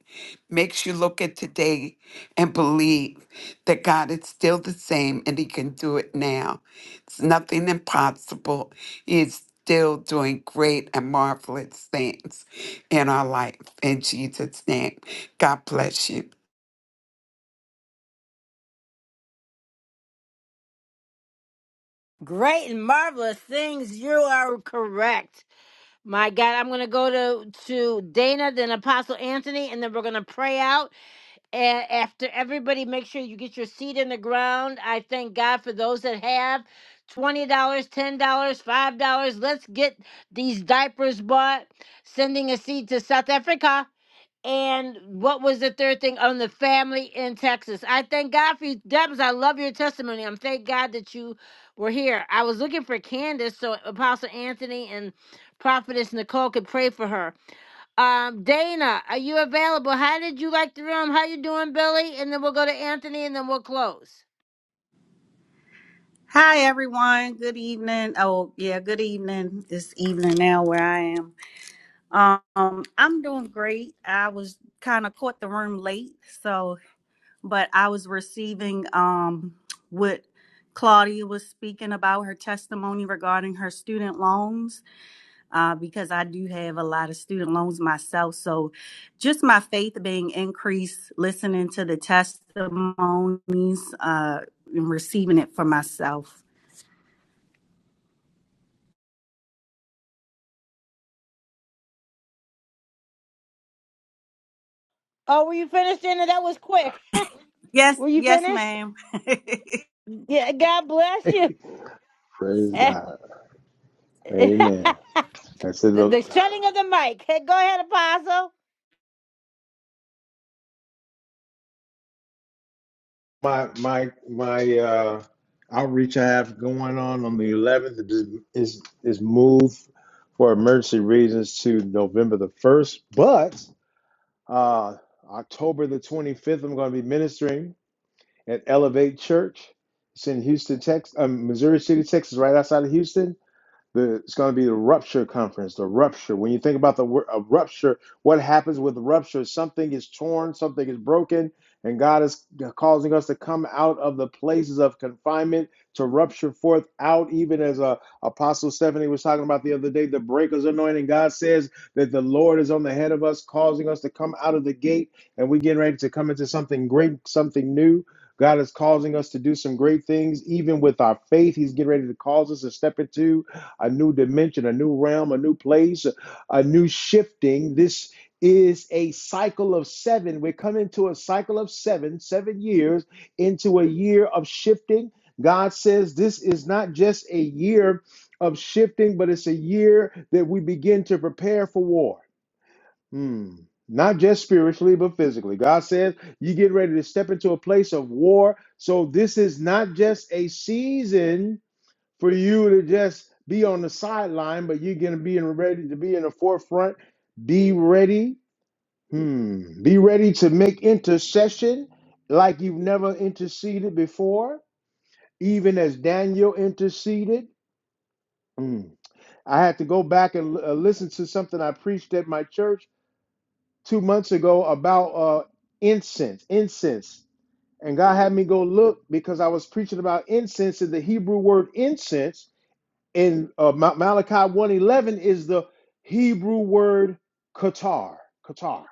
Speaker 18: Makes you look at today and believe that God is still the same and He can do it now. It's nothing impossible. He is still doing great and marvelous things in our life. In Jesus' name, God bless you.
Speaker 1: Great and marvelous things. You are correct. My God, I'm going to go to to Dana, then Apostle Anthony, and then we're going to pray out. And after everybody, make sure you get your seed in the ground. I thank God for those that have $20, dollars, $10, dollars, $5. Let's get these diapers bought. Sending a seed to South Africa. And what was the third thing on the family in Texas? I thank God for you, Debs. I love your testimony. I'm thank God that you were here. I was looking for Candace so Apostle Anthony and Prophetess Nicole could pray for her. Um, Dana, are you available? How did you like the room? How you doing, Billy? And then we'll go to Anthony, and then we'll close.
Speaker 21: Hi everyone. Good evening. Oh yeah, good evening. It's evening now where I am. Um, I'm doing great. I was kind of caught the room late, so but I was receiving um what Claudia was speaking about her testimony regarding her student loans, uh, because I do have a lot of student loans myself. So just my faith being increased, listening to the testimonies, uh, and receiving it for myself.
Speaker 1: Oh, were you finished, Dana? That was quick.
Speaker 21: Yes,
Speaker 1: were you
Speaker 21: yes,
Speaker 1: finished?
Speaker 21: ma'am.
Speaker 1: Yeah. God bless you.
Speaker 8: Praise
Speaker 1: the,
Speaker 8: God. Amen. That's it.
Speaker 1: the
Speaker 8: Look,
Speaker 1: shutting of the mic. Go ahead, Apostle.
Speaker 8: My my my uh, outreach I have going on on the 11th is is, is moved for emergency reasons to November the 1st, but Uh, October the 25th, I'm going to be ministering at Elevate Church. It's in Houston, Texas, um, Missouri City, Texas, right outside of Houston. The, it's going to be the rupture conference. The rupture. When you think about the word a rupture, what happens with rupture? Something is torn, something is broken, and God is causing us to come out of the places of confinement to rupture forth out. Even as uh, Apostle Stephanie was talking about the other day, the breakers anointing. God says that the Lord is on the head of us, causing us to come out of the gate, and we're getting ready to come into something great, something new. God is causing us to do some great things, even with our faith. He's getting ready to cause us to step into a new dimension, a new realm, a new place, a new shifting. This is a cycle of seven. We're coming to a cycle of seven, seven years into a year of shifting. God says this is not just a year of shifting, but it's a year that we begin to prepare for war. Hmm. Not just spiritually, but physically. God says you get ready to step into a place of war. So this is not just a season for you to just be on the sideline, but you're going to be in ready to be in the forefront. Be ready. Hmm. Be ready to make intercession like you've never interceded before, even as Daniel interceded. Hmm. I had to go back and uh, listen to something I preached at my church two months ago about uh, incense, incense. And God had me go look because I was preaching about incense, and the Hebrew word incense in uh, Ma- Malachi 111 is the Hebrew word Qatar, Qatar.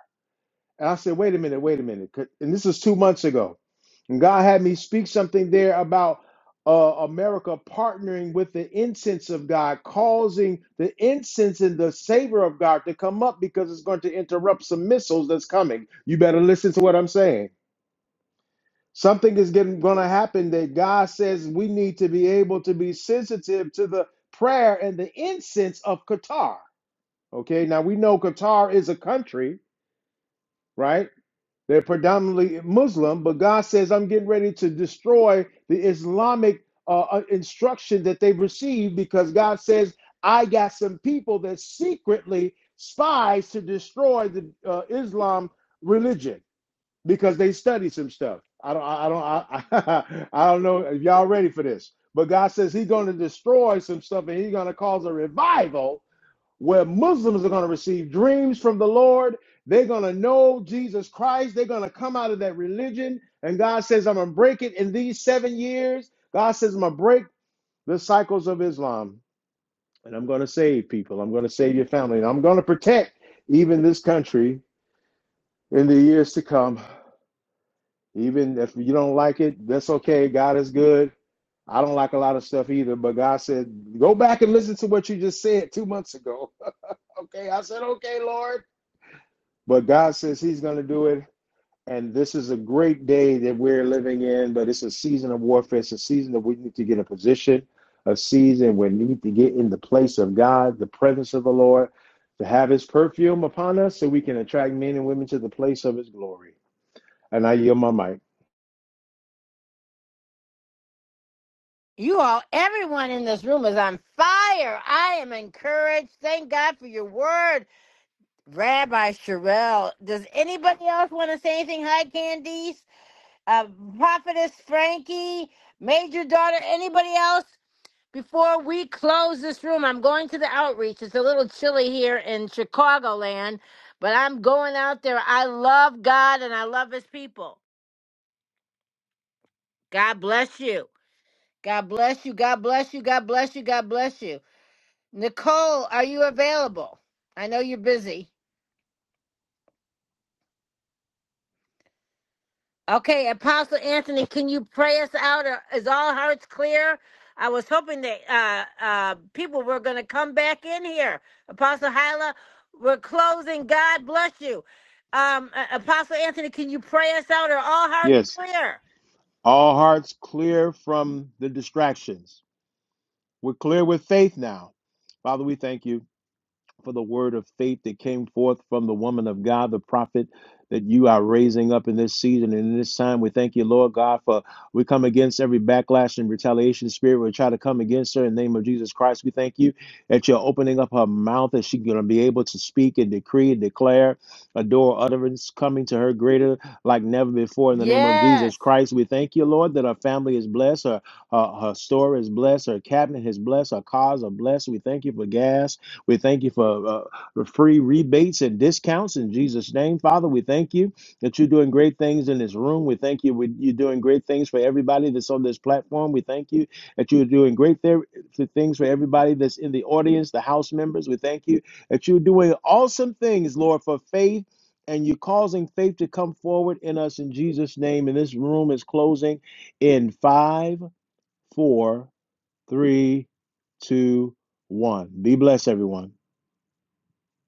Speaker 8: And I said, wait a minute, wait a minute. Ca- And this is two months ago. And God had me speak something there about uh, America partnering with the incense of God, causing the incense and the savor of God to come up because it's going to interrupt some missiles that's coming. You better listen to what I'm saying. Something is going to happen that God says we need to be able to be sensitive to the prayer and the incense of Qatar. Okay, now we know Qatar is a country, right? They're predominantly Muslim, but God says, I'm getting ready to destroy the Islamic uh, uh, instruction that they've received because God says, I got some people that secretly spies to destroy the uh, Islam religion because they study some stuff. I don't, I I don't, I, I don't know if y'all ready for this. But God says He's going to destroy some stuff, and He's going to cause a revival where Muslims are going to receive dreams from the Lord. They're going to know Jesus Christ. They're going to come out of that religion, and God says, "I'm going to break it in these seven years." God says, "I'm going to break the cycles of Islam, and I'm going to save people. I'm going to save your family, and I'm going to protect even this country in the years to come." Even if you don't like it, that's okay. God is good. I don't like a lot of stuff either, but God said, go back and listen to what you just said two months ago. Okay. I said, okay, Lord. But God says He's going to do it. And this is a great day that we're living in, but it's a season of warfare. It's a season that we need to get a position, a season where we need to get in the place of God, the presence of the Lord, to have His perfume upon us so we can attract men and women to the place of His glory. And I yield my mic.
Speaker 1: You all, everyone in this room is on fire. I am encouraged. Thank God for your word, Rabbi Sherelle. Does anybody else want to say anything? Hi, Candice, uh, Prophetess Frankie, Major Daughter. Anybody else before we close this room? I'm going to the outreach. It's a little chilly here in Chicagoland, but I'm going out there. I love God and I love His people. God bless you. God bless you. God bless you. God bless you. God bless you. Nicole, are you available? I know you're busy. Okay, Apostle Anthony, can you pray us out? Or is all hearts clear? I was hoping that uh, uh, people were going to come back in here. Apostle Hyla, we're closing. God bless you. Um, uh, Apostle Anthony, can you pray us out? Are all hearts
Speaker 8: Yes.
Speaker 1: clear?
Speaker 8: All hearts clear from the distractions. We're clear with faith now. Father, we thank you for the word of faith that came forth from the woman of God, the prophet that you are raising up in this season and in this time. We thank you, Lord God, for we come against every backlash and retaliation spirit. We try to come against her in the name of Jesus Christ. We thank you that you're opening up her mouth that she's going to be able to speak and decree and declare a door utterance coming to her greater like never before in the name of
Speaker 1: Yes.
Speaker 8: Jesus Christ. We thank you, Lord, that her family is blessed, her, her, her store is blessed, her cabinet is blessed, her cars are blessed. We thank you for gas. We thank you for uh, for free rebates and discounts in Jesus' name, Father. We thank you that you're doing great things in this room. We thank you we- you're doing great things for everybody that's on this platform. We thank you that you're doing great there for things for everybody that's in the audience, the house members. We thank you that you're doing awesome things, Lord, for faith. And you're causing faith to come forward in us in Jesus' name. And this room is closing in five, four, three, two, one. Be blessed, everyone.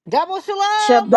Speaker 1: Double shalom.
Speaker 20: Shabbat.